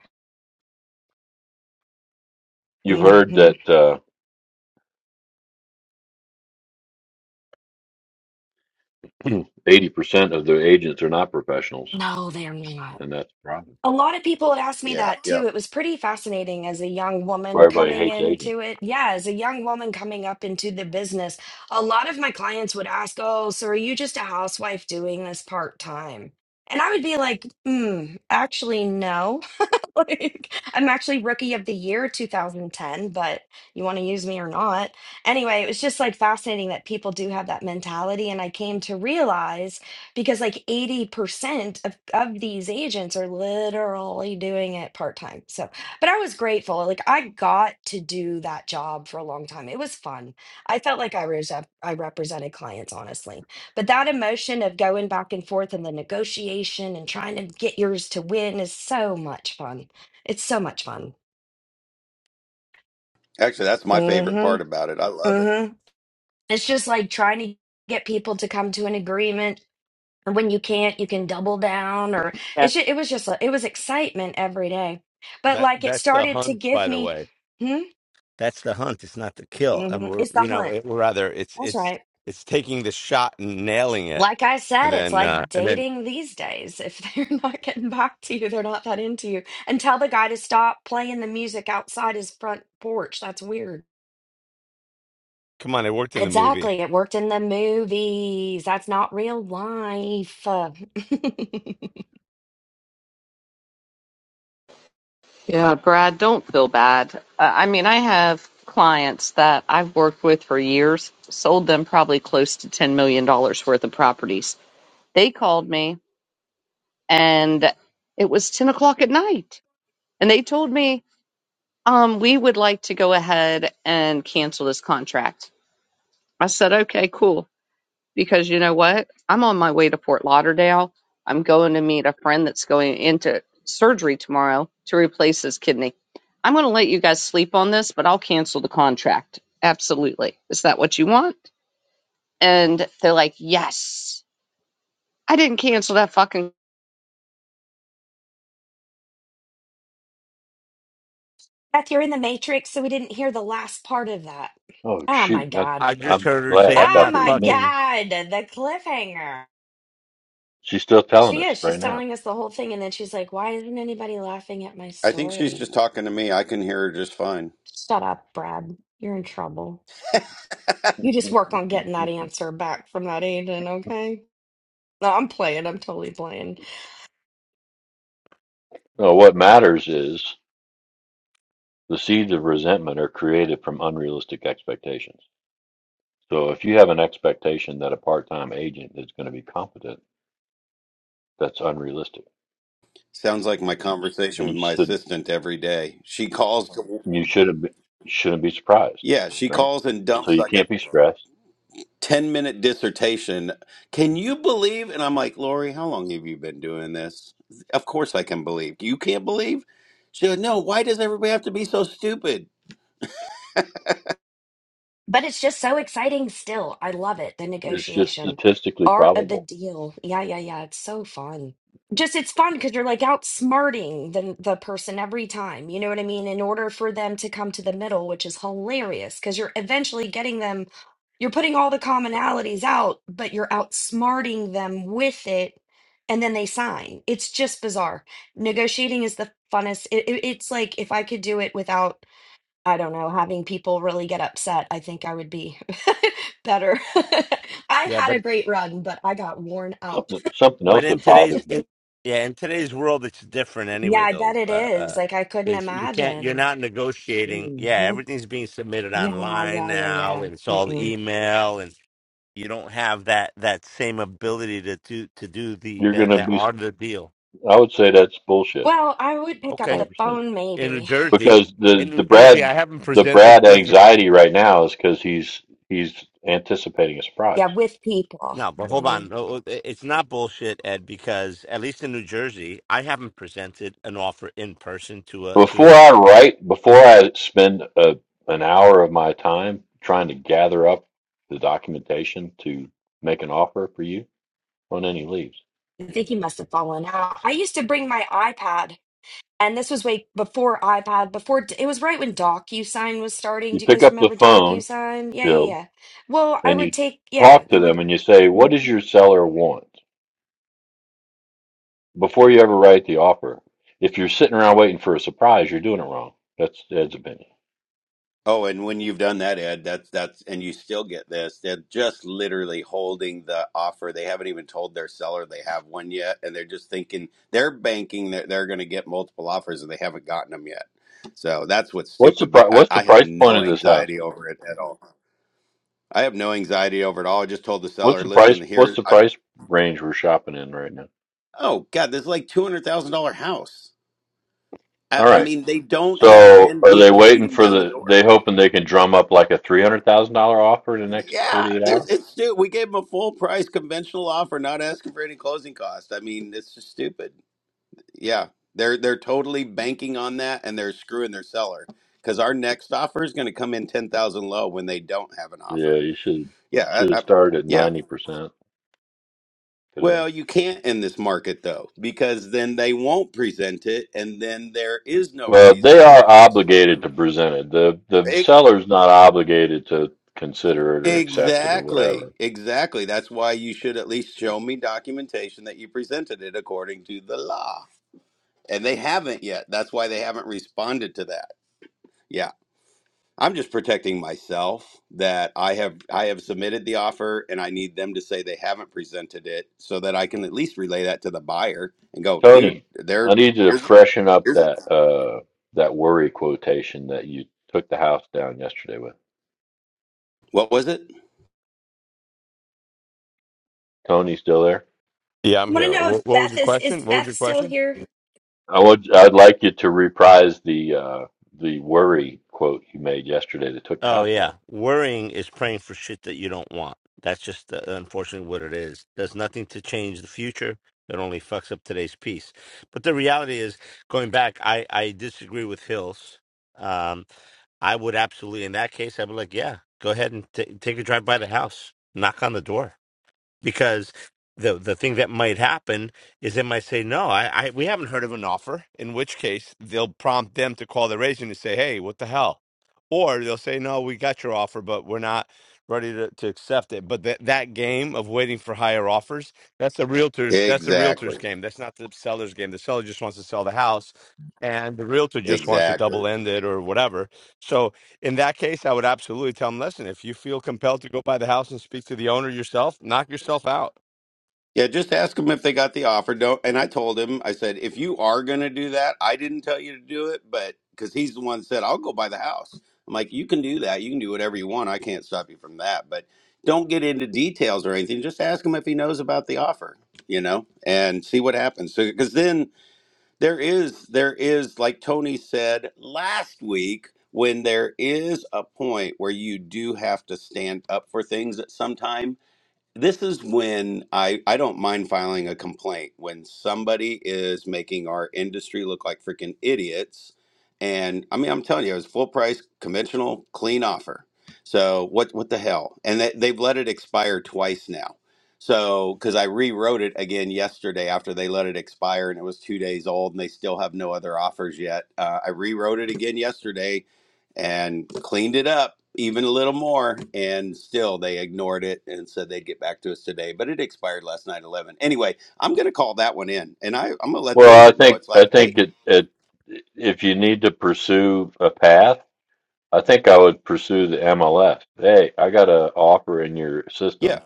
[SPEAKER 3] you've heard
[SPEAKER 5] hmm
[SPEAKER 3] that uh, eighty percent of the agents are not professionals,
[SPEAKER 5] No, they're not.
[SPEAKER 3] and that's a problem.
[SPEAKER 5] A lot of people had asked me
[SPEAKER 10] Yeah,
[SPEAKER 5] that
[SPEAKER 10] yeah.
[SPEAKER 5] too. It was pretty fascinating as a young
[SPEAKER 3] Why
[SPEAKER 5] woman
[SPEAKER 3] everybody
[SPEAKER 5] coming
[SPEAKER 3] hates agents.
[SPEAKER 5] into it. Yeah, as a young woman coming up into the business, a lot of my clients would ask, Oh, so are you just a housewife doing this part time? And I would be like, Hmm, actually, no. like, I'm actually rookie of the year 2010, but you want to use me or not? Anyway, it was just like fascinating that people do have that mentality. And I came to realize because like 80% of, of these agents are literally doing it part-time so but i was grateful like i got to do that job for a long time it was fun i felt like i was i represented clients honestly but that emotion of going back and forth and the negotiation and trying to get yours to win is so much fun it's so much fun
[SPEAKER 10] Actually, that's my favorite part
[SPEAKER 5] mm-hmm
[SPEAKER 10] about it. I love it.
[SPEAKER 5] mm-hmm it's just like trying to get people to come to an agreement And when you can't, you can double down or
[SPEAKER 2] Yeah.
[SPEAKER 5] it's just, it was just, a, it was excitement every day. But
[SPEAKER 1] That
[SPEAKER 5] like it
[SPEAKER 1] that's the
[SPEAKER 5] started to
[SPEAKER 1] hunt,
[SPEAKER 5] give
[SPEAKER 1] by the
[SPEAKER 5] me,
[SPEAKER 1] way.
[SPEAKER 5] hmm,
[SPEAKER 1] That's the hunt. It's not the kill. And
[SPEAKER 5] hmm
[SPEAKER 1] we're
[SPEAKER 5] it's the
[SPEAKER 1] you know
[SPEAKER 5] hunt.
[SPEAKER 1] it, we're rather it's
[SPEAKER 5] That's
[SPEAKER 1] it's
[SPEAKER 5] right.
[SPEAKER 1] it's taking the shot and nailing it,
[SPEAKER 5] Like I
[SPEAKER 1] and
[SPEAKER 5] said, it's
[SPEAKER 1] then uh
[SPEAKER 5] like
[SPEAKER 1] and then
[SPEAKER 5] dating these days. If they're not getting back to you, they're not that into you. And tell the guy to stop playing the music outside his front porch. That's weird.
[SPEAKER 1] come on, it worked in the movie.
[SPEAKER 5] Exactly. It worked in the movies. That's not real life.
[SPEAKER 2] Yeah, Brad, don't feel bad. I I mean, I have clients that I've worked with for years, sold them probably close to $10 million dollars worth of properties. They called me and it was 10 o'clock at night And they told me, um, we would like to go ahead and cancel this contract. I said, okay, cool. Because you know what? I'm on my way to Fort Lauderdale. I'm going to meet a friend that's going into surgery tomorrow to replace his kidney. I'm going to let you guys sleep on this, but I'll cancel the contract. Absolutely. Is that what you want? And they're like, yes. I didn't cancel that fucking.
[SPEAKER 5] Beth, you're in the Matrix, so we didn't hear the last part of that.
[SPEAKER 3] Oh
[SPEAKER 5] Oh my
[SPEAKER 3] shoot! That,
[SPEAKER 1] I
[SPEAKER 5] God.
[SPEAKER 1] just
[SPEAKER 3] I'm
[SPEAKER 1] heard her
[SPEAKER 3] glad.
[SPEAKER 1] say,
[SPEAKER 3] I
[SPEAKER 1] "I'm
[SPEAKER 5] Oh
[SPEAKER 3] thought
[SPEAKER 1] not
[SPEAKER 3] it
[SPEAKER 5] my
[SPEAKER 3] was me.
[SPEAKER 1] fucking."
[SPEAKER 5] God. The cliffhanger.
[SPEAKER 3] She's still telling
[SPEAKER 5] She
[SPEAKER 3] us
[SPEAKER 5] is. She's
[SPEAKER 3] right now.
[SPEAKER 5] telling us the whole thing, and then she's like, Why isn't anybody laughing at my
[SPEAKER 10] I think she's
[SPEAKER 5] story?
[SPEAKER 10] just talking to me. I can hear her just fine.
[SPEAKER 5] Shut up, Brad. You're in trouble. You just work on getting that answer back from that agent, okay? No, I'm playing. I'm totally playing.
[SPEAKER 3] Well, what matters is the seeds of resentment are created from unrealistic expectations. So if you have an expectation that a part-time agent is going to be competent, that's unrealistic,
[SPEAKER 10] Sounds like my conversation
[SPEAKER 3] and
[SPEAKER 10] with
[SPEAKER 3] you
[SPEAKER 10] my
[SPEAKER 3] should
[SPEAKER 10] assistant every day. She calls. To,
[SPEAKER 3] you shouldn't be, shouldn't be surprised,
[SPEAKER 10] yeah, she
[SPEAKER 3] right?
[SPEAKER 10] calls and
[SPEAKER 3] So
[SPEAKER 10] dumps
[SPEAKER 3] you
[SPEAKER 10] like a
[SPEAKER 3] can't be stressed.
[SPEAKER 10] 10 minute dissertation. Can you believe? And I'm like, Lori, how long have you been doing this? Of course I can believe. You can't believe? She goes, No, why does everybody have to be so stupid?
[SPEAKER 5] But it's just so exciting still. I love it. The
[SPEAKER 3] It's just
[SPEAKER 5] negotiation,
[SPEAKER 3] statistically
[SPEAKER 5] art of the
[SPEAKER 3] probable.
[SPEAKER 5] deal. Yeah, yeah, yeah. It's so fun. Just it's fun because you're like outsmarting the the person every time. You know what I mean? In order for them to come to the middle, which is hilarious because you're eventually getting them, you're putting all the commonalities out, but you're outsmarting them with it, and then they sign. It's just bizarre. Negotiating is the funnest. It, it, it's like if I could do it without I don't know, having people really get upset, I think I would be better. I
[SPEAKER 1] Yeah,
[SPEAKER 5] had
[SPEAKER 1] but.
[SPEAKER 5] a great run, but I got worn out.
[SPEAKER 3] Something something
[SPEAKER 1] but
[SPEAKER 3] else
[SPEAKER 1] in
[SPEAKER 3] that
[SPEAKER 1] today's
[SPEAKER 3] bothers me.
[SPEAKER 1] in, yeah in today's world it's different
[SPEAKER 5] Yeah,
[SPEAKER 1] anyway
[SPEAKER 5] I bet
[SPEAKER 1] though
[SPEAKER 5] it
[SPEAKER 1] uh, uh
[SPEAKER 5] is. Like I couldn't
[SPEAKER 1] it's, you can't you're
[SPEAKER 5] imagine.
[SPEAKER 1] not negotiating yeah
[SPEAKER 5] hmm
[SPEAKER 1] everything's being submitted
[SPEAKER 5] Yeah,
[SPEAKER 1] online
[SPEAKER 5] yeah, yeah,
[SPEAKER 1] now
[SPEAKER 5] yeah.
[SPEAKER 1] and it's all
[SPEAKER 5] Mm-mm.
[SPEAKER 1] email and you don't have that that same ability to do to do the
[SPEAKER 3] You're going
[SPEAKER 1] that
[SPEAKER 3] to
[SPEAKER 1] that
[SPEAKER 3] be.
[SPEAKER 1] art of the deal
[SPEAKER 3] I would say that's bullshit,
[SPEAKER 5] Well, I would pick up
[SPEAKER 1] okay
[SPEAKER 3] hundred
[SPEAKER 5] the
[SPEAKER 3] percent.
[SPEAKER 5] phone
[SPEAKER 1] in new
[SPEAKER 5] maybe.
[SPEAKER 1] jersey
[SPEAKER 3] Because
[SPEAKER 1] in
[SPEAKER 3] the the
[SPEAKER 1] new jersey
[SPEAKER 3] Brad
[SPEAKER 1] i haven't
[SPEAKER 3] the
[SPEAKER 1] presented
[SPEAKER 3] Brad
[SPEAKER 1] listen
[SPEAKER 3] anxiety right now is because he's he's anticipating a surprise.
[SPEAKER 5] Yeah, with people.
[SPEAKER 1] no but
[SPEAKER 5] Yeah,
[SPEAKER 1] hold
[SPEAKER 5] yeah.
[SPEAKER 1] on No, it- it's not bullshit ed because at least in new jersey i haven't presented an offer in person to a to
[SPEAKER 3] Before
[SPEAKER 1] a
[SPEAKER 3] I write, before I spend a, an hour of my time trying to gather up the documentation to make an offer for you on any leads,
[SPEAKER 5] I think he must have fallen out. I used to bring my iPad and this was way before iPad, before it was right when DocuSign was starting.
[SPEAKER 3] you
[SPEAKER 5] Do you
[SPEAKER 3] pick
[SPEAKER 5] guys
[SPEAKER 3] up the
[SPEAKER 5] remember
[SPEAKER 3] phone,
[SPEAKER 5] DocuSign? Yeah, yeah,
[SPEAKER 3] Jill,
[SPEAKER 5] yeah. Well, I
[SPEAKER 3] and
[SPEAKER 5] would
[SPEAKER 3] you
[SPEAKER 5] take, yeah,
[SPEAKER 3] talk to
[SPEAKER 5] you would.
[SPEAKER 3] them and you say, What
[SPEAKER 5] mhm.
[SPEAKER 3] does your seller want? Before you ever write the offer. If you're sitting around waiting for a surprise, you're doing it wrong. That's Ed's opinion.
[SPEAKER 10] Oh, and when you've done that, Ed, that's that's and you still get this. They're just literally holding the offer. They haven't even told their seller they have one yet, and they're just thinking they're banking that they're going to get multiple offers, and they haven't gotten them yet. So that's what's
[SPEAKER 3] What's the
[SPEAKER 10] stupid.
[SPEAKER 3] pri-
[SPEAKER 10] But I,
[SPEAKER 3] what's the
[SPEAKER 10] I have
[SPEAKER 3] price point
[SPEAKER 10] no
[SPEAKER 3] of this house?
[SPEAKER 10] anxiety over it at all. I have no anxiety over it all. I just told the
[SPEAKER 3] What's
[SPEAKER 10] seller,
[SPEAKER 3] the
[SPEAKER 10] listen,
[SPEAKER 3] price what's
[SPEAKER 10] here,
[SPEAKER 3] the
[SPEAKER 10] I,
[SPEAKER 3] price range we're shopping in right now?
[SPEAKER 10] oh God, this is like two hundred thousand dollar house. I,
[SPEAKER 3] All
[SPEAKER 10] I
[SPEAKER 3] right.
[SPEAKER 10] mean, they don't have
[SPEAKER 3] So
[SPEAKER 10] ten
[SPEAKER 3] are they
[SPEAKER 10] people
[SPEAKER 3] waiting
[SPEAKER 10] beating
[SPEAKER 3] for
[SPEAKER 10] down the
[SPEAKER 3] the?
[SPEAKER 10] door.
[SPEAKER 3] They hoping they can drum up like a three hundred thousand dollar offer in the next
[SPEAKER 10] Yeah,
[SPEAKER 3] forty eight
[SPEAKER 10] there's
[SPEAKER 3] hours?
[SPEAKER 10] it's stupid. We gave them a full price conventional offer, not asking for any closing costs. I mean, it's just stupid. Yeah, they're they're totally banking on that, and they're screwing their seller because our next offer is going to come in ten thousand low when they don't have an
[SPEAKER 3] Yeah,
[SPEAKER 10] offer.
[SPEAKER 3] you should
[SPEAKER 10] Yeah,
[SPEAKER 3] should
[SPEAKER 10] I, I,
[SPEAKER 3] have started at
[SPEAKER 10] yeah.
[SPEAKER 3] ninety percent today.
[SPEAKER 10] Well, you can't in this market though, because then they won't present it, and then there is no
[SPEAKER 3] Well, they
[SPEAKER 10] reason to
[SPEAKER 3] are obligated to
[SPEAKER 10] respond.
[SPEAKER 3] present it. the The
[SPEAKER 10] E-
[SPEAKER 3] seller's not obligated to consider it or accept it or
[SPEAKER 10] exactly,
[SPEAKER 3] whatever.
[SPEAKER 10] exactly. That's why you should at least show me documentation that you presented it according to the law, and they haven't yet. That's why they haven't responded to that. Yeah, I'm just protecting myself that I have I have submitted the offer, and I need them to say they haven't presented it, so that I can at least relay that to the buyer and go, dude,
[SPEAKER 3] Tony, I
[SPEAKER 10] they're
[SPEAKER 3] need you to freshen up
[SPEAKER 10] here's
[SPEAKER 3] that uh that worry quotation that you took the house down yesterday with.
[SPEAKER 10] What was it?
[SPEAKER 3] Tony still there?
[SPEAKER 1] Yeah, I'm
[SPEAKER 5] I want to
[SPEAKER 1] here.
[SPEAKER 5] know if
[SPEAKER 1] What, what was
[SPEAKER 5] Beth
[SPEAKER 1] your
[SPEAKER 5] is is
[SPEAKER 1] question? What was
[SPEAKER 5] Beth
[SPEAKER 1] your
[SPEAKER 5] still
[SPEAKER 1] question?
[SPEAKER 5] here?
[SPEAKER 3] I would, I'd like you to reprise the uh, the worry quote you made yesterday that took the
[SPEAKER 1] Oh
[SPEAKER 3] house down.
[SPEAKER 1] yeah, worrying is praying for shit that you don't want. That's just uh, unfortunately what it is. There's nothing to change the future. It only fucks up today's peace. But the reality is, going back, I I disagree with Hills. Um, I would absolutely, in that case, I'd be like, yeah, go ahead and ta take a drive by the house, knock on the door. because the the thing that might happen is they might say no I, I we haven't heard of an offer in which case they'll prompt them to call their agent and say hey what the hell or they'll say no we got your offer but we're not ready to, to accept it but that that game of waiting for higher offers that's the realtors that's the
[SPEAKER 10] Exactly.
[SPEAKER 1] realtors game that's not the seller's game the seller just wants to sell the house and the realtor just wants to
[SPEAKER 10] Exactly.
[SPEAKER 1] double end it or whatever so in that case, I would absolutely tell them, listen, if you feel compelled to go by the house and speak to the owner yourself, knock yourself out.
[SPEAKER 10] Yeah, just ask them if they got the offer. Don't. And I told him, I said, if you are going to do that, I didn't tell you to do it, but because he's the one that said, I'll go buy the house. I'm like, you can do that. You can do whatever you want. I can't stop you from that. But don't get into details or anything. Just ask him if he knows about the offer, you know, and see what happens. So, because then there is there is like tony said last week when there is a point where you do have to stand up for things at some time this is when I, I don't mind filing a complaint when somebody is making our industry look like freaking idiots. And I mean, I'm telling you, it's full price, conventional, clean offer. So what what the hell? And they, they've let it expire twice now. So because I rewrote it again yesterday after they let it expire and it was two days old and they still have no other offers yet. Uh, I rewrote it again yesterday and cleaned it up even a little more and still they ignored it and said they'd get back to us today but it expired last night 11 anyway i'm going to call that one in and I, i'm going to let the
[SPEAKER 3] Well, I
[SPEAKER 10] agent know
[SPEAKER 3] think
[SPEAKER 10] it's
[SPEAKER 3] I
[SPEAKER 10] like hey
[SPEAKER 3] think it, it if you need to pursue a path, I think I would pursue the MLS. Hey, I got an offer in your
[SPEAKER 10] yeah
[SPEAKER 3] system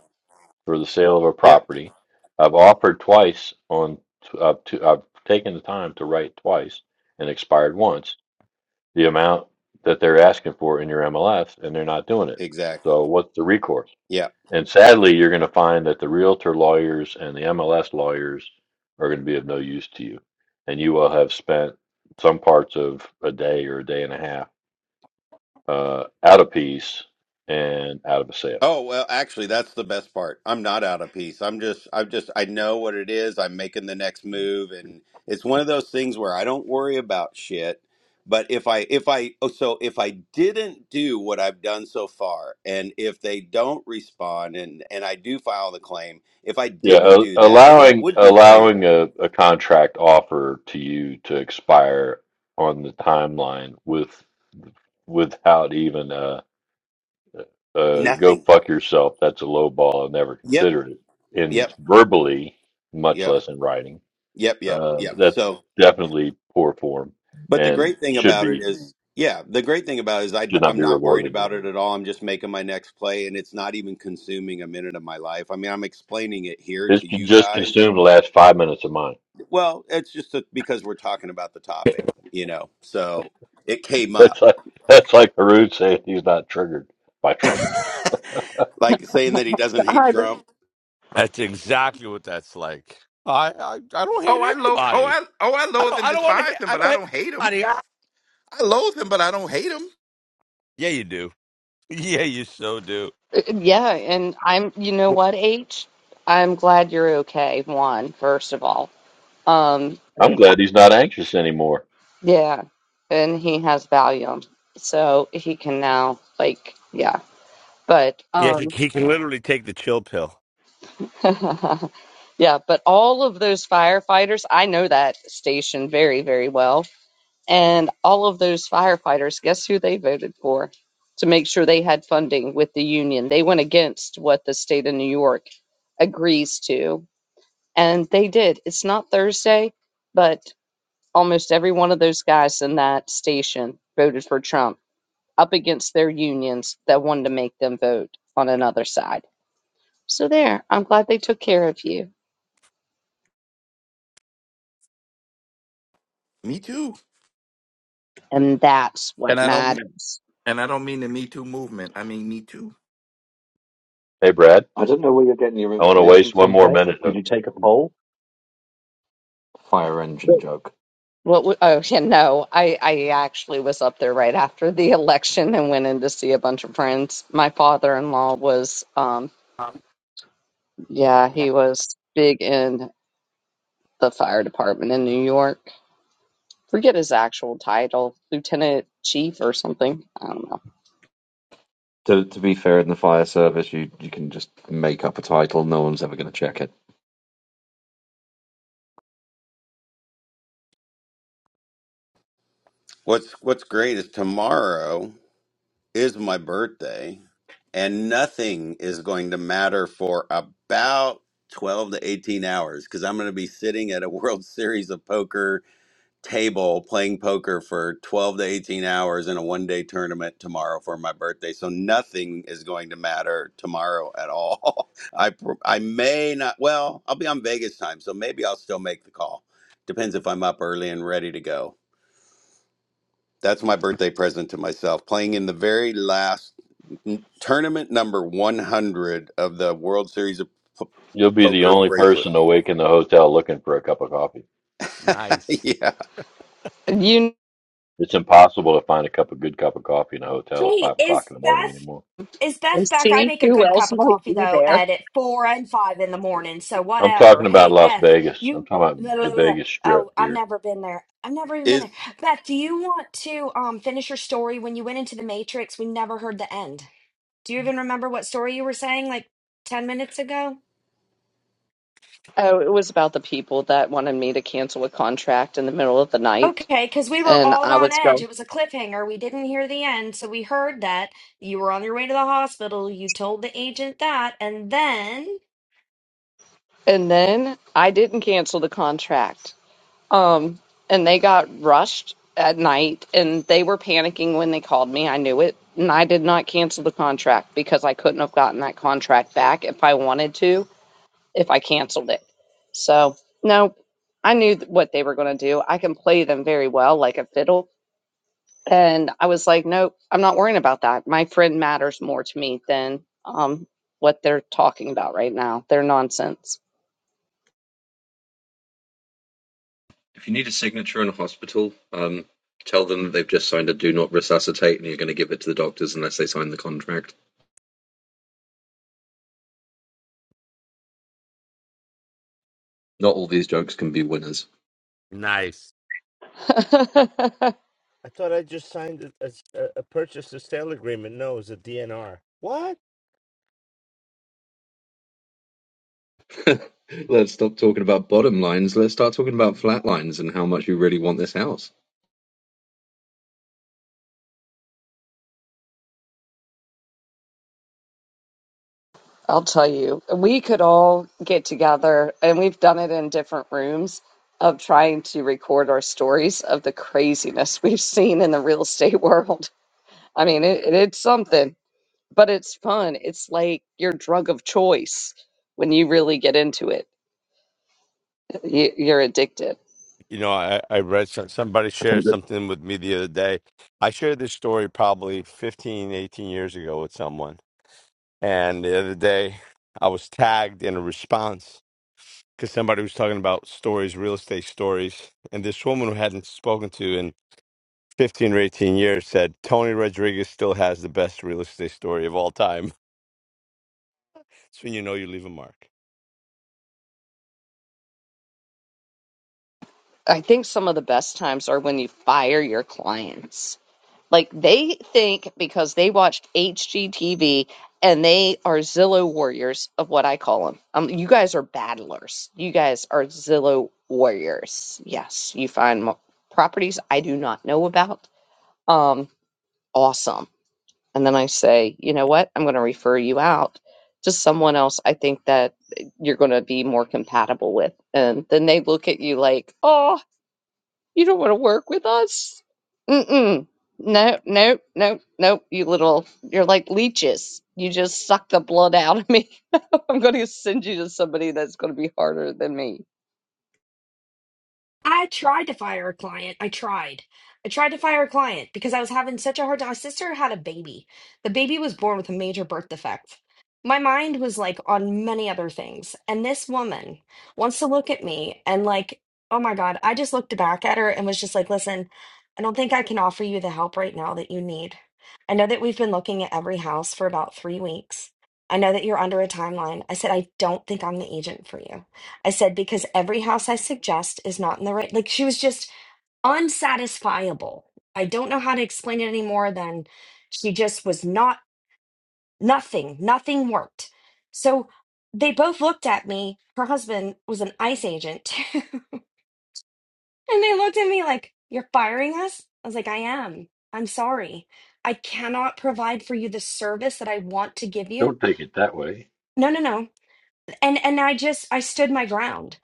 [SPEAKER 3] for the sale of a
[SPEAKER 10] yeah
[SPEAKER 3] property. I've offered twice on I've, t- I've taken the time to write twice and expired once. the amount that they're asking for in your MLS and they're not doing it.
[SPEAKER 10] exactly
[SPEAKER 3] So what's the recourse?
[SPEAKER 10] yeah
[SPEAKER 3] And sadly, you're going to find that the realtor lawyers and the MLS lawyers are going to be of no use to you. And you will have spent some parts of a day or a day and a half uh, out of piece and out of a sale.
[SPEAKER 10] Oh, well, actually, that's the best part. I'm not out of peace. I'm just, I'm just, I know what it is. I'm making the next move. And it's one of those things where I don't worry about shit. But if I, if I, oh, so if I didn't do what I've done so far, and if they don't respond and, and I do file the claim, if I
[SPEAKER 3] Yeah,
[SPEAKER 10] didn't
[SPEAKER 3] a-
[SPEAKER 10] do that, then I
[SPEAKER 3] allowing
[SPEAKER 10] would be worrying
[SPEAKER 3] allowing
[SPEAKER 10] about
[SPEAKER 3] a, a contract offer to you to expire on the timeline with without even uh uh, go
[SPEAKER 10] nothing.
[SPEAKER 3] fuck yourself. That's a low ball. I never
[SPEAKER 10] Yep.
[SPEAKER 3] considered it in
[SPEAKER 10] Yep.
[SPEAKER 3] verbally, much
[SPEAKER 10] Yep.
[SPEAKER 3] less in writing.
[SPEAKER 10] Yep. Yep.
[SPEAKER 3] Uh,
[SPEAKER 10] Yep.
[SPEAKER 3] that's
[SPEAKER 10] So,
[SPEAKER 3] definitely poor form
[SPEAKER 10] But the
[SPEAKER 3] and
[SPEAKER 10] great thing
[SPEAKER 3] should
[SPEAKER 10] about it
[SPEAKER 3] be
[SPEAKER 10] is, yeah, the great thing about it is I,
[SPEAKER 3] should not
[SPEAKER 10] am
[SPEAKER 3] be
[SPEAKER 10] not worried
[SPEAKER 3] rewarded.
[SPEAKER 10] about it at all. I'm just making my next play, and it's not even consuming a minute of my life. I mean, I'm explaining it here
[SPEAKER 3] This
[SPEAKER 10] to
[SPEAKER 3] could
[SPEAKER 10] you
[SPEAKER 3] just
[SPEAKER 10] guys.
[SPEAKER 3] consume the last five minutes of mine.
[SPEAKER 10] Well, it's just that because we're talking about the topic, you know, so it came up.
[SPEAKER 3] That's like that's like Harut saying he's not triggered by Trump.
[SPEAKER 10] like saying that he doesn't hate
[SPEAKER 2] God.
[SPEAKER 10] Trump.
[SPEAKER 1] That's exactly what that's like. I I, I don't hate
[SPEAKER 9] Oh, I lo- oh,
[SPEAKER 1] anybody.
[SPEAKER 9] I oh, I
[SPEAKER 1] I
[SPEAKER 9] loathe
[SPEAKER 1] don't
[SPEAKER 9] and
[SPEAKER 1] I don't want
[SPEAKER 9] despise
[SPEAKER 1] to.
[SPEAKER 9] him,
[SPEAKER 1] I
[SPEAKER 9] but
[SPEAKER 1] don't
[SPEAKER 9] I
[SPEAKER 1] hate
[SPEAKER 9] don't hate him.
[SPEAKER 1] anybody. Ah.
[SPEAKER 9] I loathe him, but I don't hate him.
[SPEAKER 1] Yeah, you do. Yeah, you so do.
[SPEAKER 2] Yeah. And I'm, you know what, H? I'm glad you're okay, Juan. First of all Um,
[SPEAKER 3] I'm
[SPEAKER 2] and
[SPEAKER 3] glad he's not anxious anymore.
[SPEAKER 2] yeah, and he has Valium, so he can now like yeah. But
[SPEAKER 1] Yeah, he,
[SPEAKER 2] um,
[SPEAKER 1] he can literally take the chill pill.
[SPEAKER 2] yeah, but all of those firefighters, I know that station very very well, and all of those firefighters, guess who they voted for to make sure they had funding with the union? They went against what the state of New York agrees to, and they did. It's not Thursday, but. almost every one of those guys in that station voted for Trump up against their unions that wanted to make them vote on another side. So there, I'm glad they took care of you.
[SPEAKER 9] Me too.
[SPEAKER 2] And that's
[SPEAKER 9] And
[SPEAKER 2] what
[SPEAKER 9] I don't
[SPEAKER 2] matters.
[SPEAKER 9] and I don't mean the Me Too movement. I mean Me Too.
[SPEAKER 3] Hey Brad,
[SPEAKER 6] I don't know where you're getting your
[SPEAKER 3] I want to
[SPEAKER 6] information
[SPEAKER 3] waste one
[SPEAKER 6] from,
[SPEAKER 3] more
[SPEAKER 6] Beth.
[SPEAKER 3] minute
[SPEAKER 6] Did
[SPEAKER 3] of.
[SPEAKER 6] you take a poll? Fire engine
[SPEAKER 2] What,
[SPEAKER 6] joke.
[SPEAKER 2] what w- oh yeah, no, I, I actually was up there right after the election and went in to see a bunch of friends. My father in law was um yeah, he was big in the fire department in New York. Forget his actual title, lieutenant chief or something. I don't know
[SPEAKER 6] To, to be fair, in the fire service, you, you can just make up a title. No one's ever going to check it.
[SPEAKER 10] What's What's great is tomorrow. is my birthday, and nothing is going to matter for about 12 to 18 hours because I'm going to be sitting at a World Series of Poker table playing poker for 12 to 18 hours in a one day tournament tomorrow for my birthday. So nothing is going to matter tomorrow at all. I, pr- I may not, well, I'll be on Vegas time, so maybe I'll still make the call. Depends if I'm up early and ready to go that's my birthday present to myself. Playing in the very last n- tournament number 100 of the World Series of P-
[SPEAKER 3] You'll be the
[SPEAKER 10] Poker
[SPEAKER 3] only
[SPEAKER 10] bracelet.
[SPEAKER 3] person awake in the hotel looking for a cup of coffee.
[SPEAKER 1] Nice,
[SPEAKER 10] yeah.
[SPEAKER 2] You
[SPEAKER 3] It's impossible to find a cup of good cup of coffee in a hotel at
[SPEAKER 5] Hey,
[SPEAKER 3] five o'clock
[SPEAKER 5] is
[SPEAKER 3] in the morning
[SPEAKER 5] Beth
[SPEAKER 3] anymore.
[SPEAKER 5] is
[SPEAKER 2] know,
[SPEAKER 5] Beth back? I
[SPEAKER 2] see
[SPEAKER 5] make a
[SPEAKER 2] who
[SPEAKER 5] good
[SPEAKER 2] else
[SPEAKER 5] cup of
[SPEAKER 2] might
[SPEAKER 5] coffee
[SPEAKER 2] be
[SPEAKER 5] though,
[SPEAKER 2] there.
[SPEAKER 5] Ed, at four and five in the morning. So
[SPEAKER 3] I'm
[SPEAKER 5] whatever.
[SPEAKER 3] talking about
[SPEAKER 5] Hey,
[SPEAKER 3] Las
[SPEAKER 5] Beth,
[SPEAKER 3] Vegas. I'm
[SPEAKER 5] you.
[SPEAKER 3] talking about
[SPEAKER 5] blah, blah,
[SPEAKER 3] the
[SPEAKER 5] blah.
[SPEAKER 3] Vegas
[SPEAKER 5] Oh,
[SPEAKER 3] Strip,
[SPEAKER 5] I've
[SPEAKER 3] dear.
[SPEAKER 5] never been there. I've never even been there.
[SPEAKER 10] Is
[SPEAKER 5] Beth, do you want to um finish your story? When you went into the Matrix, we never heard the end. Do you even remember what story you were saying like 10 minutes ago?
[SPEAKER 2] Oh, it was about the people that wanted me to cancel a contract in the middle of the night,
[SPEAKER 5] Okay, because we were
[SPEAKER 2] and
[SPEAKER 5] all
[SPEAKER 2] I
[SPEAKER 5] on
[SPEAKER 2] was
[SPEAKER 5] edge.
[SPEAKER 2] go.
[SPEAKER 5] It was a cliffhanger. We didn't hear the end. So we heard that you were on your way to the hospital. You told the agent that. And then.
[SPEAKER 2] And then I didn't cancel the contract. Um, and they got rushed at night, and they were panicking when they called me. I knew it, and I did not cancel the contract because I couldn't have gotten that contract back if I wanted to if I canceled it. So no, I knew th- what they were going to do. I can play them very well, like a fiddle And I was like, nope, I'm not worrying about that. My friend matters more to me than um, what they're talking about right now. They're nonsense.
[SPEAKER 6] If you need a signature in a hospital, um, tell them that they've just signed a do not resuscitate and you're going to give it to the doctors unless they sign the contract. Not all these jokes can be winners.
[SPEAKER 1] nice. I thought I just signed a, a, a purchase to sale agreement. No, it was a DNR. What?
[SPEAKER 6] Let's stop talking about bottom lines. Let's start talking about flat lines and how much you really want this house.
[SPEAKER 2] I'll tell you, we could all get together, and we've done it in different rooms of trying to record our stories of the craziness we've seen in the real estate world. I mean, it, it's something, but it's fun. It's like your drug of choice when you really get into it, you, you're addicted.
[SPEAKER 1] You know, I, I read some, somebody
[SPEAKER 6] I
[SPEAKER 1] shared
[SPEAKER 6] think that
[SPEAKER 1] something with me the other day. I shared this story probably 15 18 years ago with someone. And the other day, I was tagged in a response because somebody was talking about stories, real estate stories. And this woman who hadn't spoken to in 15 or 18 years said, Tony Rodriguez still has the best real estate story of all time. It's when you know you leave a mark.
[SPEAKER 2] I think some of the best times are when you fire your clients. Like they think because they watched HGTV and they are Zillow warriors of what I call them. Um, you guys are battlers. You guys are Zillow warriors. Yes, you find mo- properties I do not know about. Um, awesome. And then I say, you know what? I'm going to refer you out to someone else. I think that you're going to be more compatible with. And then they look at you like, oh. You don't want to work with us? Mm-mm. no, no. nope, nope. You little, you're like leeches. You just suck the blood out of me. I'm going to send you to somebody that's going to be harder than me.
[SPEAKER 5] I tried to fire a client. I tried. I tried to fire a client because I was having such a hard time. My sister had a baby. The baby was born with a major birth defect. My mind was like on many other things. And this woman wants to look at me and, like, oh my God, I just looked back at her and was just like, listen, I don't think I can offer you the help right now that you need. I know that we've been looking at every house for about three weeks. I know that you're under a timeline. I said, I don't think I'm the agent for you. I said, because every house I suggest is not in the right. Like she was just unsatisfiable. I don't know how to explain it any more than she just was not, nothing, nothing worked. So they both looked at me. Her husband was an ICE agent too. And they looked at me like, You're firing us? I was like, I am. I'm sorry. I cannot provide for you the service that I want to give you.
[SPEAKER 3] Don't take it that way.
[SPEAKER 5] No, no, no. and and I just I stood my ground.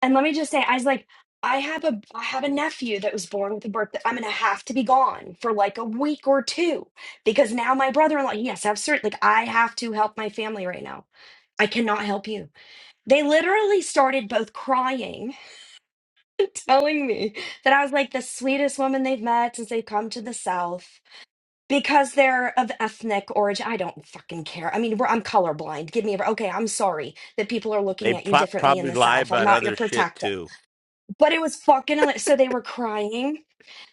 [SPEAKER 5] And let me just say, I was like, I have a I have a nephew that was born with a birth that I'm gonna have to be gone for like a week or two because now my brother-in-law, yes, I've cert like I have to help my family right now. I cannot help you. They literally started both crying, telling me that I was like the sweetest woman they've met since they've come to the South because they're of ethnic origin. I don't fucking care. I mean, we're, I'm colorblind. Give me a. Okay, I'm sorry that people are
[SPEAKER 1] They
[SPEAKER 5] looking at you
[SPEAKER 1] pro-
[SPEAKER 5] differently in
[SPEAKER 1] probably
[SPEAKER 5] the
[SPEAKER 1] lie
[SPEAKER 5] South. I'm
[SPEAKER 1] about
[SPEAKER 5] not your
[SPEAKER 1] other shit
[SPEAKER 5] protector.
[SPEAKER 1] too.
[SPEAKER 5] But it was fucking. hila- So they were crying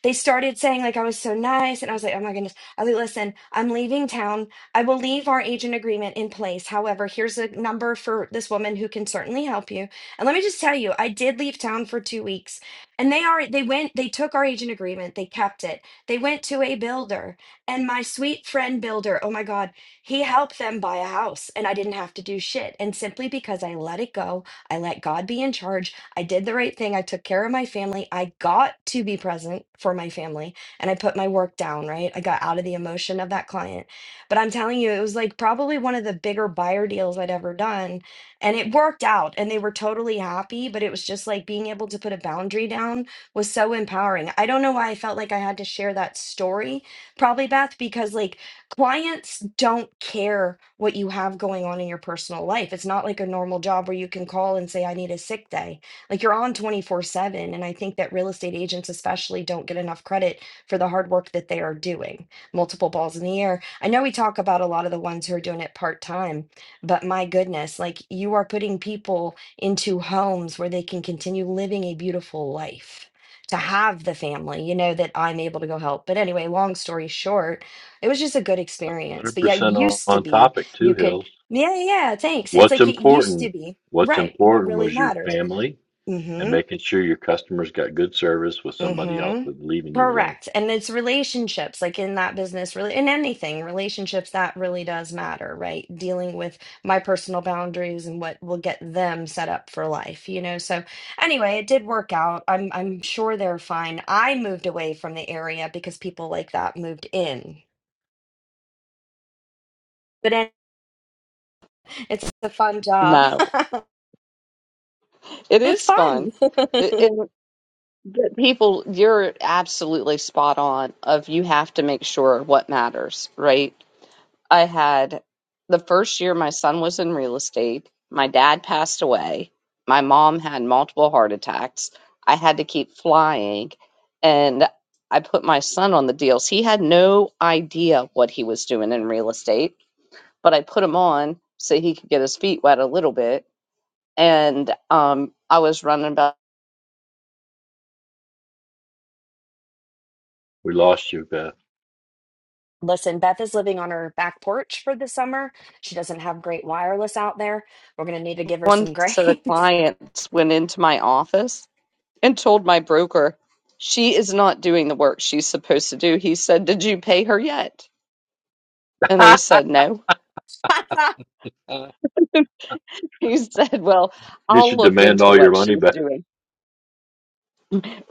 [SPEAKER 5] they started saying like I was so nice, and I was like, oh my goodness. I was like, listen, I'm leaving town. I will leave our agent agreement in place. However, here's a number for this woman who can certainly help you. And let me just tell you, I did leave town for two weeks, and they are they went they took our agent agreement, they kept it. They went to a builder, and my sweet friend builder, oh my god, he helped them buy a house, and I didn't have to do shit. And simply because I let it go, I let God be in charge. I did the right thing. I took care of my family. I got to be present for my family and I put my work down, right? I got out of the emotion of that client. But I'm telling you, it was like probably one of the bigger buyer deals I'd ever done. And it worked out and they were totally happy. But it was just like being able to put a boundary down was so empowering. I don't know why I felt like I had to share that story, probably, Beth, because like clients don't care what you have going on in your personal life. It's not like a normal job where you can call and say, I need a sick day like you're on 24/7 and I think that real estate agents especially don't get enough credit for the hard work that they are doing. Multiple balls in the air. I know we talk about a lot of the ones who are doing it part-time, but my goodness, like you are putting people into homes where they can continue living a beautiful life. To have the family, you know, that I'm able to go help. But anyway, long story short, it was just a good experience. But yeah, it
[SPEAKER 3] 100% on,
[SPEAKER 5] used to
[SPEAKER 3] on
[SPEAKER 5] be
[SPEAKER 3] topic,
[SPEAKER 5] you
[SPEAKER 3] too,
[SPEAKER 5] could,
[SPEAKER 3] Hills.
[SPEAKER 5] yeah, yeah, yeah, thanks. It's
[SPEAKER 3] What's
[SPEAKER 5] like it used to
[SPEAKER 3] important?
[SPEAKER 5] be,
[SPEAKER 3] What's
[SPEAKER 5] right? What
[SPEAKER 3] important
[SPEAKER 5] really
[SPEAKER 3] was your
[SPEAKER 5] matters
[SPEAKER 3] family and
[SPEAKER 5] Mm-hmm.
[SPEAKER 3] making sure your customers got good service with somebody else
[SPEAKER 5] Mm-hmm.
[SPEAKER 3] with leaving you alone.
[SPEAKER 5] Correct. And it's relationships, like in that business, really in anything, relationships that really does matter, right? Dealing with my personal boundaries and what will get them set up for life, you know. So anyway, it did work out. I'm I'm sure they're fine. I moved away from the area because people like that moved in. But it- it's a fun job.
[SPEAKER 2] No, it
[SPEAKER 5] It's
[SPEAKER 2] is fun.
[SPEAKER 5] fun.
[SPEAKER 2] It, it, but people, you're absolutely spot on. Of you have to make sure what matters, right? I had the first year my son was in real estate, my dad passed away, my mom had multiple heart attacks. I had to keep flying and I put my son on the deals. He had no idea what he was doing in real estate, but I put him on so he could get his feet wet a little bit. And um, I was running about
[SPEAKER 3] We lost you, Beth.
[SPEAKER 5] Listen, Beth is living on her back porch for the summer. She doesn't have great wireless out there. We're going to need to give her
[SPEAKER 2] once
[SPEAKER 5] some
[SPEAKER 2] that a
[SPEAKER 5] grace.
[SPEAKER 2] client went into my office and told my broker she is not doing the work she's supposed to do. He said, Did you pay her yet? And they said, No.
[SPEAKER 3] Uh,
[SPEAKER 2] He said, Well,
[SPEAKER 3] you
[SPEAKER 2] I'll
[SPEAKER 3] should
[SPEAKER 2] look
[SPEAKER 3] demand
[SPEAKER 2] into
[SPEAKER 3] all your
[SPEAKER 2] what
[SPEAKER 3] money
[SPEAKER 2] she's
[SPEAKER 3] back.
[SPEAKER 2] doing.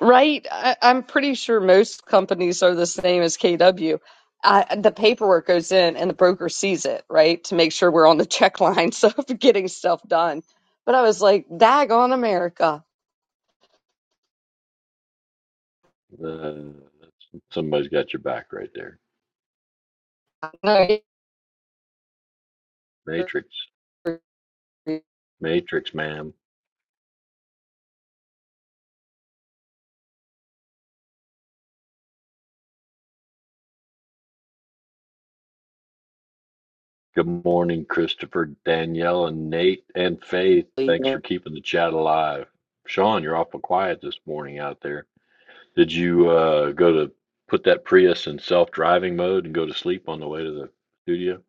[SPEAKER 2] Right? I, I'm pretty sure most companies are the same as KW. the paperwork goes in and the broker sees it, right? To make sure we're on the check lines of getting stuff done. But I was like, Dag on America.
[SPEAKER 3] Uh, somebody's got your back right there.
[SPEAKER 2] No,
[SPEAKER 3] Matrix.
[SPEAKER 2] you're
[SPEAKER 3] Matrix, ma'am. Good morning, Christopher, Danielle, and Nate, and Faith.
[SPEAKER 2] really
[SPEAKER 3] Thanks for keeping the chat alive. Sean, you're awful quiet this morning out there. Did you uh, go to put that Prius in self-driving mode and go to sleep on the way to the studio?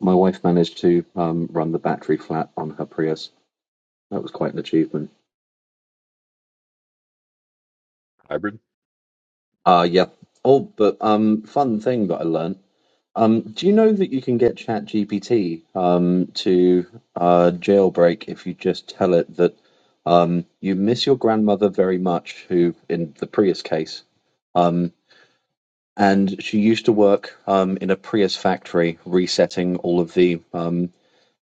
[SPEAKER 6] my wife managed to um, run the battery flat on her Prius. That was quite an achievement.
[SPEAKER 3] Hybrid?
[SPEAKER 6] Ah, yeah. Oh, but um, fun thing that I learned. Um, do you know that you can get ChatGPT um to uh jailbreak if you just tell it that um you miss your grandmother very much, who in the Prius case, um, and she used to work um in a Prius factory resetting all of the um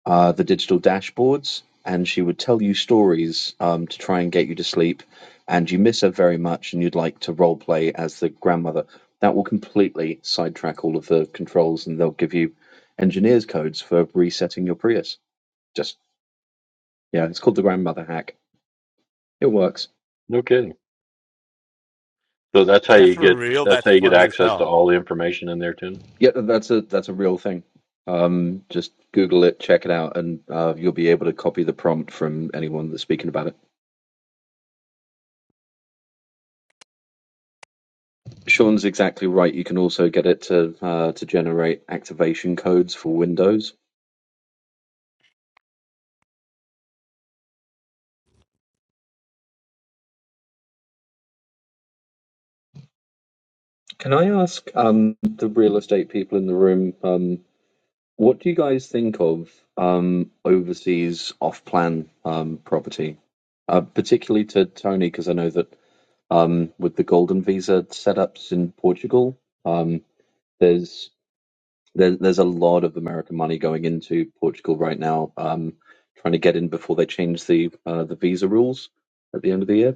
[SPEAKER 6] uh, the digital dashboards, and she would tell you stories um, to try and get you to sleep. And you miss her very much, and you'd like to role play as the grandmother. That will completely sidetrack all of the controls, and they'll give you engineers' codes for resetting your Prius. Just yeah, it's called the grandmother hack. It works.
[SPEAKER 3] No kidding. So that's
[SPEAKER 1] Is
[SPEAKER 3] how
[SPEAKER 1] that
[SPEAKER 3] you
[SPEAKER 1] for
[SPEAKER 3] get
[SPEAKER 1] real?
[SPEAKER 3] that's
[SPEAKER 1] That's
[SPEAKER 3] how you get
[SPEAKER 1] funny as
[SPEAKER 3] access to
[SPEAKER 1] hell.
[SPEAKER 3] all the information in there, Tim.
[SPEAKER 6] Yeah, that's a that's a real thing. Um, just Google it, check it out, and uh, you'll be able to copy the prompt from anyone that's speaking about it. Sean's exactly right. You can also get it to uh, to generate activation codes for Windows. Can I ask um, the real estate people in the room um, what do you guys think of um, overseas off-plan um, property, uh, particularly to Tony? Because I know that um, with the golden visa setups in Portugal, um, there's there, there's a lot of American money going into Portugal right now, um, trying to get in before they change the uh, the visa rules at the end of the year.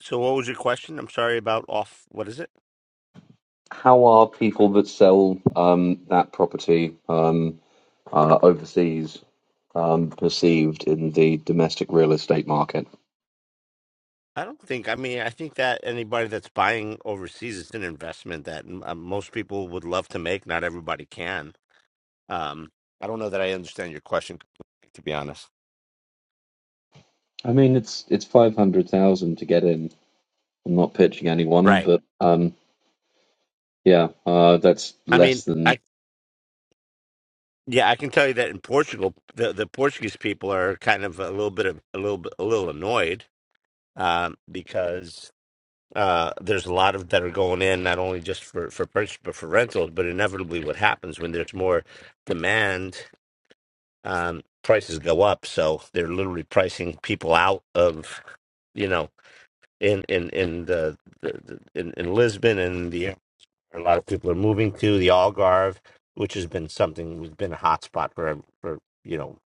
[SPEAKER 1] So what was your question? I'm sorry about off. What is it?
[SPEAKER 6] how are people that sell um, that property um, uh, overseas um, perceived in the domestic real estate market?
[SPEAKER 1] I don't think. I mean, I think that anybody that's buying overseas it's an investment that uh, most people would love to make. Not everybody can. Um, I don't know that I understand your question completely, to be honest.
[SPEAKER 6] I mean, it's it's five hundred thousand to get in. I'm not pitching anyone,
[SPEAKER 1] Right.
[SPEAKER 6] but um, yeah, uh, that's
[SPEAKER 1] I mean,
[SPEAKER 6] less than.
[SPEAKER 1] I yeah, I can tell you that in Portugal, the the Portuguese people are kind of a little bit of a little bit a little annoyed um, because uh, there's a lot of that are going in not only just for for purchase but for rentals. But inevitably, what happens when there's more demand um, prices go up. So they're literally pricing people out of, you know, in in in the, the, the in, in Lisbon and the a lot of people are moving to the Algarve, which has been something has been a hotspot for for you know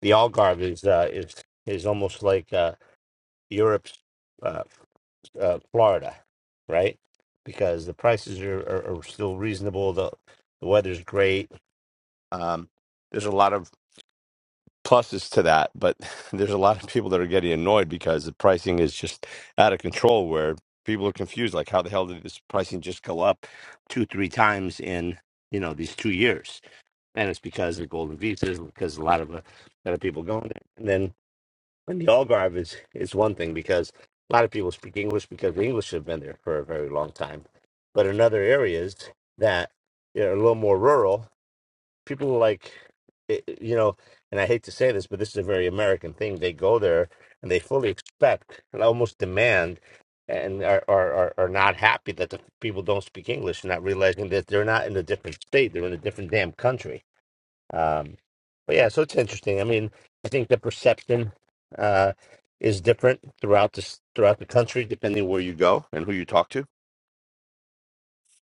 [SPEAKER 1] the Algarve is uh, is is almost like uh, Europe's uh, uh, Florida, right? Because the prices are, are, are still reasonable. the The weather's great. Um, There's a lot of pluses to that, but there's a lot of people that are getting annoyed because the pricing is just out of control. Where people are confused, like how the hell did this pricing just go up two, three times in you know these two years? And it's because of golden visas, because a lot of uh, a lot of people going there. And then in the Algarve is is one thing because a lot of people speak English because the English have been there for a very long time. But in other areas that are a little more rural, people like it, it- you know and i hate to say this but this is a very american thing they go there and they fully expect and almost demand and are, are, are are not happy that the people don't speak english not realizing that they're not in a different state they're in a different damn country um but yeah so it's interesting i mean i think the perception uh is different throughout this throughout the country depending where you go and who you talk to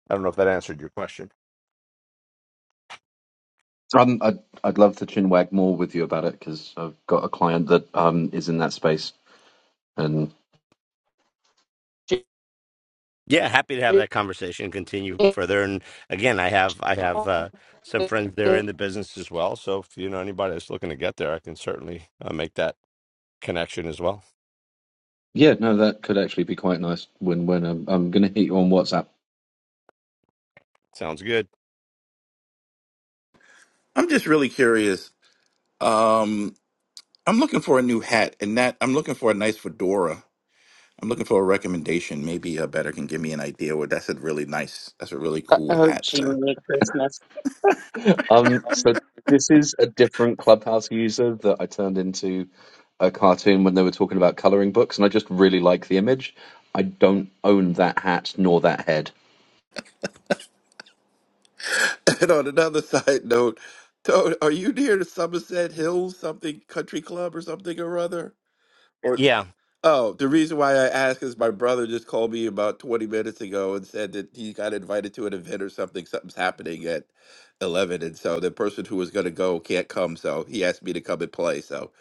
[SPEAKER 1] i don't know if that answered your question
[SPEAKER 6] Um, I'd I'd love to chinwag more with you about it because I've got a client that um, is in that space, and
[SPEAKER 1] Yeah, happy to have that conversation and continue further. And again, I have I have uh, some friends there in the business as well. So if you know anybody that's looking to get there, I can certainly uh, make that connection as well.
[SPEAKER 6] yeah, no, that could actually be quite nice win-win. I'm, I'm going to hit you on WhatsApp.
[SPEAKER 1] Sounds good.
[SPEAKER 9] I'm just really curious. Um, I'm looking for a new hat, and that I'm looking for a nice fedora I'm looking for a recommendation. Maybe a better can give me an idea. Where that's a really nice, that's a really cool hat. So
[SPEAKER 6] Um, so this is a different Clubhouse user that I turned into a cartoon when they were talking about coloring books, and I just really like the image. I don't own that hat nor that head.
[SPEAKER 9] And on another side note, Toad, are you near the Somerset Hills something country club or something or other?
[SPEAKER 1] Yeah,
[SPEAKER 9] Oh, the reason why I ask is my brother just called me about 20 minutes ago and said that he got invited to an event or something. Something's happening at 11. And so the person who was going to go can't come. So he asked me to come and play. So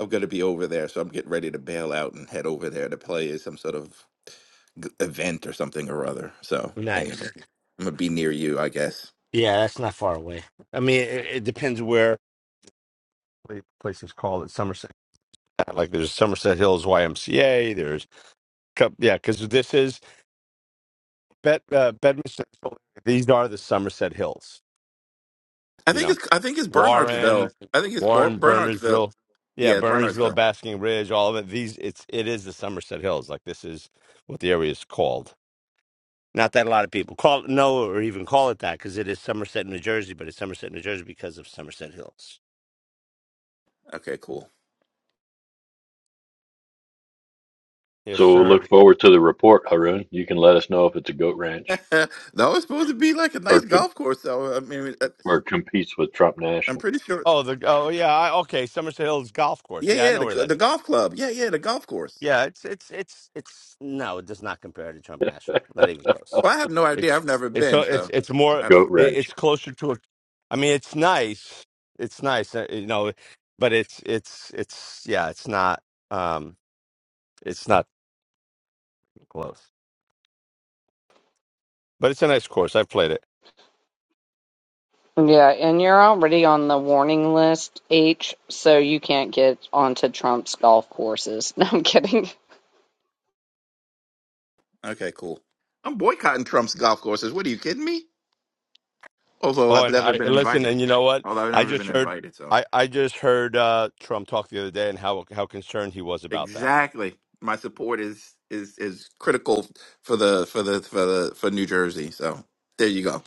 [SPEAKER 9] I'm going to be over there. So I'm getting ready to bail out and head over there to play some sort of g- event or something or other. So anyway,
[SPEAKER 1] nice.
[SPEAKER 9] Okay. I'm going to be near you, I guess.
[SPEAKER 1] Yeah, that's not far away. I mean, it, it depends where the place is called. It's Somerset. yeah, Like there's Somerset Hills YMCA. There's cou- yeah, because this is Bed uh, Bedminster. These are the Somerset Hills.
[SPEAKER 9] I
[SPEAKER 1] You
[SPEAKER 9] think
[SPEAKER 1] know.
[SPEAKER 9] it's I think it's
[SPEAKER 1] Warren,
[SPEAKER 9] Bernardsville. I think it's Bo-
[SPEAKER 1] Warren,
[SPEAKER 9] Bernardsville.
[SPEAKER 1] Bernardsville, Yeah,
[SPEAKER 9] Yeah, it's
[SPEAKER 1] Bernardsville,
[SPEAKER 9] Bernardsville.
[SPEAKER 1] Basking Ridge, all of it. These it's it is the Somerset Hills. Like this is what the area is called. Not that a lot of people call it know or even call it that because it is Somerset, New Jersey, but it's Somerset, New Jersey because of Somerset Hills.
[SPEAKER 9] Okay, cool.
[SPEAKER 1] Yes,
[SPEAKER 3] So we'll look
[SPEAKER 1] sir.
[SPEAKER 3] forward to the report, Haroon. You can let us know if it's a goat ranch
[SPEAKER 9] No, it's supposed to be like a
[SPEAKER 3] or
[SPEAKER 9] nice
[SPEAKER 3] co-
[SPEAKER 9] golf course, though. I mean, uh,
[SPEAKER 3] or competes with Trump
[SPEAKER 9] I'm
[SPEAKER 3] National.
[SPEAKER 9] pretty sure.
[SPEAKER 1] Oh, the oh yeah, I, okay, Somerset Hills Golf Course.
[SPEAKER 9] Yeah,
[SPEAKER 1] Yeah, I
[SPEAKER 9] yeah,
[SPEAKER 1] know
[SPEAKER 9] the
[SPEAKER 1] where that
[SPEAKER 9] the
[SPEAKER 1] is.
[SPEAKER 9] golf club. Yeah, yeah, the golf course.
[SPEAKER 1] Yeah, it's it's it's it's no, it does not compare to Trump National. Not even close.
[SPEAKER 9] Well, I have no idea.
[SPEAKER 1] It's
[SPEAKER 9] I've never
[SPEAKER 1] it's so
[SPEAKER 9] been,
[SPEAKER 1] it's
[SPEAKER 9] so
[SPEAKER 1] it's more
[SPEAKER 9] I don't
[SPEAKER 3] Goat
[SPEAKER 1] it,
[SPEAKER 3] ranch.
[SPEAKER 1] it's closer to a I mean it's nice. It's nice, uh, you know, but it's it's it's yeah, it's not um it's not close. But it's a nice course. I've played it.
[SPEAKER 2] Yeah, and you're already on the warning list, H, so you can't get onto Trump's golf courses. No, I'm kidding.
[SPEAKER 9] know. Okay, cool. I'm boycotting Trump's golf courses. What are you kidding me? Although
[SPEAKER 1] Oh,
[SPEAKER 9] I've
[SPEAKER 1] and
[SPEAKER 9] never
[SPEAKER 1] I
[SPEAKER 9] been
[SPEAKER 1] and listen,
[SPEAKER 9] invited.
[SPEAKER 1] and you know what?
[SPEAKER 9] Although I've
[SPEAKER 1] I
[SPEAKER 9] never
[SPEAKER 1] just
[SPEAKER 9] been
[SPEAKER 1] heard,
[SPEAKER 9] invited, so
[SPEAKER 1] I I just heard uh, Trump talk the other day and how how concerned he was about that.
[SPEAKER 9] exactly. My support is is is critical for the for the for the for New Jersey. So there you go.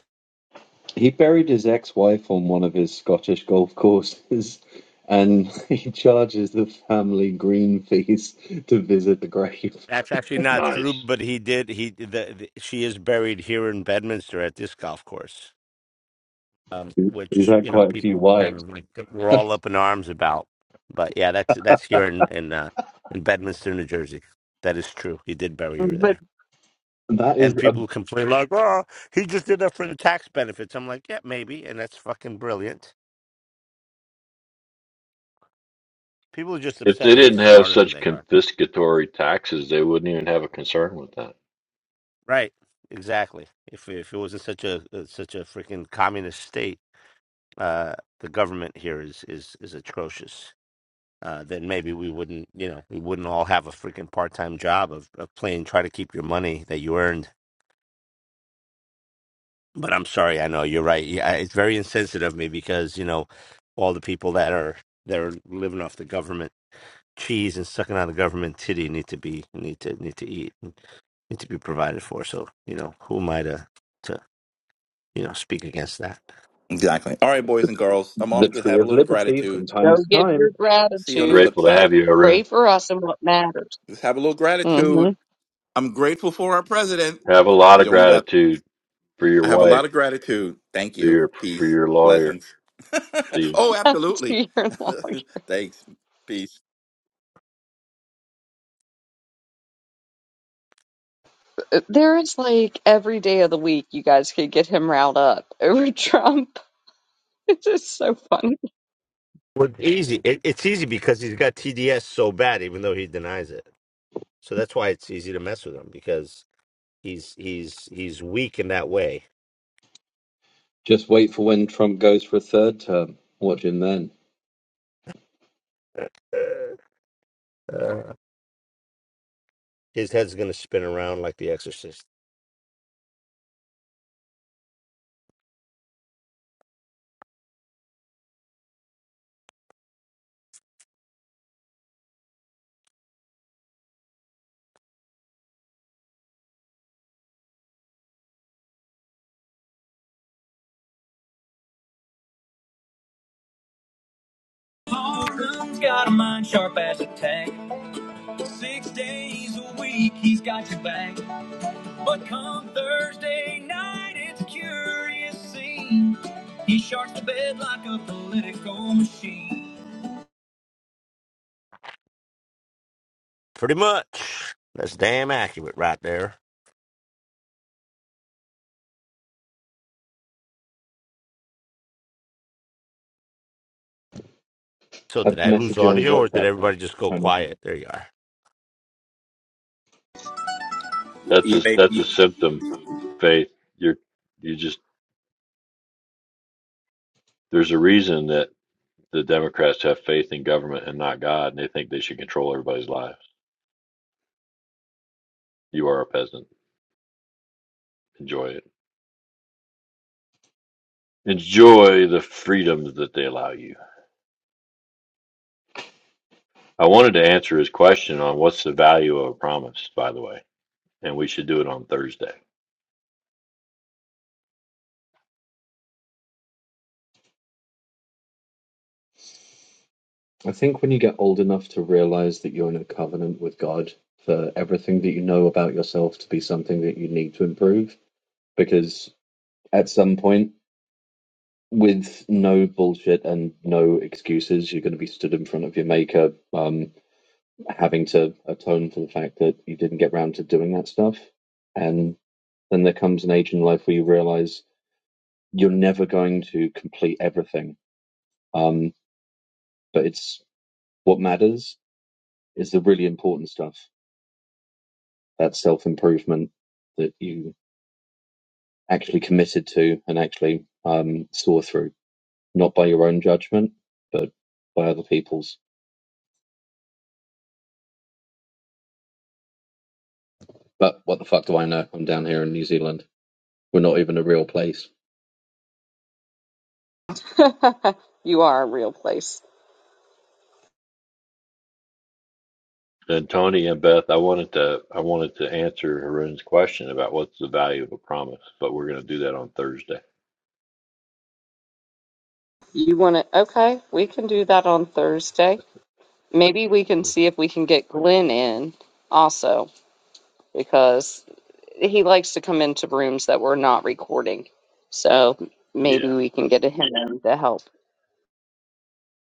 [SPEAKER 6] He buried his ex-wife on one of his Scottish golf courses, and he charges the family green fees to visit the grave.
[SPEAKER 1] That's actually not true,
[SPEAKER 3] Nice.
[SPEAKER 1] but he did. He the, the, she is buried here in Bedminster at this golf course, um,
[SPEAKER 6] He's
[SPEAKER 1] which
[SPEAKER 6] had
[SPEAKER 1] you know
[SPEAKER 6] quite a few
[SPEAKER 1] people kind
[SPEAKER 6] wives.
[SPEAKER 1] of like were all up in arms about. But yeah, that's that's here in in uh, in Bedminster, New Jersey. That is true. He did bury her
[SPEAKER 2] But
[SPEAKER 1] there,
[SPEAKER 6] That is
[SPEAKER 1] and
[SPEAKER 6] a,
[SPEAKER 1] people complain like, "Oh, he just did that for the tax benefits." I'm like, "Yeah, maybe," and that's fucking brilliant People are just
[SPEAKER 3] If
[SPEAKER 1] upset
[SPEAKER 3] they
[SPEAKER 1] that he's
[SPEAKER 3] didn't have
[SPEAKER 1] smarter than
[SPEAKER 3] such
[SPEAKER 1] they are.
[SPEAKER 3] confiscatory taxes, they wouldn't even have a concern with that.
[SPEAKER 1] Right. Exactly. If if it wasn't such a uh, such a freaking communist state, uh, the government here is is is atrocious. Uh, then maybe we wouldn't, you know, we wouldn't all have a freaking part-time job of, of playing try to keep your money that you earned. But I'm sorry, I know you're right. Yeah, it's very insensitive of me because you know all the people that are they're living off the government cheese and sucking on the government titty need to be need to need to eat and need to be provided for. So you know, who am I to to you know speak against that?
[SPEAKER 9] Exactly. All right, boys and girls. I'm
[SPEAKER 6] the
[SPEAKER 9] off to
[SPEAKER 6] tree
[SPEAKER 9] have a
[SPEAKER 6] of
[SPEAKER 9] little
[SPEAKER 6] liberty from
[SPEAKER 9] gratitude.
[SPEAKER 6] time to
[SPEAKER 2] go give your
[SPEAKER 6] time.
[SPEAKER 9] See you
[SPEAKER 3] We're
[SPEAKER 9] on the
[SPEAKER 2] gratitude.
[SPEAKER 9] flip
[SPEAKER 3] grateful to
[SPEAKER 9] side.
[SPEAKER 3] have you,
[SPEAKER 2] Pray
[SPEAKER 3] Arun.
[SPEAKER 2] for us and what matters.
[SPEAKER 9] Just have a little
[SPEAKER 2] hmm
[SPEAKER 9] gratitude. I'm grateful for our president.
[SPEAKER 3] Have a lot
[SPEAKER 9] He's
[SPEAKER 3] of
[SPEAKER 9] only got.
[SPEAKER 3] gratitude for your
[SPEAKER 9] I have a
[SPEAKER 3] wife,
[SPEAKER 9] lot of gratitude. Thank
[SPEAKER 3] for
[SPEAKER 9] you.
[SPEAKER 3] your for
[SPEAKER 9] Peace.
[SPEAKER 3] your lawyer.
[SPEAKER 9] Blessings.
[SPEAKER 3] See,
[SPEAKER 9] oh,
[SPEAKER 2] to
[SPEAKER 9] absolutely.
[SPEAKER 2] your lawyer.
[SPEAKER 9] Thanks. Peace.
[SPEAKER 2] There is like every day of the week you guys could get him riled up over Trump. It's just so funny.
[SPEAKER 1] Well, it's easy. It, it's easy because he's got TDS so bad, even though he denies it. So that's why it's easy to mess with him because he's he's he's weak in that way.
[SPEAKER 6] Just wait for when Trump goes for a third term. Watch him then.
[SPEAKER 1] Uh, his head's gonna spin around like The Exorcist.
[SPEAKER 10] Harden's got a mind sharp as a tack. Six days a week, he's got your back. But come Thursday night, it's a curious scene. He sharks the bed like a political machine.
[SPEAKER 1] Pretty much. That's damn accurate right there. So did
[SPEAKER 6] I've
[SPEAKER 1] I lose
[SPEAKER 6] messaged you on
[SPEAKER 1] audio or did
[SPEAKER 6] WhatsApp,
[SPEAKER 1] everybody just go
[SPEAKER 6] Tony.
[SPEAKER 1] quiet? There you are.
[SPEAKER 3] that's a that's a symptom. Faith, you're you just there's a reason that the Democrats have faith in government and not God, and they think they should control everybody's lives. You are a peasant. Enjoy it. Enjoy the freedoms that they allow you. I wanted to answer his question on what's the value of a promise, by the way and we should do it on Thursday.
[SPEAKER 6] I think when you get old enough to realize that you're in a covenant with God for everything that you know about yourself to be something that you need to improve, because at some point, with no bullshit and no excuses, you're going to be stood in front of your maker, um, having to atone for the fact that you didn't get round to doing that stuff. And then there comes an age in life where you realize you're never going to complete everything. Um, but it's what matters is the really important stuff that self improvement that you actually committed to and actually um, saw through, not by your own judgment, but by other people's. But what the fuck do I know? I'm down here in New Zealand. We're not even a real place.
[SPEAKER 2] you are a real place.
[SPEAKER 3] And Tony and Beth, I wanted to I wanted to answer Haroon's question about what's the value of a promise, but we're going to do that on Thursday.
[SPEAKER 2] You want to, okay, we can do that on Thursday. Maybe we can see if we can get Glenn in also. because he likes to come into rooms that we're not recording. So
[SPEAKER 3] Yeah,
[SPEAKER 2] maybe we can get him to help.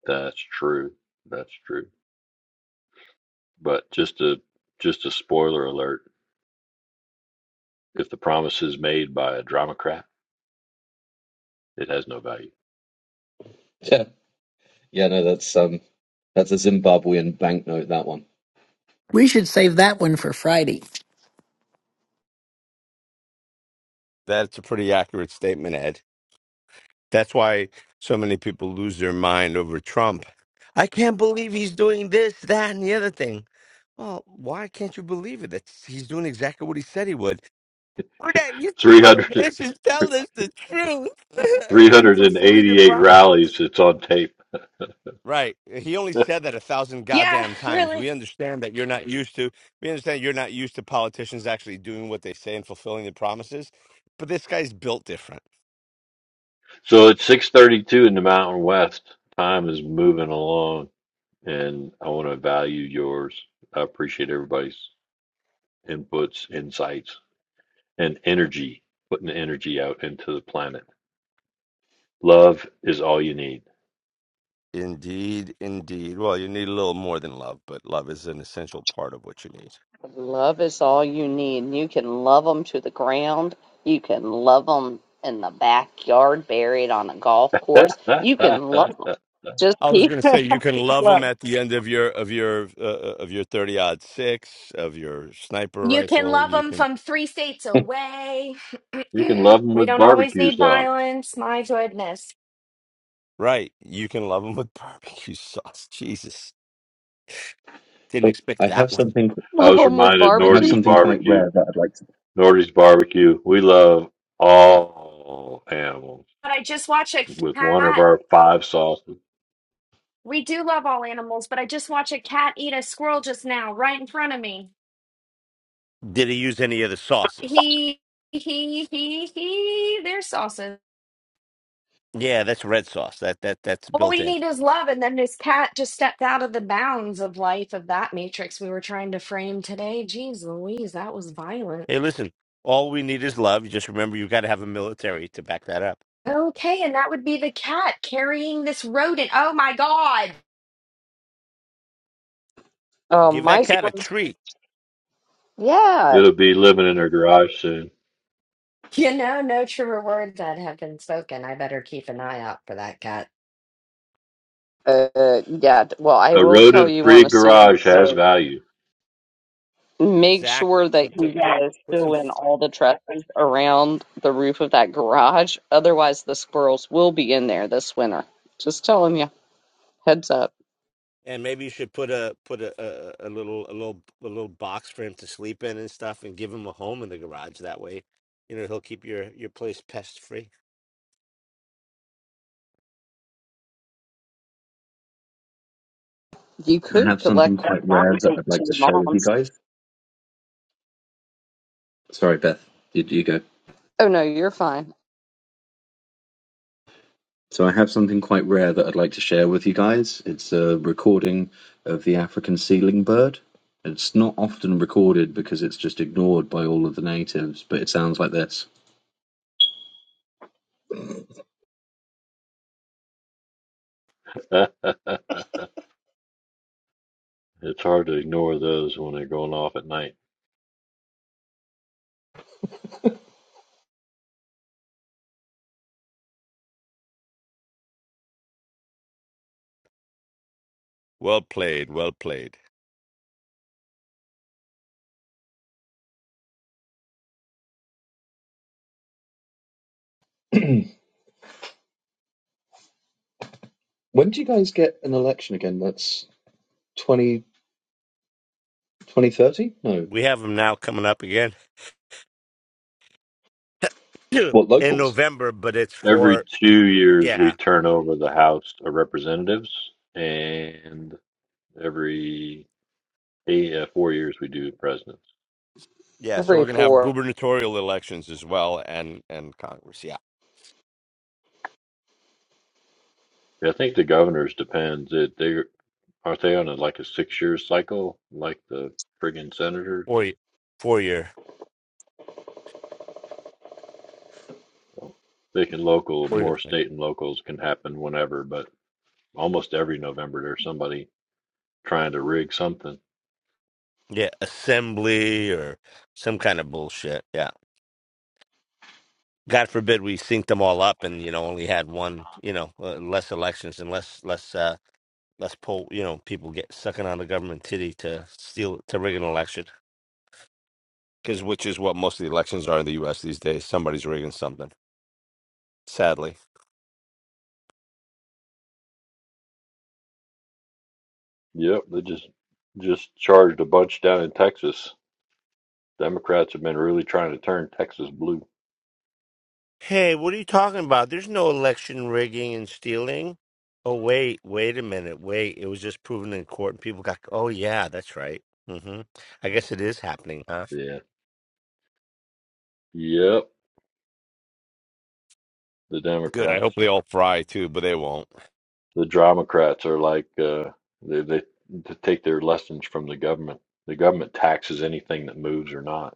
[SPEAKER 3] that's true. That's true. But just a just a spoiler alert: if the promise is made by a dramacrat, It has no value.
[SPEAKER 6] Yeah, yeah, no, that's um, that's a Zimbabwean banknote. That one.
[SPEAKER 7] We should save that one for Friday.
[SPEAKER 1] That's a pretty accurate statement, Ed. That's why so many people lose their mind over Trump. I can't believe he's doing this, that, and the other thing. Well, why can't you believe it? That's, he's doing exactly what he said he would. We're not used to
[SPEAKER 3] Three hundred,
[SPEAKER 1] politicians telling us the truth
[SPEAKER 3] three
[SPEAKER 1] and
[SPEAKER 3] hundred and
[SPEAKER 1] fulfilling their
[SPEAKER 3] eighty-eight
[SPEAKER 1] promises.
[SPEAKER 3] rallies. It's on tape.
[SPEAKER 1] Right. He only said that a thousand
[SPEAKER 5] yeah,
[SPEAKER 1] goddamn times. We
[SPEAKER 5] really.
[SPEAKER 1] understand that you're not used to. We understand you're not used to politicians actually doing what they say and fulfilling the promises. But this guy's built different.
[SPEAKER 3] So it's 6:32 in the Mountain West. Time is moving along, and I want to value yours. I appreciate everybody's inputs, insights, and energy. Putting the energy out into the planet. Love is all you need.
[SPEAKER 1] Indeed, indeed. Well, you need a little more than love, but love is an essential part of what you need.
[SPEAKER 2] Love is all you need. You can love them to the ground. You can love them in the backyard, buried on a golf course. You can love them. Just
[SPEAKER 1] I was
[SPEAKER 2] keep
[SPEAKER 1] going to say you can love
[SPEAKER 2] love,
[SPEAKER 1] them at the end of your of your uh, uh, of your thirty odd six of your sniper
[SPEAKER 5] You can
[SPEAKER 1] rifle.
[SPEAKER 5] love
[SPEAKER 1] You
[SPEAKER 5] them
[SPEAKER 1] can
[SPEAKER 5] from three states away.
[SPEAKER 3] You can love them
[SPEAKER 5] we
[SPEAKER 3] with
[SPEAKER 5] don't always
[SPEAKER 3] barbecue
[SPEAKER 5] need
[SPEAKER 3] sauce.
[SPEAKER 5] violence. My goodness.
[SPEAKER 1] right. You can love them with barbecue sauce. Jesus, didn't
[SPEAKER 6] So I
[SPEAKER 1] expect that
[SPEAKER 6] have
[SPEAKER 1] one.
[SPEAKER 6] something.
[SPEAKER 3] I
[SPEAKER 2] love
[SPEAKER 3] was
[SPEAKER 2] them with
[SPEAKER 3] reminded
[SPEAKER 6] I have
[SPEAKER 2] barbecue.
[SPEAKER 3] Nordy's
[SPEAKER 6] something quite
[SPEAKER 3] barbecue.
[SPEAKER 6] rare that I'd like to.
[SPEAKER 3] Nordy's barbecue. We love all animals
[SPEAKER 5] But I just watched a
[SPEAKER 3] with one of
[SPEAKER 5] cat.
[SPEAKER 3] our five sauces.
[SPEAKER 5] We do love all animals, but I just watched a cat eat a squirrel just now, right in front of me.
[SPEAKER 1] Did he use any of the sauces?
[SPEAKER 5] He, he, he, he. There's sauces.
[SPEAKER 1] Yeah, that's red sauce. That that that's
[SPEAKER 5] All
[SPEAKER 1] built
[SPEAKER 5] we
[SPEAKER 1] in.
[SPEAKER 5] need is love. And then this cat just stepped out of the bounds of life of that matrix we were trying to frame today. Jeez Louise, that was violent.
[SPEAKER 1] Hey, listen, all we need is love. Just remember, you got to have a military to back that up.
[SPEAKER 5] Okay, and that would be the cat carrying this rodent. Oh my God.
[SPEAKER 2] Oh
[SPEAKER 1] Give that
[SPEAKER 2] my,
[SPEAKER 1] cat a treat.
[SPEAKER 2] yeah,
[SPEAKER 3] It'll be living in their garage soon.
[SPEAKER 5] You know, no truer words that have been spoken. I better keep an eye out for that cat.
[SPEAKER 2] uh, yeah. Well, I
[SPEAKER 3] A
[SPEAKER 2] will tell you
[SPEAKER 3] rodent-free
[SPEAKER 2] on a serious
[SPEAKER 3] garage
[SPEAKER 2] note.
[SPEAKER 3] has value.
[SPEAKER 2] make sure
[SPEAKER 1] Exactly.
[SPEAKER 2] that
[SPEAKER 1] Put
[SPEAKER 2] you
[SPEAKER 1] the put
[SPEAKER 2] guys
[SPEAKER 1] put some.
[SPEAKER 2] fill in all the trusses around the roof of that garage. Otherwise, the squirrels will be in there this winter. Just telling you, heads up.
[SPEAKER 1] And maybe you should put a put a, a a little a little a little box for him to sleep in and stuff, and give him a home in the garage. That way, you know he'll keep your your place pest free.
[SPEAKER 2] You
[SPEAKER 6] I
[SPEAKER 2] could
[SPEAKER 6] have something
[SPEAKER 2] collect that
[SPEAKER 6] quite
[SPEAKER 2] cat
[SPEAKER 6] rare
[SPEAKER 2] and
[SPEAKER 6] that
[SPEAKER 2] take it
[SPEAKER 6] I'd
[SPEAKER 2] to
[SPEAKER 6] like to
[SPEAKER 2] your
[SPEAKER 6] share with you
[SPEAKER 2] mom's.
[SPEAKER 6] guys. Sorry, Beth. You, you go.
[SPEAKER 2] Oh no, you're fine.
[SPEAKER 6] So I have something quite rare that I'd like to share with you guys. It's a recording of the African ceiling bird. It's not often recorded because it's just ignored by all of the natives, but it sounds like this.
[SPEAKER 3] it's hard to ignore those when they're going off at night.
[SPEAKER 1] Well played. Well played.
[SPEAKER 6] When do you guys get an election again? That's 20, 2030? No.
[SPEAKER 1] We have them now coming up again in
[SPEAKER 6] What, locals?
[SPEAKER 1] November, but it's
[SPEAKER 3] Every
[SPEAKER 1] for
[SPEAKER 3] two years, we
[SPEAKER 1] yeah
[SPEAKER 3] turn over the House of Representatives, and every eight, uh, four years, we do presidents.
[SPEAKER 1] Yeah. So we're
[SPEAKER 2] Every
[SPEAKER 1] going to have
[SPEAKER 2] four.
[SPEAKER 1] gubernatorial elections as well, and and Congress. Yeah.
[SPEAKER 3] I think the governors depends. It they Aren't they on a, like a six-year cycle, like the friggin' senator?
[SPEAKER 1] Four, y- four year,
[SPEAKER 3] So they can local,
[SPEAKER 1] four year,
[SPEAKER 3] more
[SPEAKER 1] your
[SPEAKER 3] state and locals can happen whenever, but almost every November there's somebody trying to rig something.
[SPEAKER 1] yeah assembly or some kind of bullshit. yeah. God forbid we synced them all up and you know only had one you know uh, less elections and less less uh less poll you know people get sucking on the government titty to steal to rig an election because which is what most of the elections are in the U.S. these days somebody's rigging something sadly.
[SPEAKER 3] Yep, they just just charged a bunch down in Texas. Democrats have been really trying to turn Texas blue.
[SPEAKER 1] Hey, what are you talking about? There's no election rigging and stealing. Oh wait, wait a minute, wait. It was just proven in court and people got. Oh yeah, that's right. hmm I guess it is happening, huh?
[SPEAKER 3] Yeah. Yep. The
[SPEAKER 1] Good. I hope
[SPEAKER 3] Democrats,
[SPEAKER 1] they all fry too, but they won't.
[SPEAKER 3] the Dramocrats are like uh, they they to take their lessons from the government. The government taxes anything that moves or not.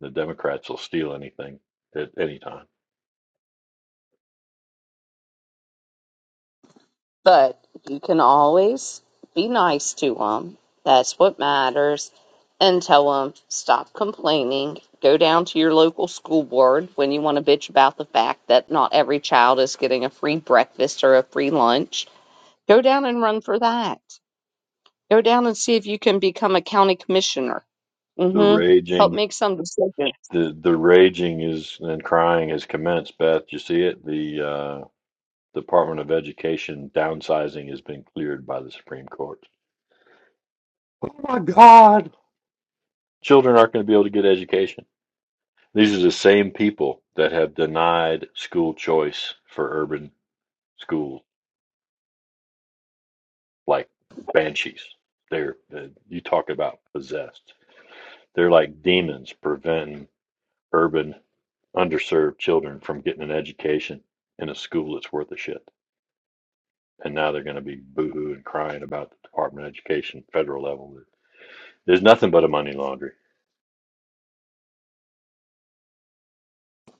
[SPEAKER 3] The Democrats will steal anything at any time.
[SPEAKER 2] But you can always be nice to them. That's what matters. And tell them, stop complaining. Go down to your local school board when you want to bitch about the fact that not every child is getting a free breakfast or a free lunch. Go down and run for that. Go down and see if you can become a county commissioner.
[SPEAKER 3] The
[SPEAKER 2] Mm-hmm. Help
[SPEAKER 3] raging,
[SPEAKER 2] make some decisions.
[SPEAKER 3] the the raging is and crying has commenced. Beth, you see it? The uh, Department of Education downsizing has been cleared by the Supreme Court. Oh my God. Children aren't going to be able to get education. These are the same people that have denied school choice for urban schools, like banshees. They're uh, you talk about possessed. They're like demons preventing urban underserved children from getting an education in a school that's worth a shit. And now they're going to be boohoo and crying about the Department of Education federal level. There's nothing but a money laundry.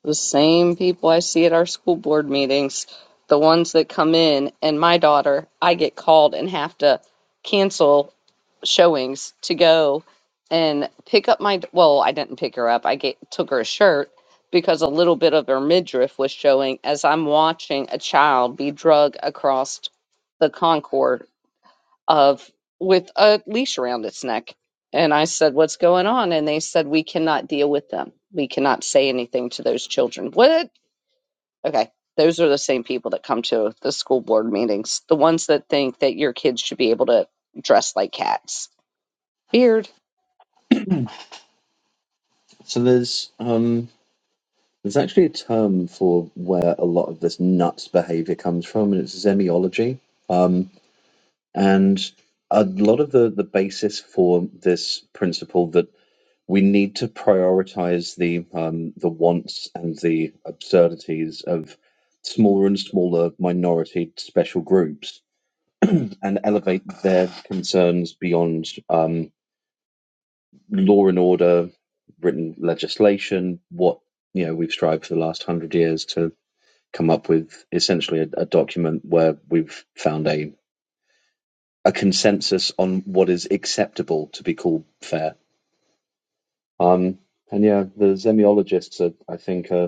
[SPEAKER 2] The same people I see at our school board meetings, the ones that come in, and my daughter, I get called and have to cancel showings to go and pick up my, well, I didn't pick her up. I get, took her a shirt because a little bit of her midriff was showing as I'm watching a child be drug across the concord of with a leash around its neck. And I said, What's going on? And they said, We cannot deal with them. We cannot say anything to those children. What? Okay. Those are the same people that come to the school board meetings, the ones that think that your kids should be able to dress like cats. Beard.
[SPEAKER 6] So there's, um, there's actually a term for where a lot of this nuts behavior comes from, and it's zemiology. Um, and a lot of the, the basis for this principle that we need to prioritize the um, the wants and the absurdities of smaller and smaller minority special groups and elevate their concerns beyond um, law and order written legislation what you know we've strived for the last 100 years to come up with essentially a, a document where we've found a a consensus on what is acceptable to be called fair um, and yeah the semiologists are, i think are.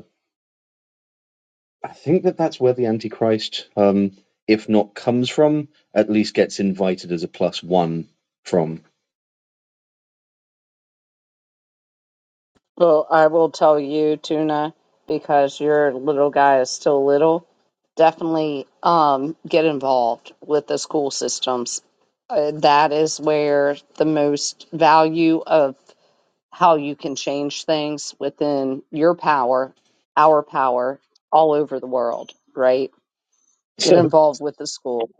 [SPEAKER 6] I think that that's where the Antichrist, um, if not comes from, at least gets invited as a plus one from.
[SPEAKER 2] Well, I will tell you, Tuna, because your little guy is still little, definitely um, get involved with the school systems. Uh, that is where the most value of how you can change things within your power, our power, all over the world, right? Get
[SPEAKER 6] So
[SPEAKER 2] involved with the school.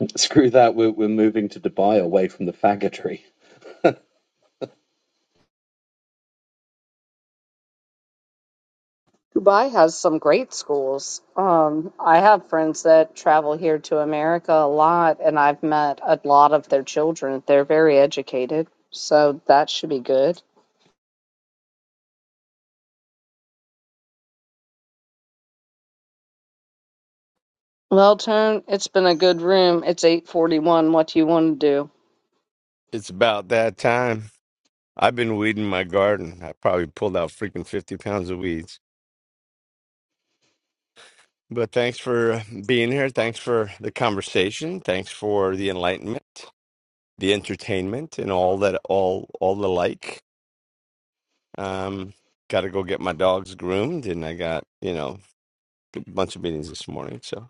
[SPEAKER 6] screw that. We're, we're moving to Dubai away from the faggotry.
[SPEAKER 2] Dubai has some great schools. Um, I have friends that travel here to America a lot, and I've met a lot of their children. They're very educated, so that should be good. Well, Tone, it's been a good room. It's 8:41. What do you want to do?
[SPEAKER 1] It's about that time. I've been weeding my garden. I probably pulled out freaking 50 pounds of weeds. But thanks for being here. Thanks for the conversation. Thanks for the enlightenment, the entertainment, and all that, all, all the like. Um, got to go get my dogs groomed, and I got, you know, a bunch of meetings this morning. So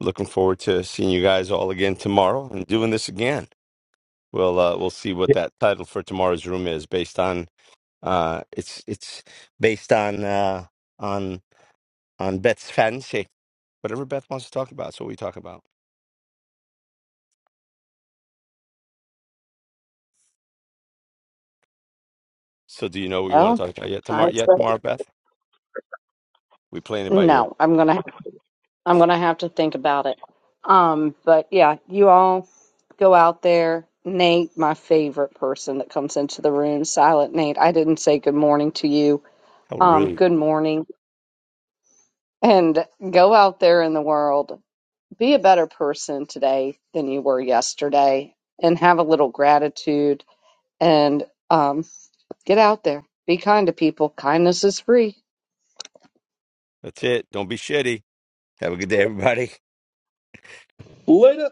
[SPEAKER 1] looking forward to seeing you guys all again tomorrow and doing this again. We'll, uh, we'll see what
[SPEAKER 6] Yeah.
[SPEAKER 1] that title for tomorrow's room is based on, uh, it's, it's based on, uh, on on Beth's fancy. Whatever Beth wants to talk about, that's what we talk about. So do you know what you want to
[SPEAKER 2] Well,
[SPEAKER 1] talk about yet
[SPEAKER 2] I
[SPEAKER 1] tomorrow? Yet
[SPEAKER 2] said
[SPEAKER 1] tomorrow, Beth? We playing it by ear.
[SPEAKER 2] no. I'm gonna I'm gonna have to think about it. Um, but yeah, you all go out there. Nate, my favorite person that comes into the room, Silent Nate. I didn't say good morning to you.
[SPEAKER 1] How
[SPEAKER 2] Um,
[SPEAKER 1] rude.
[SPEAKER 2] good morning. and go out there in the world, be a better person today than you were yesterday, and have a little gratitude and um, get out there. Be kind to people. Kindness is free.
[SPEAKER 1] That's it. Don't be shitty. Have a good day, everybody.
[SPEAKER 6] Later.